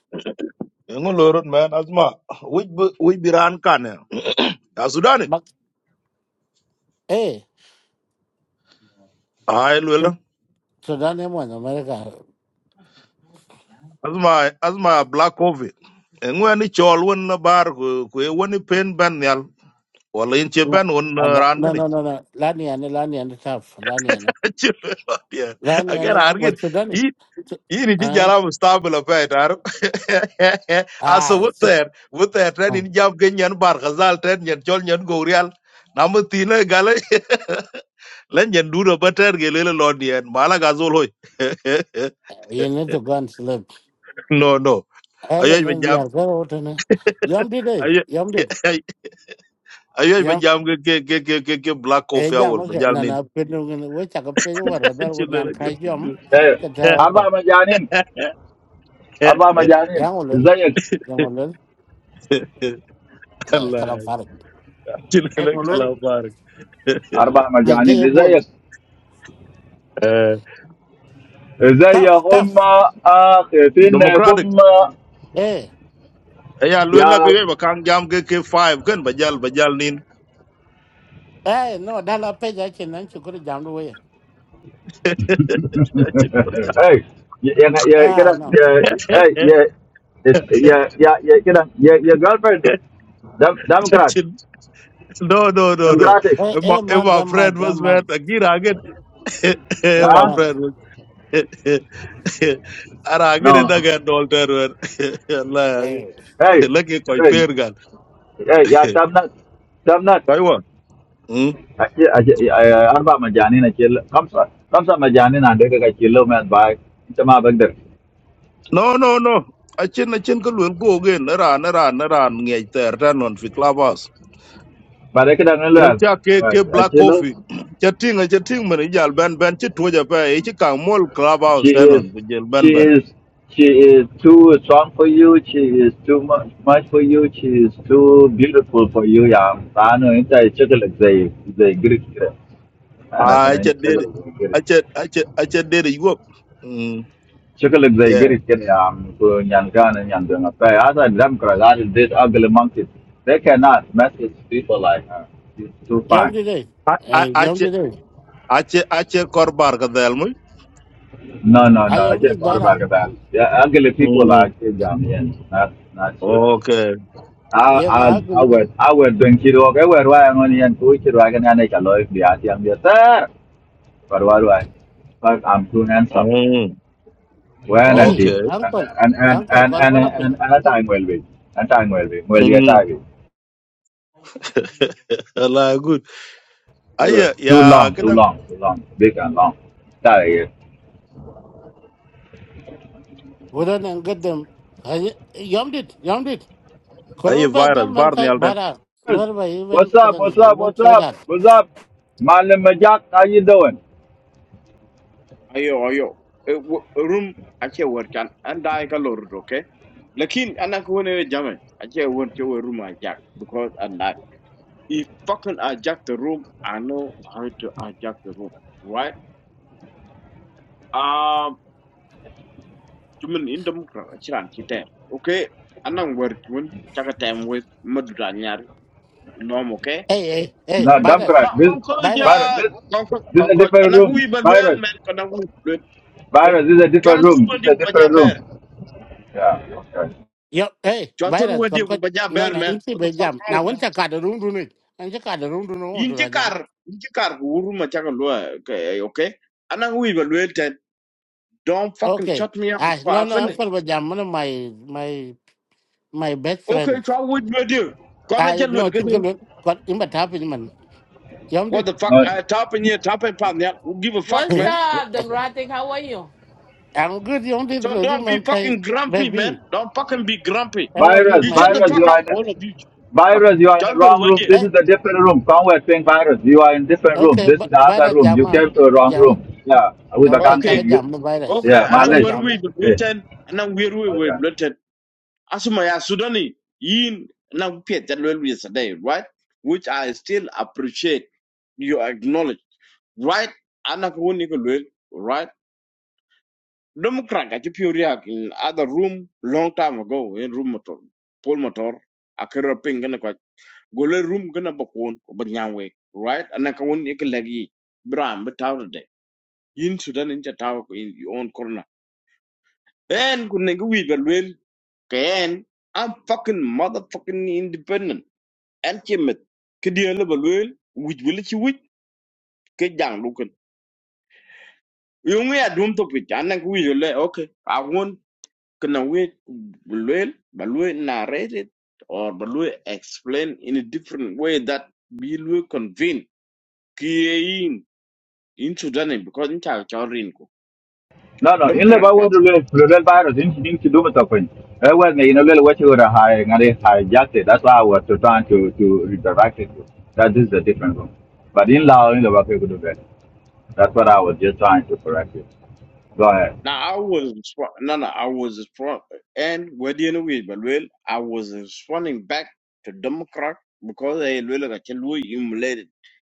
Speaker 3: ngun lorot man asma wij bi- wij biran kan ya sudani
Speaker 1: bak eh
Speaker 3: ay
Speaker 1: so da ne mo na me ka
Speaker 3: asma asma black covid ngwe ni chol won na bar ku ku won pen ban yal wala in che
Speaker 1: no
Speaker 3: ban won ran
Speaker 1: no
Speaker 3: gani
Speaker 1: no no la ni ane la ni ane tap la ni ane la ni
Speaker 3: again
Speaker 1: ane ku ba
Speaker 3: argin
Speaker 1: su da ni
Speaker 3: i i ni ji
Speaker 1: ah
Speaker 3: jara mu stable fa tar aso
Speaker 1: ai so
Speaker 3: wuter wuter tan in jam gen yan bar khazal tan yan chol yan gorial namu tine gale len yan duro bater gele le lodien mala gazol hoy
Speaker 1: you need to go and sleep
Speaker 3: no no ayo
Speaker 1: Ene
Speaker 3: be
Speaker 1: ne
Speaker 3: jam
Speaker 1: biar ko wote ne. Yom di de,
Speaker 3: ayo
Speaker 1: yom di.
Speaker 3: ayo ba
Speaker 1: Yom
Speaker 3: jam ke ke ke ke ke ke black
Speaker 1: e
Speaker 3: coffee
Speaker 1: jam
Speaker 3: awol ba
Speaker 1: ke
Speaker 3: jal
Speaker 1: na
Speaker 3: ni
Speaker 1: na pinu ngene we cha ko pe war da ko nyan
Speaker 3: chilele
Speaker 1: ka
Speaker 3: ke
Speaker 1: yom
Speaker 3: fidu
Speaker 4: Eh
Speaker 1: ta ta ko.
Speaker 4: aba ma Arba majani,
Speaker 1: Yang olol,
Speaker 4: zayek.
Speaker 1: yang olol.
Speaker 3: allah
Speaker 1: Kalam farik. E
Speaker 3: chilele
Speaker 1: olol
Speaker 3: kala farik
Speaker 4: Arba
Speaker 1: de
Speaker 4: majani,
Speaker 1: ge bol.
Speaker 4: zayek.
Speaker 3: Eh,
Speaker 1: Taf,
Speaker 4: Zayakum,
Speaker 1: taf.
Speaker 4: akhtinna
Speaker 3: democratic
Speaker 4: kum
Speaker 1: Eh,
Speaker 3: ya luela ke
Speaker 4: ya.
Speaker 3: yo ba kang jam ke ke 5 kan ba jal ba jal ni
Speaker 1: eh no da la pe ja chen nan chu ko jam do we.
Speaker 3: Chil- ba jal.
Speaker 4: Hey, ya ya
Speaker 1: Ah
Speaker 4: kena
Speaker 1: no.
Speaker 4: ya hey ya ya ya kena ya ya galperdo. Dam dam grad,
Speaker 3: Chil- no no
Speaker 4: dam
Speaker 3: no no
Speaker 4: gradik.
Speaker 1: Eh
Speaker 3: my,
Speaker 1: eh mad
Speaker 3: my friend
Speaker 1: mad
Speaker 3: was
Speaker 1: mad.
Speaker 3: man again again
Speaker 1: Eh
Speaker 3: my
Speaker 4: Ah,
Speaker 1: mad.
Speaker 3: friend was ara
Speaker 4: no.
Speaker 3: again na ga dolter allah
Speaker 1: Eh.
Speaker 4: Hey,
Speaker 3: lagi koi
Speaker 4: hey,
Speaker 3: per gal
Speaker 4: hey ya damnat, damnat.
Speaker 3: Kaiwa. Mm.
Speaker 4: Aja aja ya arba majani na chill. Kam sa kam sa majani na deka ka chillo maat ba. Tamaa bender.
Speaker 3: No, no, no. Achin achin ka luel go again. Ran ran ran ngej ter tan on fi clubhouse. Iro
Speaker 4: Barakadangalan,
Speaker 3: cha ke ke black coffee.
Speaker 4: Achilo,
Speaker 3: Cha ting cha ting man jal ben ben chi tuja pa e chi kang mol clubhouse
Speaker 4: she
Speaker 3: tan
Speaker 4: is,
Speaker 3: on ku jel ben
Speaker 4: she
Speaker 3: ben.
Speaker 4: is, she is too strong for you. She is too much, much for you. She is too beautiful for you. Yeah, I know. It's a chocolate. They, they great. I know.
Speaker 3: Ai cha
Speaker 4: It's
Speaker 3: did
Speaker 4: Chocolate. Great.
Speaker 3: acha acha acha did yuop. Mm.
Speaker 4: Chocolate. They
Speaker 3: Yeah.
Speaker 4: great. Can yeah. Ku nyankan and yangan. But as a Democrat, that is this ugly monkey. They cannot message people like her. She's too
Speaker 1: Yom
Speaker 4: fine.
Speaker 1: di de.
Speaker 3: I I
Speaker 1: Eh yom
Speaker 3: acha
Speaker 1: di de.
Speaker 3: acha acha kor bar ka dal mu.
Speaker 4: No, no, no.
Speaker 1: Ay
Speaker 4: I
Speaker 1: yom di
Speaker 4: get thought
Speaker 1: bara.
Speaker 4: about that. Yeah, ugly people are
Speaker 3: Mm.
Speaker 4: kids. I mean, not not shit.
Speaker 3: Okay.
Speaker 4: I
Speaker 1: Yang a
Speaker 4: I I
Speaker 1: gilu man.
Speaker 4: would I would drink it walk. I would why I'm only and two kid walk and I can look the ati am sir. But why do I? But I'm too handsome.
Speaker 3: Mm.
Speaker 4: When and
Speaker 1: Hey,
Speaker 4: did
Speaker 3: Okay.
Speaker 1: uncle,
Speaker 4: and and and
Speaker 1: uncle,
Speaker 4: and
Speaker 1: call
Speaker 4: and
Speaker 1: for
Speaker 4: and and a time will be and time will be will be a
Speaker 3: Mm.
Speaker 4: time. will be.
Speaker 3: Allah good. Aya
Speaker 4: Too long,
Speaker 3: ya
Speaker 4: too long, too long, big and long. Tired.
Speaker 1: vừa nãy anh gật đầu, hay, yam đi, yam đi,
Speaker 3: اي
Speaker 1: còn bữa nay
Speaker 3: فيروس
Speaker 1: anh mang thai
Speaker 3: بارني
Speaker 1: ba
Speaker 3: التن
Speaker 1: ra,
Speaker 4: yeah.
Speaker 1: ba về,
Speaker 4: What's
Speaker 1: Ivan kêu
Speaker 4: up?
Speaker 1: anh
Speaker 4: What's
Speaker 1: về,
Speaker 4: up?
Speaker 1: Ivan
Speaker 4: What's
Speaker 1: sối
Speaker 4: up?
Speaker 1: đất,
Speaker 4: What's up? Malam Majak, how you doing?
Speaker 7: ayo ayo Eh, wo- room ache workan an dai ka lor do ke lakin anak wone jame ache won te wo room ajak because and that if fucking ajak the room i know how to ajak the room right um tumen in democrat chiran kite okay anan work won chaka time with madura nyar nom okay
Speaker 1: hey hey hey,
Speaker 4: Not
Speaker 1: virus,
Speaker 7: na
Speaker 4: Democrat. This
Speaker 7: konko ja
Speaker 4: virus.
Speaker 1: virus,
Speaker 4: This
Speaker 7: konko
Speaker 4: this is a
Speaker 7: konko
Speaker 4: different
Speaker 7: anak
Speaker 4: room.
Speaker 7: wi balwen
Speaker 4: Virus.
Speaker 7: men kana wi balwen okay
Speaker 4: Virus. This is a
Speaker 7: kan
Speaker 4: different room. This
Speaker 7: tumen
Speaker 4: is
Speaker 7: dik
Speaker 4: a different
Speaker 7: bajaber
Speaker 4: room. Yeah. Okay.
Speaker 1: y, hey
Speaker 7: chwathol
Speaker 1: virus,
Speaker 7: wadi
Speaker 1: còn
Speaker 7: ku
Speaker 1: có,
Speaker 7: ba ja
Speaker 1: non
Speaker 7: ber
Speaker 1: non,
Speaker 7: man
Speaker 1: ít đi
Speaker 7: what the
Speaker 1: bây
Speaker 7: fuck
Speaker 1: giờ,
Speaker 7: wrong
Speaker 1: non vẫn
Speaker 7: man
Speaker 1: chưa có được rung rung đi, vẫn chưa có được rung rung, không
Speaker 7: yin
Speaker 1: được
Speaker 7: ti
Speaker 1: ra nhát,
Speaker 7: kar yin ti kar ku uru ma chaka lo okay okay anang wi ba lwel do don't fucking
Speaker 1: okay,
Speaker 7: shut me up
Speaker 1: à,
Speaker 7: before i
Speaker 1: non non, anh
Speaker 7: finish
Speaker 1: phải bây giờ, một là my my my best
Speaker 7: okay
Speaker 1: friend,
Speaker 7: chwa wadi wadi kona
Speaker 1: à,
Speaker 7: cha lwel
Speaker 1: non chỉ cần
Speaker 7: kete
Speaker 1: một, có, em bắt tay với mình, yam đi,
Speaker 7: what the fuck
Speaker 4: No.
Speaker 7: i tap in here tap in pan yeah who give a fuck
Speaker 8: What's
Speaker 7: man
Speaker 8: up, Demratic? How are you?
Speaker 1: anh cứ yam đi
Speaker 7: so
Speaker 1: rồi thì
Speaker 7: don't be
Speaker 1: mang thai,
Speaker 7: fucking grumpy man
Speaker 1: baby,
Speaker 7: don't fucking be grumpy
Speaker 1: how are you,
Speaker 4: Virus.
Speaker 7: you
Speaker 1: my
Speaker 7: shut the
Speaker 1: baby,
Speaker 4: Virus.
Speaker 7: fuck
Speaker 4: You are.
Speaker 7: up
Speaker 4: In, a,
Speaker 7: all of you shut the fuck up
Speaker 4: virus. You are in
Speaker 7: chwa
Speaker 4: the
Speaker 7: lwel
Speaker 4: wrong room.
Speaker 7: wadi
Speaker 4: This
Speaker 1: eh
Speaker 4: is a different room. Somewhere saying virus. You are in different room.
Speaker 1: Okay,
Speaker 4: This is
Speaker 1: vi-
Speaker 4: the other
Speaker 1: virus
Speaker 4: room.
Speaker 1: jam
Speaker 4: You
Speaker 1: ah.
Speaker 4: came to the wrong
Speaker 1: Jam.
Speaker 4: room. Yeah. With the
Speaker 1: Okay,
Speaker 7: okay
Speaker 1: chaka
Speaker 4: country. You,
Speaker 1: jam the virus.
Speaker 7: okay
Speaker 4: yeah.
Speaker 7: anang
Speaker 1: Virus
Speaker 7: where
Speaker 4: Malaysia.
Speaker 1: jam.
Speaker 7: we ba lwel
Speaker 4: Hey.
Speaker 7: ten anang wer wi
Speaker 4: Okay.
Speaker 7: ba Asuma ya Sudani, yin na mpia jalwell yesterday, right? Which I still appreciate you acknowledge, right? Anakunika lwell, right? Democrat, I keep you react in other room long time ago, in room motor, Paul motor, a career ping and a quite. Gole room gonna bakun, but nyangwe, right? Anakawinika lagi, bram, but out of day. Yin Sudan in Chatawak in your own corner. And Kunika we lwell, Kayan, I'm fucking motherfucking independent. en ci met ke dia le balwel wuj wala ci wuj ke jang lu ken yo ngi adum to pit an nang wuj le okay a won ke na we balwel balwel narrated or balwel explain in a different way that we will convince kiyin in sudan because in cha chorin ko
Speaker 4: No, no, in the ba wo
Speaker 7: democrat
Speaker 4: le le ba ro din din ki du ma ta pen. E wa ne ina le wa chi ora That's why I was trying to to redirect it. That is the different one. But in law, in the ba ke do that. That's what I was just trying to correct it. Go ahead.
Speaker 7: Now I was responding. No, no, I was responding. And whether you know it, but well, I was responding back to Democrat because I will really got you humiliated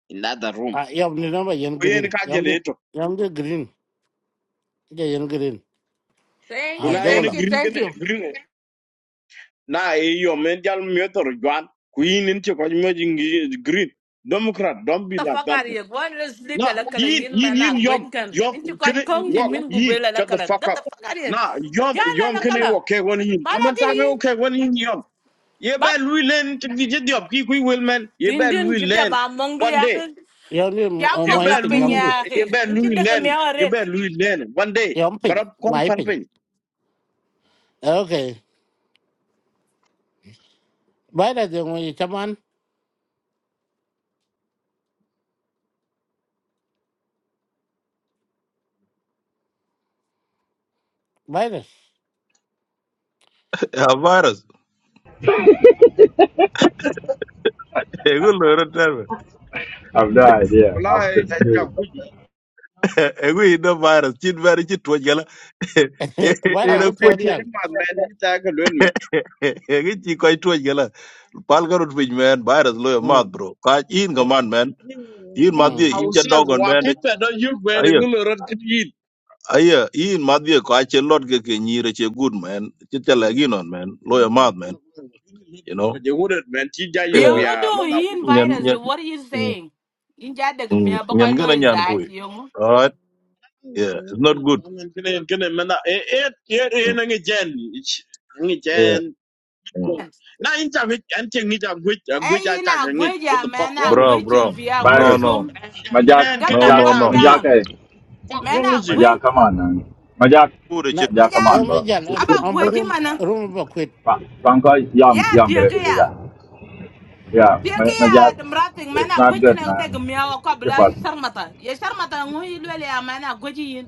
Speaker 7: in that other room.
Speaker 1: Ah, yam ni nama yen
Speaker 7: We ain't
Speaker 1: green.
Speaker 7: got your
Speaker 1: Yam di
Speaker 7: letter.
Speaker 1: yam di green. Ya yen green.
Speaker 8: Thank
Speaker 1: Ah,
Speaker 7: Kuna
Speaker 8: you, thank
Speaker 7: ain't
Speaker 1: jogolam.
Speaker 8: you,
Speaker 7: green
Speaker 8: thank
Speaker 7: gonna-
Speaker 8: you.
Speaker 7: green. Na eh, yo men jal meter Juan. Queen into Kajimajing green. Democrat, don't
Speaker 8: What
Speaker 7: be
Speaker 8: the
Speaker 7: like
Speaker 8: fuck
Speaker 7: that.
Speaker 8: are
Speaker 7: bro.
Speaker 8: you? Go and just sleep a
Speaker 7: Nah,
Speaker 8: lakala
Speaker 7: yin
Speaker 8: yin
Speaker 7: yin
Speaker 8: man a
Speaker 7: yin
Speaker 8: great
Speaker 7: yum
Speaker 8: can.
Speaker 7: yum
Speaker 8: Ain't you
Speaker 7: Can
Speaker 8: got kong ni
Speaker 7: walk
Speaker 8: min
Speaker 7: yin
Speaker 8: gubela
Speaker 7: shut the
Speaker 8: lakala?
Speaker 7: fuck
Speaker 8: What the
Speaker 7: up.
Speaker 8: fuck are you?
Speaker 7: Nah, yum
Speaker 8: Jala
Speaker 7: yum can
Speaker 8: lakala.
Speaker 7: walk okay one yin. I'm a
Speaker 8: Balaki
Speaker 7: time
Speaker 8: yin.
Speaker 7: okay one yin yum. You
Speaker 8: Bak.
Speaker 7: better Louis learn to be just job. Kick we will man. You better
Speaker 8: Tindin
Speaker 7: Louis
Speaker 8: jibda
Speaker 7: learn
Speaker 8: ba mongdu
Speaker 7: one day.
Speaker 8: yakin.
Speaker 1: Yam ni
Speaker 8: Ya
Speaker 7: You
Speaker 8: mog
Speaker 1: mai
Speaker 8: la
Speaker 7: better
Speaker 1: ping yam
Speaker 7: Louis.
Speaker 1: di.
Speaker 8: pinya
Speaker 7: You
Speaker 8: yakin.
Speaker 7: better
Speaker 8: Ain't you
Speaker 7: Louis
Speaker 8: dega
Speaker 7: learn.
Speaker 8: mea
Speaker 7: You
Speaker 8: red?
Speaker 7: better Louis learn one day.
Speaker 1: Yam
Speaker 7: But
Speaker 1: ping
Speaker 7: up come
Speaker 1: mai ping.
Speaker 7: pumping.
Speaker 1: Okay. Virus yang mai cuman virus.
Speaker 3: يا فيروس يقول له رد تعمل.
Speaker 4: I've no idea. I'm
Speaker 7: Wallahi ya ja
Speaker 4: confused.
Speaker 7: kuji.
Speaker 3: يقول انه فيروس جيت فيروس جيت توج قال
Speaker 7: Na
Speaker 1: Virus
Speaker 3: انا
Speaker 1: itu
Speaker 7: hankali
Speaker 3: كوج
Speaker 1: teori
Speaker 7: to
Speaker 1: yang.
Speaker 7: jama man ni ta ga lol man.
Speaker 3: جيت كوي توج قال بال قالوا تبي مان فيروس لو ما
Speaker 1: Hmm.
Speaker 3: برو قاج ان كمان مان in madhi
Speaker 7: Na
Speaker 1: Hmm.
Speaker 3: in cha
Speaker 7: usas
Speaker 3: dogon man
Speaker 7: wakin da don yu gwe da
Speaker 3: ayo
Speaker 7: ngulo rot kit yin.
Speaker 3: ayo in madhi ko ache lot ke ke nyire che good man che tele ginon man loya mad man you know
Speaker 7: Ko je wurat man ti ja yu mu
Speaker 3: Eh,
Speaker 8: Yongo
Speaker 7: ya
Speaker 8: do
Speaker 7: man na wul.
Speaker 8: yin
Speaker 3: nyan
Speaker 8: virus.
Speaker 3: nyan
Speaker 8: What are you
Speaker 3: mm,
Speaker 8: saying? Ain't ya dega
Speaker 3: mm,
Speaker 8: mea
Speaker 3: nyan
Speaker 8: baka lo
Speaker 3: gana
Speaker 8: is
Speaker 3: nyan kui
Speaker 8: that yongo?
Speaker 3: all right yeah it's not good
Speaker 7: Kene kene man na e e e
Speaker 3: Mm,
Speaker 7: na ngi jen. Ngi
Speaker 3: yeah
Speaker 7: jen
Speaker 3: mm.
Speaker 7: So, na inta wit anting ni ta wit wit
Speaker 8: Hey,
Speaker 7: ta
Speaker 8: yin a
Speaker 7: ngit what the
Speaker 8: gweja
Speaker 7: fuck
Speaker 8: man
Speaker 7: wrong
Speaker 8: a
Speaker 7: with-
Speaker 3: Bro,
Speaker 8: gwejin
Speaker 3: bro.
Speaker 8: via
Speaker 3: No,
Speaker 4: Virus.
Speaker 3: no.
Speaker 8: kusum.
Speaker 7: Jan- jan- jan-
Speaker 4: Majak,
Speaker 8: Get the
Speaker 3: No,
Speaker 4: Majak,
Speaker 3: no,
Speaker 8: fuck
Speaker 3: no.
Speaker 4: Majak,
Speaker 8: down.
Speaker 4: hey.
Speaker 7: fuck
Speaker 8: Man,
Speaker 7: wrong
Speaker 8: I
Speaker 7: with you?
Speaker 4: Majak,
Speaker 8: quit.
Speaker 4: come on, man. Majak,
Speaker 3: Pure
Speaker 1: Nah,
Speaker 8: My
Speaker 4: Majak, come
Speaker 8: dad,
Speaker 4: on,
Speaker 1: kami
Speaker 4: bro.
Speaker 1: jalan
Speaker 8: about quit him,
Speaker 1: amburu
Speaker 8: man. huh?
Speaker 1: rumah
Speaker 4: Franco, yum,
Speaker 8: Yeah,
Speaker 4: yum, get it. to do
Speaker 8: Piokia.
Speaker 4: that. Yeah, my, my
Speaker 8: Piokia,
Speaker 4: job
Speaker 8: the rapping man,
Speaker 4: is
Speaker 8: I
Speaker 4: not
Speaker 8: quit can
Speaker 4: good,
Speaker 8: I
Speaker 4: man.
Speaker 8: take me out of
Speaker 4: It's a
Speaker 8: Kabla
Speaker 4: bug.
Speaker 8: Sharmata. Yes, Sharmata, who you really are, man, I quit